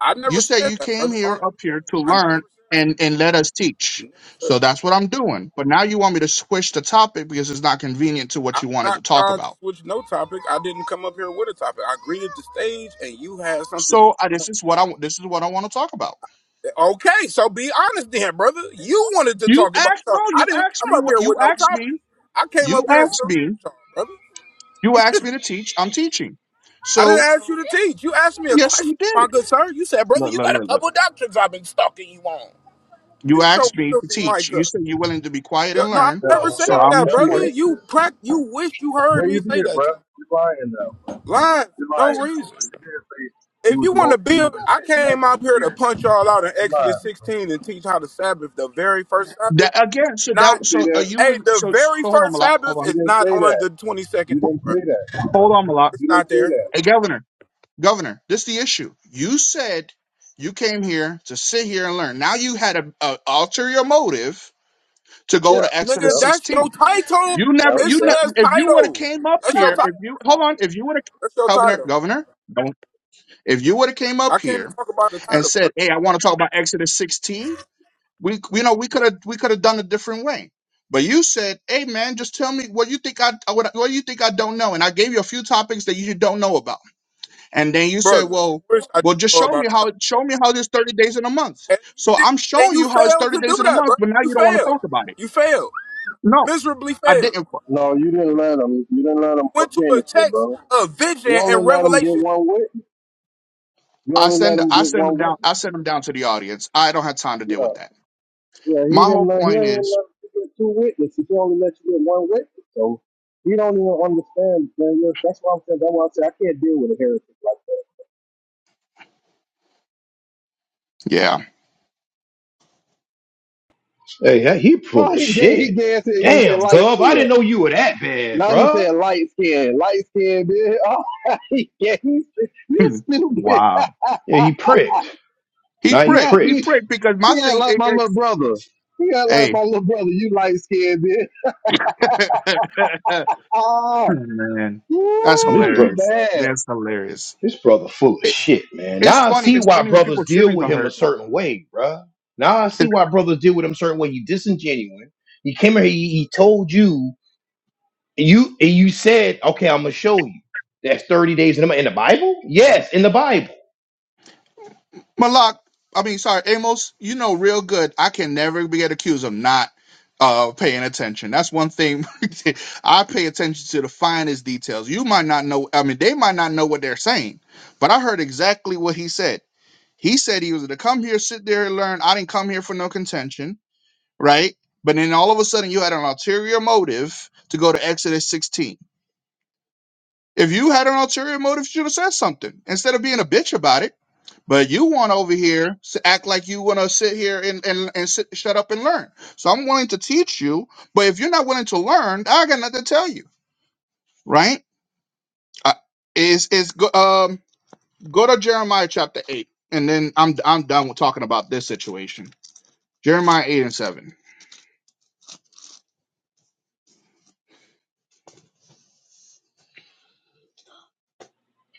Speaker 5: I never
Speaker 2: You said
Speaker 5: said
Speaker 2: you
Speaker 5: that,
Speaker 2: came
Speaker 5: brother.
Speaker 2: here
Speaker 5: On the
Speaker 2: up here to
Speaker 5: replay, I never
Speaker 2: learn
Speaker 5: said
Speaker 2: and and let us
Speaker 5: that.
Speaker 2: teach.
Speaker 5: Never said
Speaker 2: So
Speaker 5: that.
Speaker 2: that's what I'm doing. But now you want me to switch the topic because it's not convenient to what
Speaker 5: I'm
Speaker 2: you wanted to
Speaker 5: not
Speaker 2: talk
Speaker 5: trying to
Speaker 2: about.
Speaker 5: switch no topic. I didn't come up here with a topic. I greeted the stage, and you had something. That
Speaker 2: So I,
Speaker 5: you
Speaker 2: this
Speaker 5: wanted to
Speaker 2: is what I
Speaker 5: get
Speaker 2: this is what I want to talk about.
Speaker 5: into. Okay, so be honest then, brother. You wanted to
Speaker 2: You
Speaker 5: talk about
Speaker 2: asked no.
Speaker 5: something. I
Speaker 2: You
Speaker 5: didn't
Speaker 2: asked
Speaker 5: come
Speaker 2: me
Speaker 5: up here
Speaker 2: what you
Speaker 5: with no
Speaker 2: asked
Speaker 5: topic.
Speaker 2: me.
Speaker 5: I came
Speaker 2: You
Speaker 5: up here and
Speaker 2: asked
Speaker 5: saluted
Speaker 2: me.
Speaker 5: y'all, brother.
Speaker 2: You asked me to teach. I'm teaching.
Speaker 5: I didn't
Speaker 2: So
Speaker 5: ask you to teach. You asked me a
Speaker 2: yes,
Speaker 5: question,
Speaker 2: you
Speaker 5: my
Speaker 2: did.
Speaker 5: good sir. You said, brother,
Speaker 2: Look,
Speaker 5: you
Speaker 2: look,
Speaker 5: got a
Speaker 2: look, look.
Speaker 5: couple doctrines I've been stalking you on.
Speaker 2: You
Speaker 5: Mute your
Speaker 2: asked me to
Speaker 5: filthy
Speaker 2: teach.
Speaker 5: mic
Speaker 2: You
Speaker 5: up.
Speaker 2: said you're willing to be quiet
Speaker 5: Yo,
Speaker 2: and
Speaker 5: No, I
Speaker 2: learn.
Speaker 3: Yeah,
Speaker 5: never
Speaker 2: So
Speaker 5: said
Speaker 3: yeah,
Speaker 2: I'm
Speaker 5: that,
Speaker 3: that's
Speaker 2: here
Speaker 3: what
Speaker 5: brother.
Speaker 3: he
Speaker 5: You
Speaker 3: said.
Speaker 5: prac you wish you heard
Speaker 3: Yeah,
Speaker 5: me
Speaker 3: you
Speaker 5: say
Speaker 3: did,
Speaker 5: that
Speaker 3: bro.
Speaker 5: to you.
Speaker 3: You're lying now.
Speaker 5: Lying for
Speaker 3: You're
Speaker 5: no
Speaker 3: lying now, bro.
Speaker 5: reason.
Speaker 3: You did say you
Speaker 5: If
Speaker 3: was,
Speaker 5: you want to
Speaker 3: gonna, you
Speaker 5: build,
Speaker 3: was just
Speaker 5: I
Speaker 3: sitting back.
Speaker 5: came out here
Speaker 3: here
Speaker 5: to punch y'all out in Exodus
Speaker 3: Right.
Speaker 5: 16 and teach how the Sabbath, the very first Sabbath,
Speaker 2: That again. So
Speaker 5: not,
Speaker 2: that
Speaker 3: See
Speaker 2: so uh,
Speaker 3: that?
Speaker 2: you
Speaker 5: hey,
Speaker 2: was
Speaker 5: the
Speaker 2: so so
Speaker 5: very
Speaker 2: hold on,
Speaker 5: first
Speaker 2: Malak. Hold
Speaker 5: Sabbath
Speaker 3: You
Speaker 2: on.
Speaker 5: is
Speaker 3: didn't
Speaker 5: not
Speaker 3: say
Speaker 5: on
Speaker 3: that.
Speaker 5: the 22nd day,
Speaker 3: You
Speaker 2: Ho-
Speaker 3: didn't say
Speaker 5: brother.
Speaker 3: that.
Speaker 2: Hold on, Malak.
Speaker 5: It's
Speaker 3: You didn't
Speaker 5: not
Speaker 3: say
Speaker 5: there.
Speaker 3: that.
Speaker 2: Hey, Governor. Governor, this the issue. You said you came here to sit here and learn. Now you had a, a ulterior motive to go
Speaker 3: Yeah.
Speaker 2: to
Speaker 5: Nigga,
Speaker 2: Exodus
Speaker 3: Yep.
Speaker 5: that's your
Speaker 2: 16.
Speaker 5: title.
Speaker 2: You
Speaker 3: Yep.
Speaker 2: never.
Speaker 5: It
Speaker 2: You
Speaker 3: Yep.
Speaker 2: never.
Speaker 5: says
Speaker 2: If you would have
Speaker 5: title.
Speaker 2: came up
Speaker 5: That's your
Speaker 2: here,
Speaker 5: title.
Speaker 2: if you hold on, if you would have
Speaker 5: That's your
Speaker 2: Governor,
Speaker 5: title.
Speaker 2: Governor. Don't. If you would have came
Speaker 5: I
Speaker 2: up
Speaker 5: can't
Speaker 2: here
Speaker 5: talk about the
Speaker 2: and
Speaker 5: title, bro.
Speaker 2: said, "Hey, I want to talk about Exodus 16," We, you know, we could have we could have done a different way. But you said, "Hey, man, just tell me what you think I what, what you think I don't know." And I gave you a few topics that you don't know about. And then you said,
Speaker 5: Brother, you
Speaker 2: "Well,
Speaker 5: wish I
Speaker 2: well,
Speaker 5: didn't
Speaker 2: just
Speaker 5: know
Speaker 2: show
Speaker 5: about
Speaker 2: me how
Speaker 5: the title.
Speaker 2: it show me how there's 30 days in a month."
Speaker 5: And you
Speaker 2: So I'm
Speaker 5: didn't and
Speaker 2: showing
Speaker 5: you
Speaker 2: you how it's
Speaker 5: failed
Speaker 2: 30
Speaker 5: to do
Speaker 2: days in a
Speaker 5: that,
Speaker 2: month,
Speaker 5: brother.
Speaker 2: but now
Speaker 5: You
Speaker 2: you don't want to
Speaker 5: failed.
Speaker 2: talk about it.
Speaker 5: You failed.
Speaker 2: No,
Speaker 5: Miserably
Speaker 2: I
Speaker 5: failed.
Speaker 2: didn't.
Speaker 3: No, you didn't let them. You didn't let them
Speaker 5: Went to a
Speaker 3: finish it,
Speaker 5: text
Speaker 3: bro.
Speaker 5: of
Speaker 3: You
Speaker 5: vision
Speaker 3: only
Speaker 5: and
Speaker 3: let them get
Speaker 5: revelation
Speaker 3: one witness. You
Speaker 2: I
Speaker 3: only let
Speaker 2: send
Speaker 3: them
Speaker 2: I
Speaker 3: get
Speaker 2: send them
Speaker 3: one
Speaker 2: down.
Speaker 3: witness.
Speaker 2: I send them down to the audience. I don't have time to deal
Speaker 3: Yeah.
Speaker 2: with that.
Speaker 3: Yeah. He
Speaker 2: My
Speaker 3: didn't
Speaker 2: whole
Speaker 3: let. He
Speaker 2: point
Speaker 3: didn't
Speaker 2: is,
Speaker 3: let you get two witnesses. He only let you get one witness. So he don't even understand. Man. Yeah, That's why I'm saying. That's why I say I can't deal with a heretic like that.
Speaker 2: yeah.
Speaker 1: Hey, that- he
Speaker 3: Oh,
Speaker 1: full of
Speaker 3: he gay. He
Speaker 1: shit.
Speaker 3: gay. He said
Speaker 1: Damn,
Speaker 3: light
Speaker 1: Gov, I
Speaker 3: skin.
Speaker 1: didn't know you were that bad,
Speaker 3: Now you
Speaker 1: bruh.
Speaker 3: said light skin, light skin, bitch. *laughs* Oh, yeah, he's
Speaker 2: *clears throat*
Speaker 3: you
Speaker 2: *laughs*
Speaker 3: stupid. *laughs*
Speaker 2: wow.
Speaker 1: Yeah, he pricked.
Speaker 2: He
Speaker 1: Now he
Speaker 2: pricked.
Speaker 3: Yeah,
Speaker 2: He
Speaker 3: he,
Speaker 1: pricked.
Speaker 2: pricked because my
Speaker 3: he act
Speaker 2: thing.
Speaker 3: like
Speaker 2: It,
Speaker 3: my little
Speaker 2: it,
Speaker 3: brother. He act like my little brother. You light skin, bitch.
Speaker 2: hey. *laughs*
Speaker 3: Ah,
Speaker 2: Oh, man, that's
Speaker 1: And This
Speaker 3: woo, he
Speaker 1: brother.
Speaker 2: hilarious.
Speaker 3: bad.
Speaker 2: That's hilarious.
Speaker 1: This brother full of
Speaker 2: It,
Speaker 1: shit, man.
Speaker 2: it's
Speaker 1: Now I
Speaker 2: funny.
Speaker 1: see
Speaker 2: It's
Speaker 1: why
Speaker 2: funny when
Speaker 1: brothers
Speaker 2: people's
Speaker 1: deal
Speaker 2: feelings
Speaker 1: with
Speaker 2: are
Speaker 1: him a
Speaker 2: hurt.
Speaker 1: certain way, bruh. Now I
Speaker 2: It,
Speaker 1: see why brothers deal with him a certain way. You disingenuous. He came here, he, he told you, and you and you said, okay, I'm gonna show you. That's 30 days in the, in the Bible? Yes, in the Bible.
Speaker 2: Malak, I mean, sorry, Amos. You know real good. I can never be get accused of not uh paying attention. That's one thing. *laughs* I pay attention to the finest details. You might not know. I mean, they might not know what they're saying, but I heard exactly what he said. He said he was to come here, sit there, and learn. I didn't come here for no contention, right? But then all of a sudden, you had an ulterior motive to go to Exodus 16 If you had an ulterior motive, you should have said something instead of being a bitch about it. But you want over here to act like you want to sit here and and, and sit, shut up and learn. So I'm willing to teach you, but if you're not willing to learn, I got nothing to tell you, right? Uh, is is go, um go to Jeremiah chapter eight, and then I'm I'm done with talking about this situation. Jeremiah eight and seven.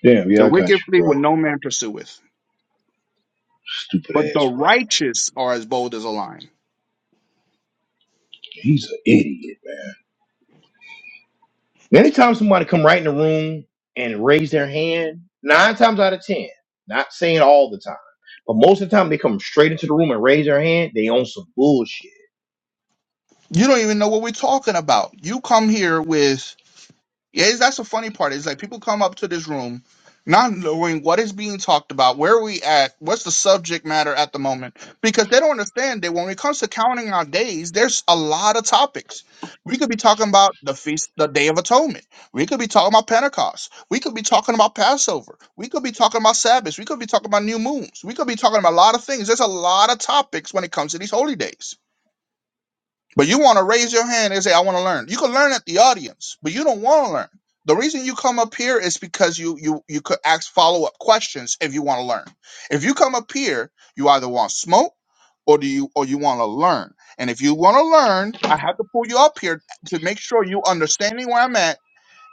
Speaker 1: Damn, yeah,
Speaker 2: The
Speaker 1: I got
Speaker 2: wicked
Speaker 1: you,
Speaker 2: flee
Speaker 1: bro.
Speaker 2: when no man pursueth,
Speaker 1: Stupid
Speaker 2: but the
Speaker 1: ass brother.
Speaker 2: righteous are as bold as a lion.
Speaker 1: He's an idiot, man. Anytime somebody come right in the room and raise their hand, nine times out of ten, not saying all the time, but most of the time they come straight into the room and raise their hand, they own some bullshit
Speaker 2: You don't even know what we're talking about. You come here with Yeah, it's- that's the funny part. Is like people come up to this room not knowing what is being talked about, where we at, what's the subject matter at the moment, because they don't understand that when it comes to counting our days, there's a lot of topics. We could be talking about the feast, the Day of Atonement. We could be talking about Pentecost. We could be talking about Passover. We could be talking about Sabbaths. We could be talking about new moons. We could be talking about a lot of things. There's a lot of topics when it comes to these holy days. But you want to raise your hand and say, I want to learn. You can learn at the audience, but you don't want to learn. The reason you come up here is because you you you could ask follow up questions if you want to learn. If you come up here, you either want smoke or do you or you want to learn. And if you want to learn, I have to pull you up here to make sure you understanding where I'm at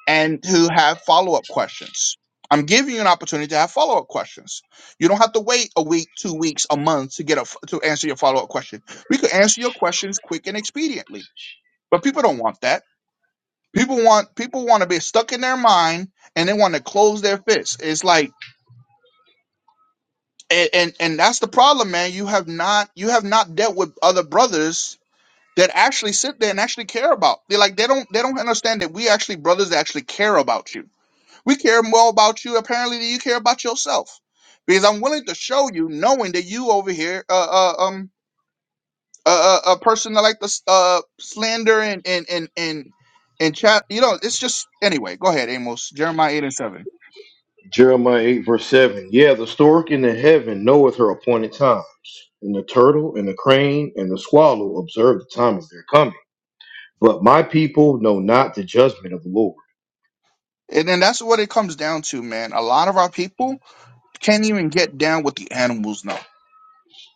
Speaker 2: and to have follow up questions. I'm giving you an opportunity to have follow up questions. You don't have to wait a week, two weeks, a month to get a, to answer your follow up question. We could answer your questions quick and expediently, but people don't want that. People want people want to be stuck in their mind and they want to close their fists. It's like and, and and that's the problem, man. You have not you have not dealt with other brothers that actually sit there and actually care about. They like they don't they don't understand that we actually brothers that actually care about you We care more about you apparently than you care about yourself, because I'm willing to show you, knowing that you over here, uh, uh um, a uh, uh, a person that like the uh slander and and and and and chat. You know, it's just anyway. Go ahead, Amos. Jeremiah eight and seven.
Speaker 1: Jeremiah 8, verse 7. Yeah, the stork in the heaven knoweth her appointed times, and the turtle and the crane and the swallow observe the time of their coming. But my people know not the judgment of the Lord.
Speaker 2: And then that's what it comes down to, man. A lot of our people can't even get down with the animals, no.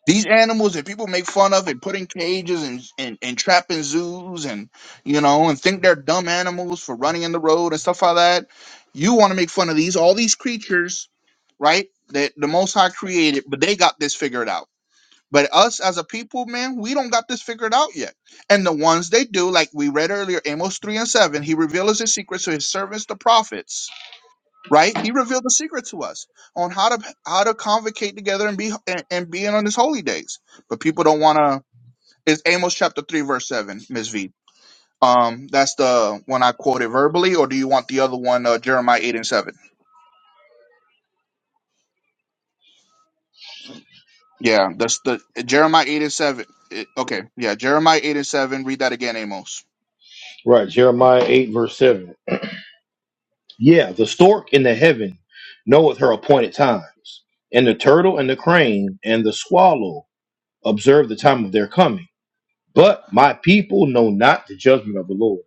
Speaker 2: These animals that people make fun of and put in cages and, and, and trap in zoos and you know and think they're dumb animals for running in the road and stuff like that. You want to make fun of these all these creatures, right? That the Most High created, but they got this figured out. But us as a people, man, we don't got this figured out yet. And the ones they do, like we read earlier, Amos three and seven, he reveals his secret to his servants, the prophets right? He revealed the secret to us on how to how to convocate together and be and, and be in on his holy days. But people don't want to. It's Amos chapter three verse seven, Miss V. Um, that's the one I quoted verbally, or do you want the other one, uh, Jeremiah eight and seven? Yeah, that's the Jeremiah eight and seven. It- okay, yeah, Jeremiah eight and seven. Read that again, Amos.
Speaker 1: Right, Jeremiah 8, verse 7. Yeah, the stork in the heaven knoweth her appointed times, and the turtle and the crane and the swallow observe the time of their coming. But my people know not the judgment of the Lord.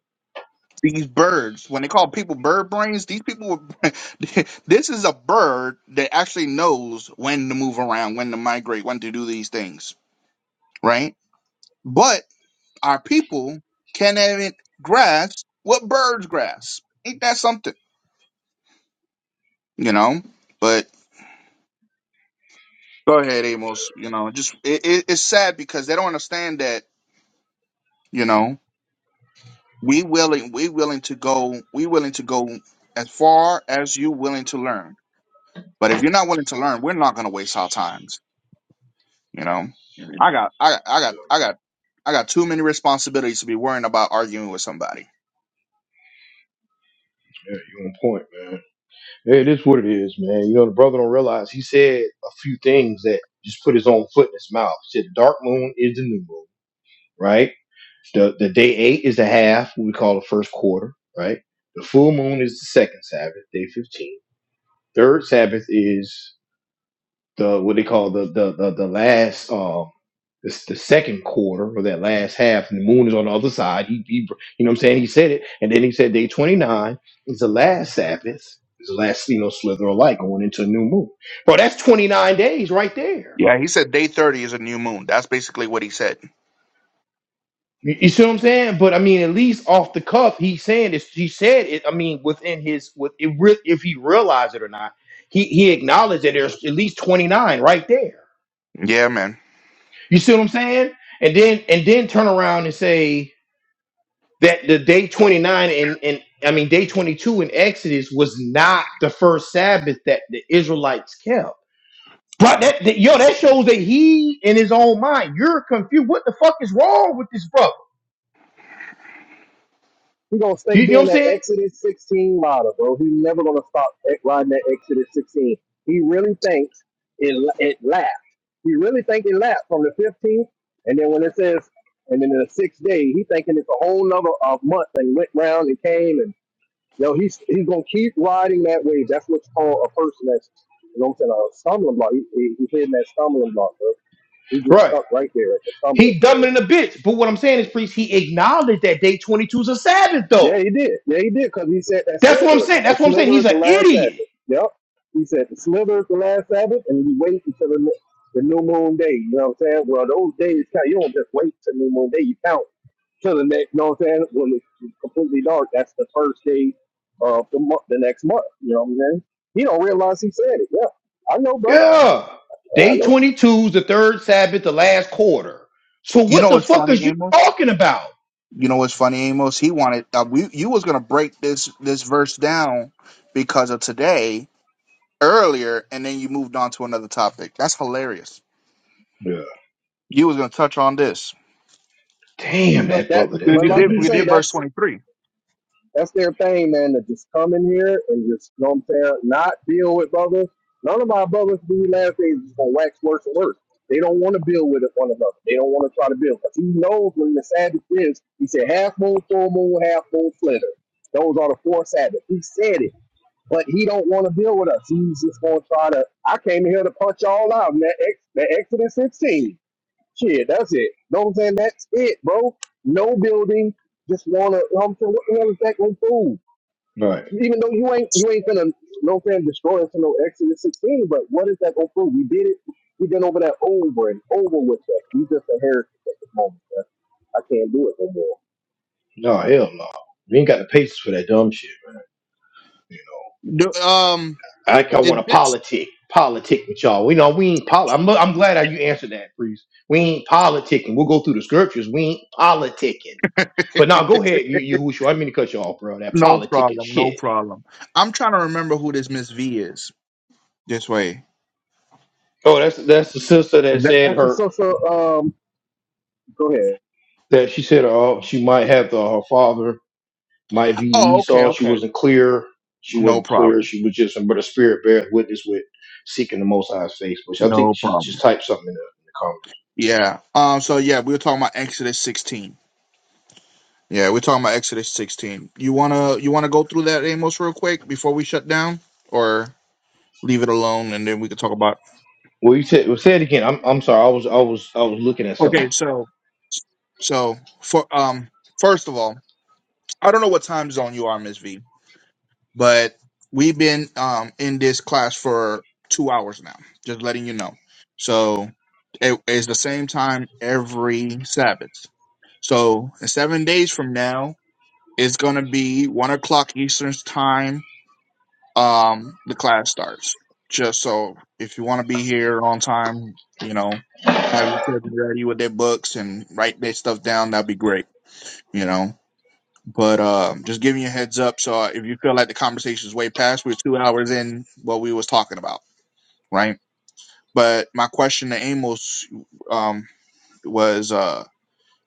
Speaker 2: These birds, when they call people bird brains, these people, were, *laughs* this is a bird that actually knows when to move around, when to migrate, when to do these things, right? But our people can't even grasp what birds grasp. Ain't that something? You know? But go ahead, Amos. You know, just it, it, it's sad because they don't understand that, you know, we willing we willing to go we willing to go as far as you willing to learn. But if you're not willing to learn, we're not gonna waste our times, you know. I got I got I got I got I got too many responsibilities to be worrying about arguing with somebody.
Speaker 1: Yeah, you on point, man. Yeah, It is what it is, man. You know, the brother don't realize he said a few things that just put his own foot in his mouth. He said the dark moon is the new moon, right? The the day eight is the half, what we call the first quarter, right? The full moon is the second Sabbath, day fifteen. Third Sabbath is the what they call the the the, the last uh it's the second quarter or that last half and the moon is on the other side he, he you know what i'm saying he said it and then he said day 29 is the last sabbath is the last you know slither of light going into a new moon bro that's 29 days right there
Speaker 2: Yeah, he said day 30 is a new moon. That's basically what he said.
Speaker 1: you, you see what i'm saying but i mean at least off the cuff he's saying this he said it i mean within his with it re- if he realized it or not he he acknowledged that there's at least 29 right there
Speaker 2: Yeah, man.
Speaker 1: You see what I'm saying? And then and then turn around and say that the day 29 and and I mean day 22 in Exodus was not the first Sabbath that the Israelites kept. Right? That, that yo, that shows that he in his own mind, you're confused. What the fuck is wrong with this brother?
Speaker 3: He gonna stay
Speaker 1: You know
Speaker 3: being
Speaker 1: what I'm
Speaker 3: that
Speaker 1: saying?
Speaker 3: Exodus 16 model, bro. He never gonna stop e- riding that Exodus 16. He really thinks it it laps. He really think it laps from the 15th, and then when it says and then in the sixth day, he thinking it's a whole nother uh, month and went round and came and Yo, he's he's gonna keep riding that wave. That's what's called a person that's you know what I'm saying a stumbling block. He, he, he's hitting that stumbling block, bro. He just
Speaker 1: Right.
Speaker 3: stuck right there at the stumbling
Speaker 1: He dumb
Speaker 3: block.
Speaker 1: in a bitch. But what I'm saying is, priest, he acknowledged that day 22 is a Sabbath
Speaker 3: Yeah,
Speaker 1: though.
Speaker 3: he did. Yeah, he did because he said that
Speaker 1: That's what I'm
Speaker 3: slither.
Speaker 1: saying.
Speaker 3: The
Speaker 1: That's what I'm saying.
Speaker 3: slither
Speaker 1: He's
Speaker 3: is
Speaker 1: an
Speaker 3: the last
Speaker 1: idiot.
Speaker 3: Sabbath. Yep. He said the slither is the last Sabbath, and you wait until the, the new moon day. You know what I'm saying? Well, those days count. You don't just wait till new moon day. You count to the next. You know what I'm saying? When it's completely dark, that's the first day of the month, the next month. You know what I'm saying? He don't realize he said it. Yeah, I know, bro.
Speaker 1: Yeah.
Speaker 3: I
Speaker 1: Day
Speaker 3: know.
Speaker 1: 22 is the third Sabbath, the last quarter. So
Speaker 2: You
Speaker 1: what
Speaker 2: know
Speaker 1: the
Speaker 2: what's
Speaker 1: fuck
Speaker 2: funny,
Speaker 1: is you
Speaker 2: Amos?
Speaker 1: talking about?
Speaker 2: You know what's funny, Amos? He wanted uh, we you was gonna break this this verse down because of today earlier, and then you moved on to another topic. That's hilarious. You was gonna touch on this
Speaker 3: But that,
Speaker 2: because
Speaker 3: but
Speaker 2: you
Speaker 3: like
Speaker 2: did.
Speaker 3: you
Speaker 2: We
Speaker 3: say,
Speaker 2: did verse
Speaker 3: that's
Speaker 2: twenty three.
Speaker 3: that's their thing, man. To just come in here and just, you know what I'm saying? Not deal with brothers. None of our brothers do last days just gonna wax worse and worse. They don't want to deal with it one another. They don't want to try to build. Cause he knows when the Sabbath is. He said half moon, full moon, half moon, flitter. Those are the four Sabbaths. He said it. but he don't want to deal with us. He's just going to try to. I came here to punch y'all out. man. that, ex, that Exodus 16. Shit, that's it. Know what I'm saying? That's it, bro. No building. Just want to. You Know what I'm saying, what the hell is that going to prove?
Speaker 1: No,
Speaker 3: Even though you ain't you ain't gonna you know what I'm saying destroy us in no Exodus 16, but what is that gonna prove? We did it. We've been over that over and over with that. We just a heretic at this moment. I can't do it no more.
Speaker 1: no, hell no. We ain't got the patience for that dumb shit, man. You
Speaker 2: Um,
Speaker 1: know, I I
Speaker 2: is
Speaker 1: want to
Speaker 2: this
Speaker 1: politic, politic with y'all. We know we ain't pol. I'm, I'm glad how you answered that, priest. We ain't politicking. We'll go through the scriptures. We ain't politicking. But
Speaker 2: *laughs*
Speaker 1: now go ahead, you, you who I didn't mean to cut you off, bro. That
Speaker 2: no
Speaker 1: politicking
Speaker 2: problem? No
Speaker 1: shit.
Speaker 2: problem. I'm trying to remember who this Miss V is. This way.
Speaker 1: Oh, that's that's the sister
Speaker 2: Is
Speaker 1: that
Speaker 2: that?
Speaker 1: said
Speaker 3: That's just
Speaker 1: her
Speaker 3: so so. Um, go ahead.
Speaker 1: that she said uh, she might have the, her father. Might be
Speaker 2: Oh, okay,
Speaker 1: Esau. She
Speaker 2: okay.
Speaker 1: wasn't clear. She
Speaker 2: No
Speaker 1: wasn't clear.
Speaker 2: problem.
Speaker 1: She was just, but the spirit bears witness with seeking the Most High's face. Which I think
Speaker 2: No
Speaker 1: she just
Speaker 2: problem.
Speaker 1: typed something in the, in the comments.
Speaker 2: Yeah. Um. So yeah, we were talking about Exodus 16. Yeah, we're talking about Exodus 16. You wanna you wanna go through that Amos real quick before we shut down, or leave it alone and then we can talk about.
Speaker 1: Well, you said, well, say it again. I'm, I'm sorry. I was, I was, I was looking at
Speaker 2: Okay,
Speaker 1: something.
Speaker 2: so so for um first of all, I don't know what time zone you are, Miss V, but we've been um in this class for two hours now. Just letting you know. So it is the same time every Sabbath. So in seven days from now, it's gonna be one o'clock Eastern time um the class starts. Just so if you want to be here on time, you know, have your kids ready with their books and write their stuff down, that'd be great, you know. But um just giving you a heads up so uh, if you feel like the conversation is way past, we're two hours in what we was talking about, right? But my question to Amos um was uh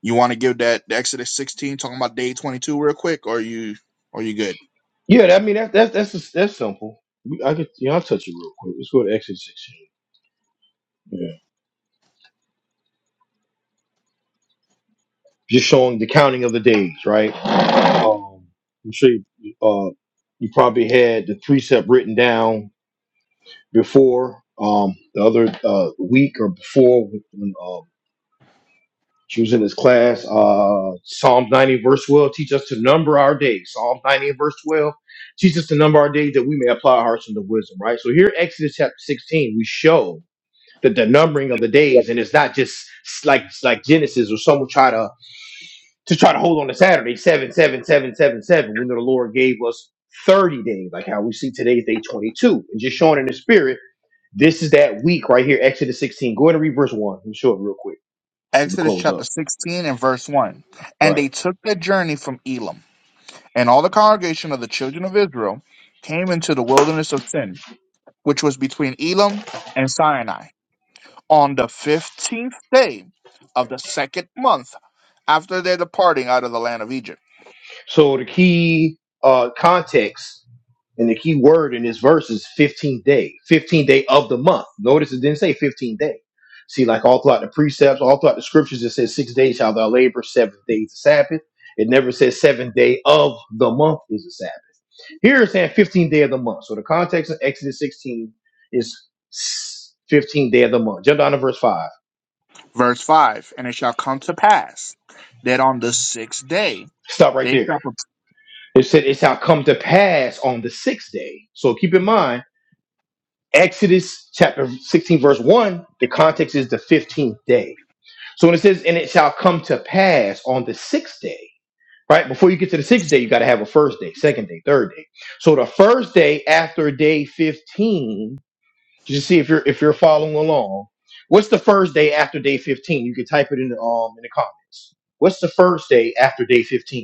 Speaker 2: you want to give that Exodus 16 talking about day 22 real quick or you or you good?
Speaker 1: Yeah, I mean that, that's that's that's simple. We- I could, you know, I'll touch it real quick. Let's go to Exodus 16. Yeah. Just showing the counting of the days, right? Um, I'm sure you, uh, you probably had the precept written down before um, the other uh, week or before when um, she was in this class. Uh, Psalm 90, verse 12, teach us to number our days. Psalm 90, and verse 12, teach us to number our days that we may apply our hearts unto wisdom, right? So here, Exodus chapter 16, we show that the numbering of the days, and it's not just like like Genesis or someone try to to try to hold on to Saturday, seven, seven, seven, seven, seven. We know the Lord gave us 30 days, like how we see today's day 22, and just showing in the spirit this is that week right here, Exodus 16. Go ahead and read verse 1. Let me show it real quick. We
Speaker 2: Exodus
Speaker 1: close
Speaker 2: chapter
Speaker 1: up.
Speaker 2: 16 and verse 1.
Speaker 1: All
Speaker 2: And
Speaker 1: right.
Speaker 2: they took their journey from Elam, and all the congregation of the children of Israel came into the wilderness of Sin, which was between Elam and Sinai, on the 15th day of the second month after their departing out of the land of Egypt.
Speaker 1: So the key uh, context and the key word in this verse is 15th day, 15th day of the month. Notice it didn't say 15th day. See, like all throughout the precepts, all throughout the scriptures, it says six days shall thou labor, seventh day is the Sabbath. It never says seventh day of the month is the Sabbath. Here it's saying 15th day of the month. So the context of Exodus 16 is 15th day of the month. Jump down to verse 5.
Speaker 2: Verse 5 And it shall come to pass that on the sixth day
Speaker 1: Stop right
Speaker 2: they
Speaker 1: there.
Speaker 2: shall. prep-
Speaker 1: It said, It shall come to pass on the sixth day. So keep in mind, Exodus chapter 16, verse 1, the context is the 15th day. So when it says, And it shall come to pass on the sixth day, right? Before you get to the sixth day, you got to have a first day, second day, third day. So the first day after day 15, just see if you're if you're following along. What's the first day after day 15? You can type it in the um in the comments. What's the first day after day 15?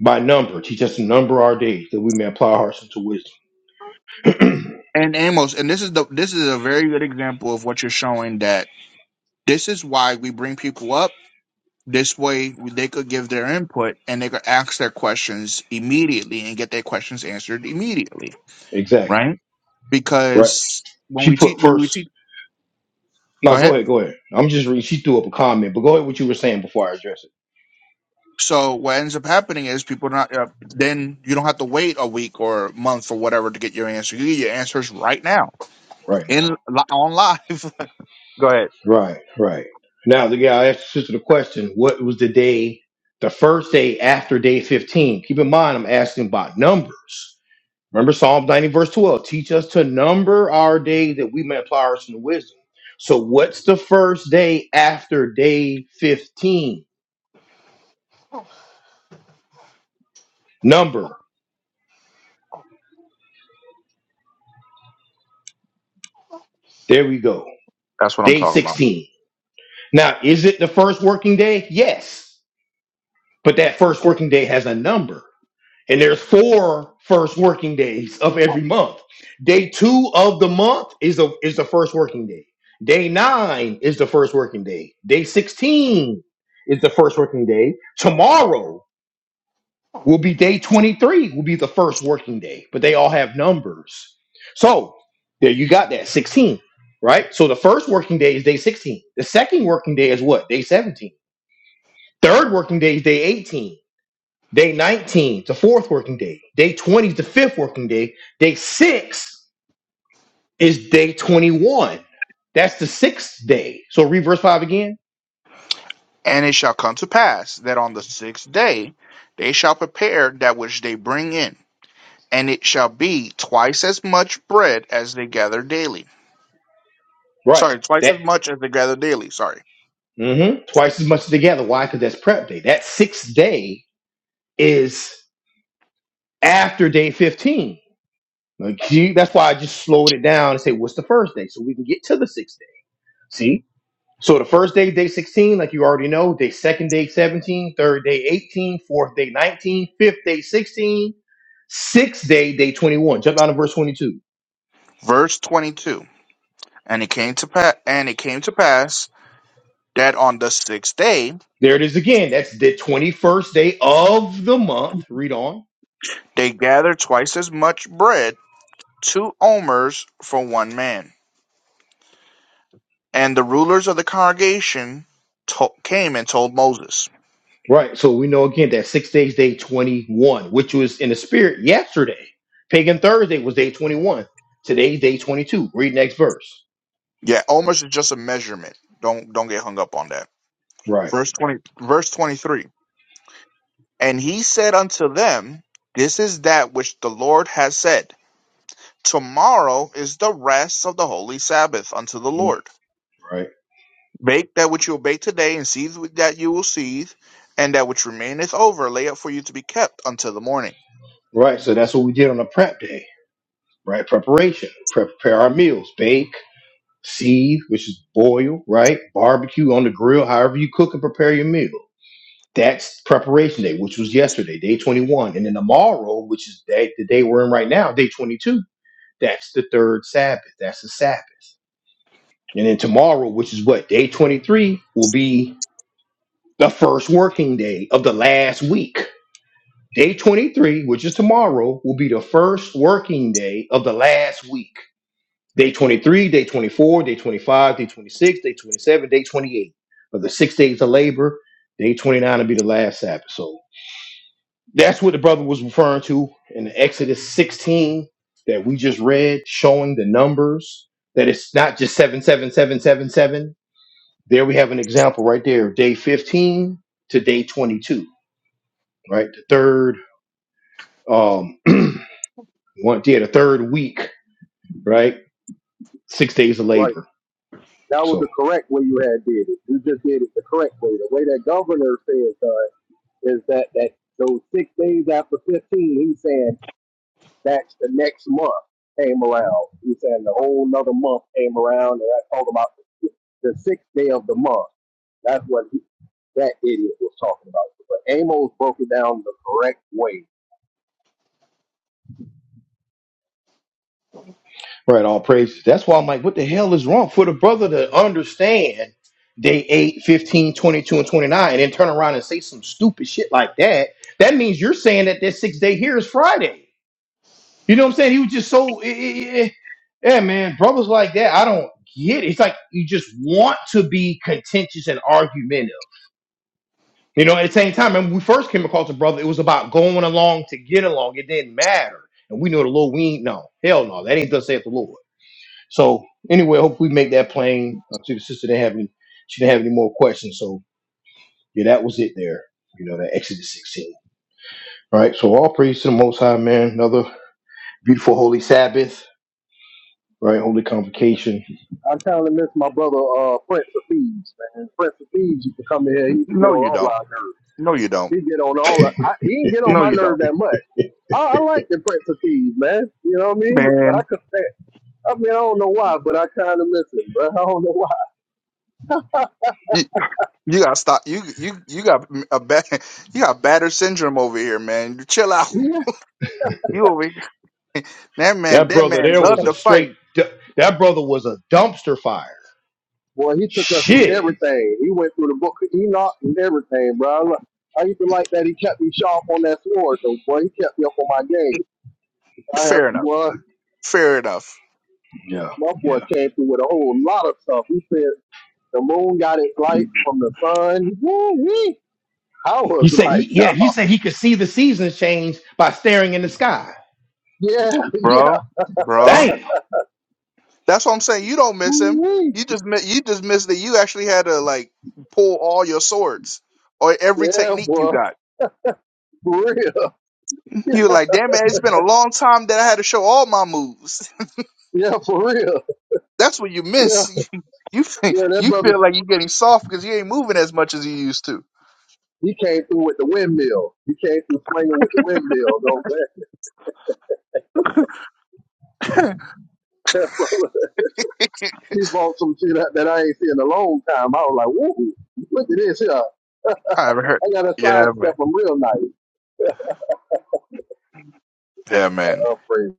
Speaker 1: by number. Teach us to number our days that we may apply our hearts unto wisdom.
Speaker 2: And Amos, and this is the this is a very good example of what you're showing that this is why we bring people up This way, they could give their input and they could ask their questions immediately and get their questions answered immediately,
Speaker 1: *clears throat* exactly.
Speaker 2: right?
Speaker 1: Right.
Speaker 2: Because when
Speaker 1: She
Speaker 2: we teach,
Speaker 1: put
Speaker 2: when we teach,
Speaker 1: first.
Speaker 2: go
Speaker 1: No, go
Speaker 2: ahead.
Speaker 1: ahead, go ahead. I'm just reading. She threw up a comment, but go ahead what you were saying before I address it.
Speaker 2: So what ends up happening is people not uh, then you don't have to wait a week or a month or whatever to get your answer. You get your answers right now
Speaker 1: Right now.
Speaker 2: in li- on live. *laughs* go ahead.
Speaker 1: Right, right. Now the guy asked the sister the question, what was the day, the first day after day 15? Keep in mind, I'm asking about numbers. Remember Psalm 90, verse 12. Teach us to number our days that we may apply our hearts unto wisdom. So what's the first day after day 15? Number, there we go.
Speaker 2: That's what I'm
Speaker 1: Day
Speaker 2: talking about.
Speaker 1: 16. Now, is it the first working day? Yes. But that first working day has a number. And there's four first working days of every month. Day two of the month is the, is the first working day. Day nine is the first working day. Day 16 is the first working day. Tomorrow will be day 23 will be the first working day but they all have numbers so there you got that 16 right so the first working day is day 16 the second working day is what day 17 third working day is day 18 day 19 is the fourth working day day 20 is the fifth working day day 6 is day 21 that's the sixth day so read verse 5 again
Speaker 2: And it shall come to pass that on the sixth day they shall prepare that which they bring in and it shall be twice as much bread as they gather daily.
Speaker 1: right
Speaker 2: Sorry, twice
Speaker 1: that
Speaker 2: as much as they gather daily. Sorry.
Speaker 1: hmm twice as much together why because that's prep day that sixth day is after day 15. Like, see, that's why I just slowed it down and say, what's the first day? So we can get to the sixth day. See? So the first day, day 16, like you already know, day second, day 17, third day 18, fourth day 19, fifth day 16, sixth day, day 21. Jump down to verse 22.
Speaker 2: Verse twenty-two. And it came to pa- and it came to pass that on the sixth day
Speaker 1: There it is again. That's the 21st day of the month. Read on
Speaker 2: they gathered twice as much bread, two omers for one man. And the rulers of the congregation to- came and told Moses.
Speaker 1: Right. So we know again that six days, day 21, which was in the spirit yesterday. Pagan Thursday was day 21. Today's day 22. Read next verse.
Speaker 2: Yeah, omers is just a measurement. Don't don't get hung up on that.
Speaker 1: Right.
Speaker 2: Verse twenty. Verse twenty-three. And he said unto them, This is that which the Lord has said. Tomorrow is the rest of the holy Sabbath unto the
Speaker 1: Mhm.
Speaker 2: Lord.
Speaker 1: Right.
Speaker 2: Bake that which you will bake today, and seethe that you will seethe, and that which remaineth over, lay up for you to be kept until the morning.
Speaker 1: Right. So that's what we did on the prep day, right? Preparation, Pre- prepare our meals, bake, seethe, which is boil, right? Barbecue on the grill, however you cook and prepare your meal. That's preparation day, which was yesterday, day 21. And then tomorrow, which is day, the day we're in right now, day 22, that's the third Sabbath. That's the Sabbath And then tomorrow, which is what, day 23, will be the first working day of the last week. Day 23, which is tomorrow, will be the first working day of the last week. Day 23, day 24, day 25, day 26, day 27, day 28 of the six days of labor. Day 29 will be the last Sabbath. So that's what the brother was referring to in Exodus 16 that we just read, showing the numbers that it's not just 77777. There we have an example right there, day 15 to day 22, right? The third, um, *clears throat* one, yeah, the third week, right? Six days of
Speaker 3: Right.
Speaker 1: labor.
Speaker 3: That was
Speaker 1: So,
Speaker 3: the correct way you had did it. You just did it the correct way. The way that governor says done is that that those six days after fifteen, he's saying that's the next month came around. He's saying the whole another month came around, and I talk about the, the sixth day of the month. That's what he, that idiot was talking about. But Amos broke it down the correct way.
Speaker 1: right, all praises. That's why I'm like, what the hell is wrong for the brother to understand day 8, 15, 22, and 29, and then turn around and say some stupid shit like that? That means you're saying that this sixth day here is Friday. You know what I'm saying? He was just so, eh, eh, eh, eh. yeah, man. Brothers like that, I don't get it. It's like you just want to be contentious and argumentative. You know, at the same time, when we first came across a brother, it was about going along to get along. It didn't matter. And we know the Lord, we ain't, no, hell no, that ain't thus saith the Lord. So, anyway, hope we make that plain. Uh, see, the sister didn't have any, she didn't have any more questions. So, yeah, that was it there. You know, that Exodus 16. All right, so all praise to the Most High, man. Another beautiful Holy Sabbath, right? Holy Convocation
Speaker 3: I kind of miss my brother, uh, Prince of Thieves, man. Prince of Thieves used to come in here. He used to get
Speaker 2: No,
Speaker 3: on
Speaker 2: you
Speaker 3: all
Speaker 2: don't.
Speaker 3: our nerves.
Speaker 2: No, you don't.
Speaker 3: He get on all. Our, I, he didn't get on
Speaker 2: No,
Speaker 3: my
Speaker 2: you
Speaker 3: nerve
Speaker 2: don't.
Speaker 3: that much. I, I like the Prince of Thieves, man. You know what I mean? I
Speaker 2: Man,
Speaker 3: could stand. I mean, I don't know why, but I kind of miss him, but *laughs* I don't know why.
Speaker 2: you, you gotta stop. You you you got a bad *laughs* you got batter syndrome over here, man. Chill out. *laughs*
Speaker 3: Yeah.
Speaker 2: You over here. *laughs* That man,
Speaker 1: That
Speaker 2: that
Speaker 1: brother
Speaker 2: man
Speaker 1: there was
Speaker 2: loved
Speaker 1: a
Speaker 2: to fight.
Speaker 1: straight. du- That brother was a dumpster fire.
Speaker 3: Boy, he took us through
Speaker 1: Shit.
Speaker 3: everything. He went through the book of Enoch and everything, bro. I, li- I used to like that he kept me sharp on that sword, though. Boy, he kept me up on my game. I have,
Speaker 2: Fair enough.
Speaker 3: boy,
Speaker 2: Fair enough.
Speaker 1: Yeah,
Speaker 3: my boy
Speaker 1: yeah.
Speaker 3: came through with a whole lot of stuff. He said the moon got its light from the sun. Woo-wee. I
Speaker 1: He
Speaker 3: was
Speaker 1: said
Speaker 3: like,
Speaker 1: he
Speaker 3: *laughs*
Speaker 1: yeah
Speaker 3: oh,
Speaker 1: he said he could see the seasons change by staring in the sky.
Speaker 3: yeah, yeah,
Speaker 2: bro, bro.
Speaker 1: Damn.
Speaker 2: That's what I'm saying. You don't miss him.
Speaker 3: woo-wee.
Speaker 2: You just mi- you just miss that you actually had to like pull all your swords or every
Speaker 3: Yeah,
Speaker 2: technique you
Speaker 3: boy,
Speaker 2: got.
Speaker 3: for real. *laughs*
Speaker 2: You were like, damn man, it's been a long time that I had to show all my moves.
Speaker 3: Yeah, for real.
Speaker 2: *laughs* That's what you
Speaker 3: Yeah,
Speaker 2: miss. *laughs* You you fe-
Speaker 3: yeah, that
Speaker 2: you
Speaker 3: brother,
Speaker 2: feel like you're getting soft because you ain't moving as much as you used to.
Speaker 3: he came through with the windmill. He came through swinging with the windmill. Don't that,
Speaker 2: *laughs*
Speaker 3: *laughs* that brother,
Speaker 2: I
Speaker 3: he bought some shit out that I ain't seen in a long time. I was like, woo, look at this here. I
Speaker 2: haven't heard.
Speaker 3: got a
Speaker 2: Yeah, man.
Speaker 3: sidestep am real nice.
Speaker 2: Yeah, man.
Speaker 3: Uh, praise.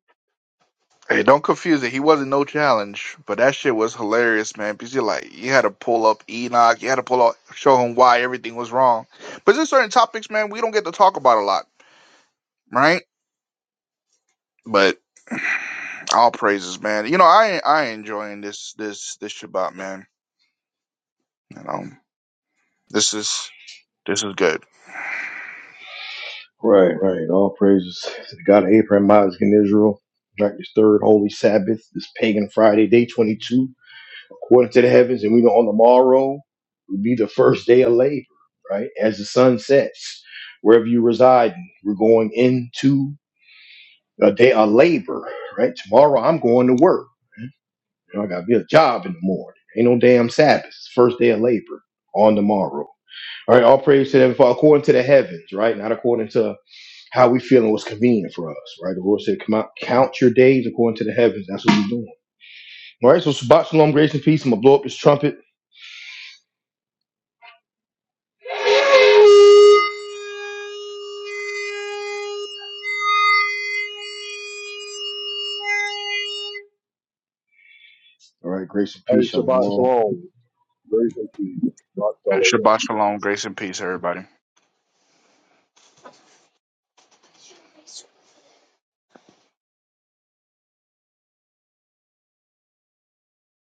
Speaker 2: Hey, don't confuse it. He wasn't no challenge, but that shit was hilarious, man. Because you like, you had to pull up Enoch, you had to pull up, show him why everything was wrong. But there's certain topics, man, we don't get to talk about a lot, right? But *sighs* *clears throat* all praises, man. You know, I I enjoying this this this Shabbat, man. You know, this is this is good.
Speaker 1: Right, right. All praises to the God of Abraham, Isaac, and Israel. Like this third holy Sabbath, this pagan Friday, day 22, according to the heavens. And we know on the morrow will be the first day of labor, right? As the sun sets, wherever you reside, we're going into. a day of labor, right? Tomorrow I'm going to work. You know, I got to be at a job in the morning. Ain't no damn Sabbath. It's First day of labor on tomorrow. All right, all praise to them for according to the heavens, right? Not according to how we feel and what's convenient for us, right? The Lord said, come out, count your days according to the heavens. That's what we're doing. All right, so Shabbat Shalom, grace and peace. I'm going to blow up this trumpet. All right, grace and
Speaker 3: Hey,
Speaker 1: peace.
Speaker 3: Shabbat
Speaker 1: Shalom.
Speaker 3: Shalom. Grace and peace. Shabbat Shalom.
Speaker 2: Shabbat shalom, grace and peace, everybody.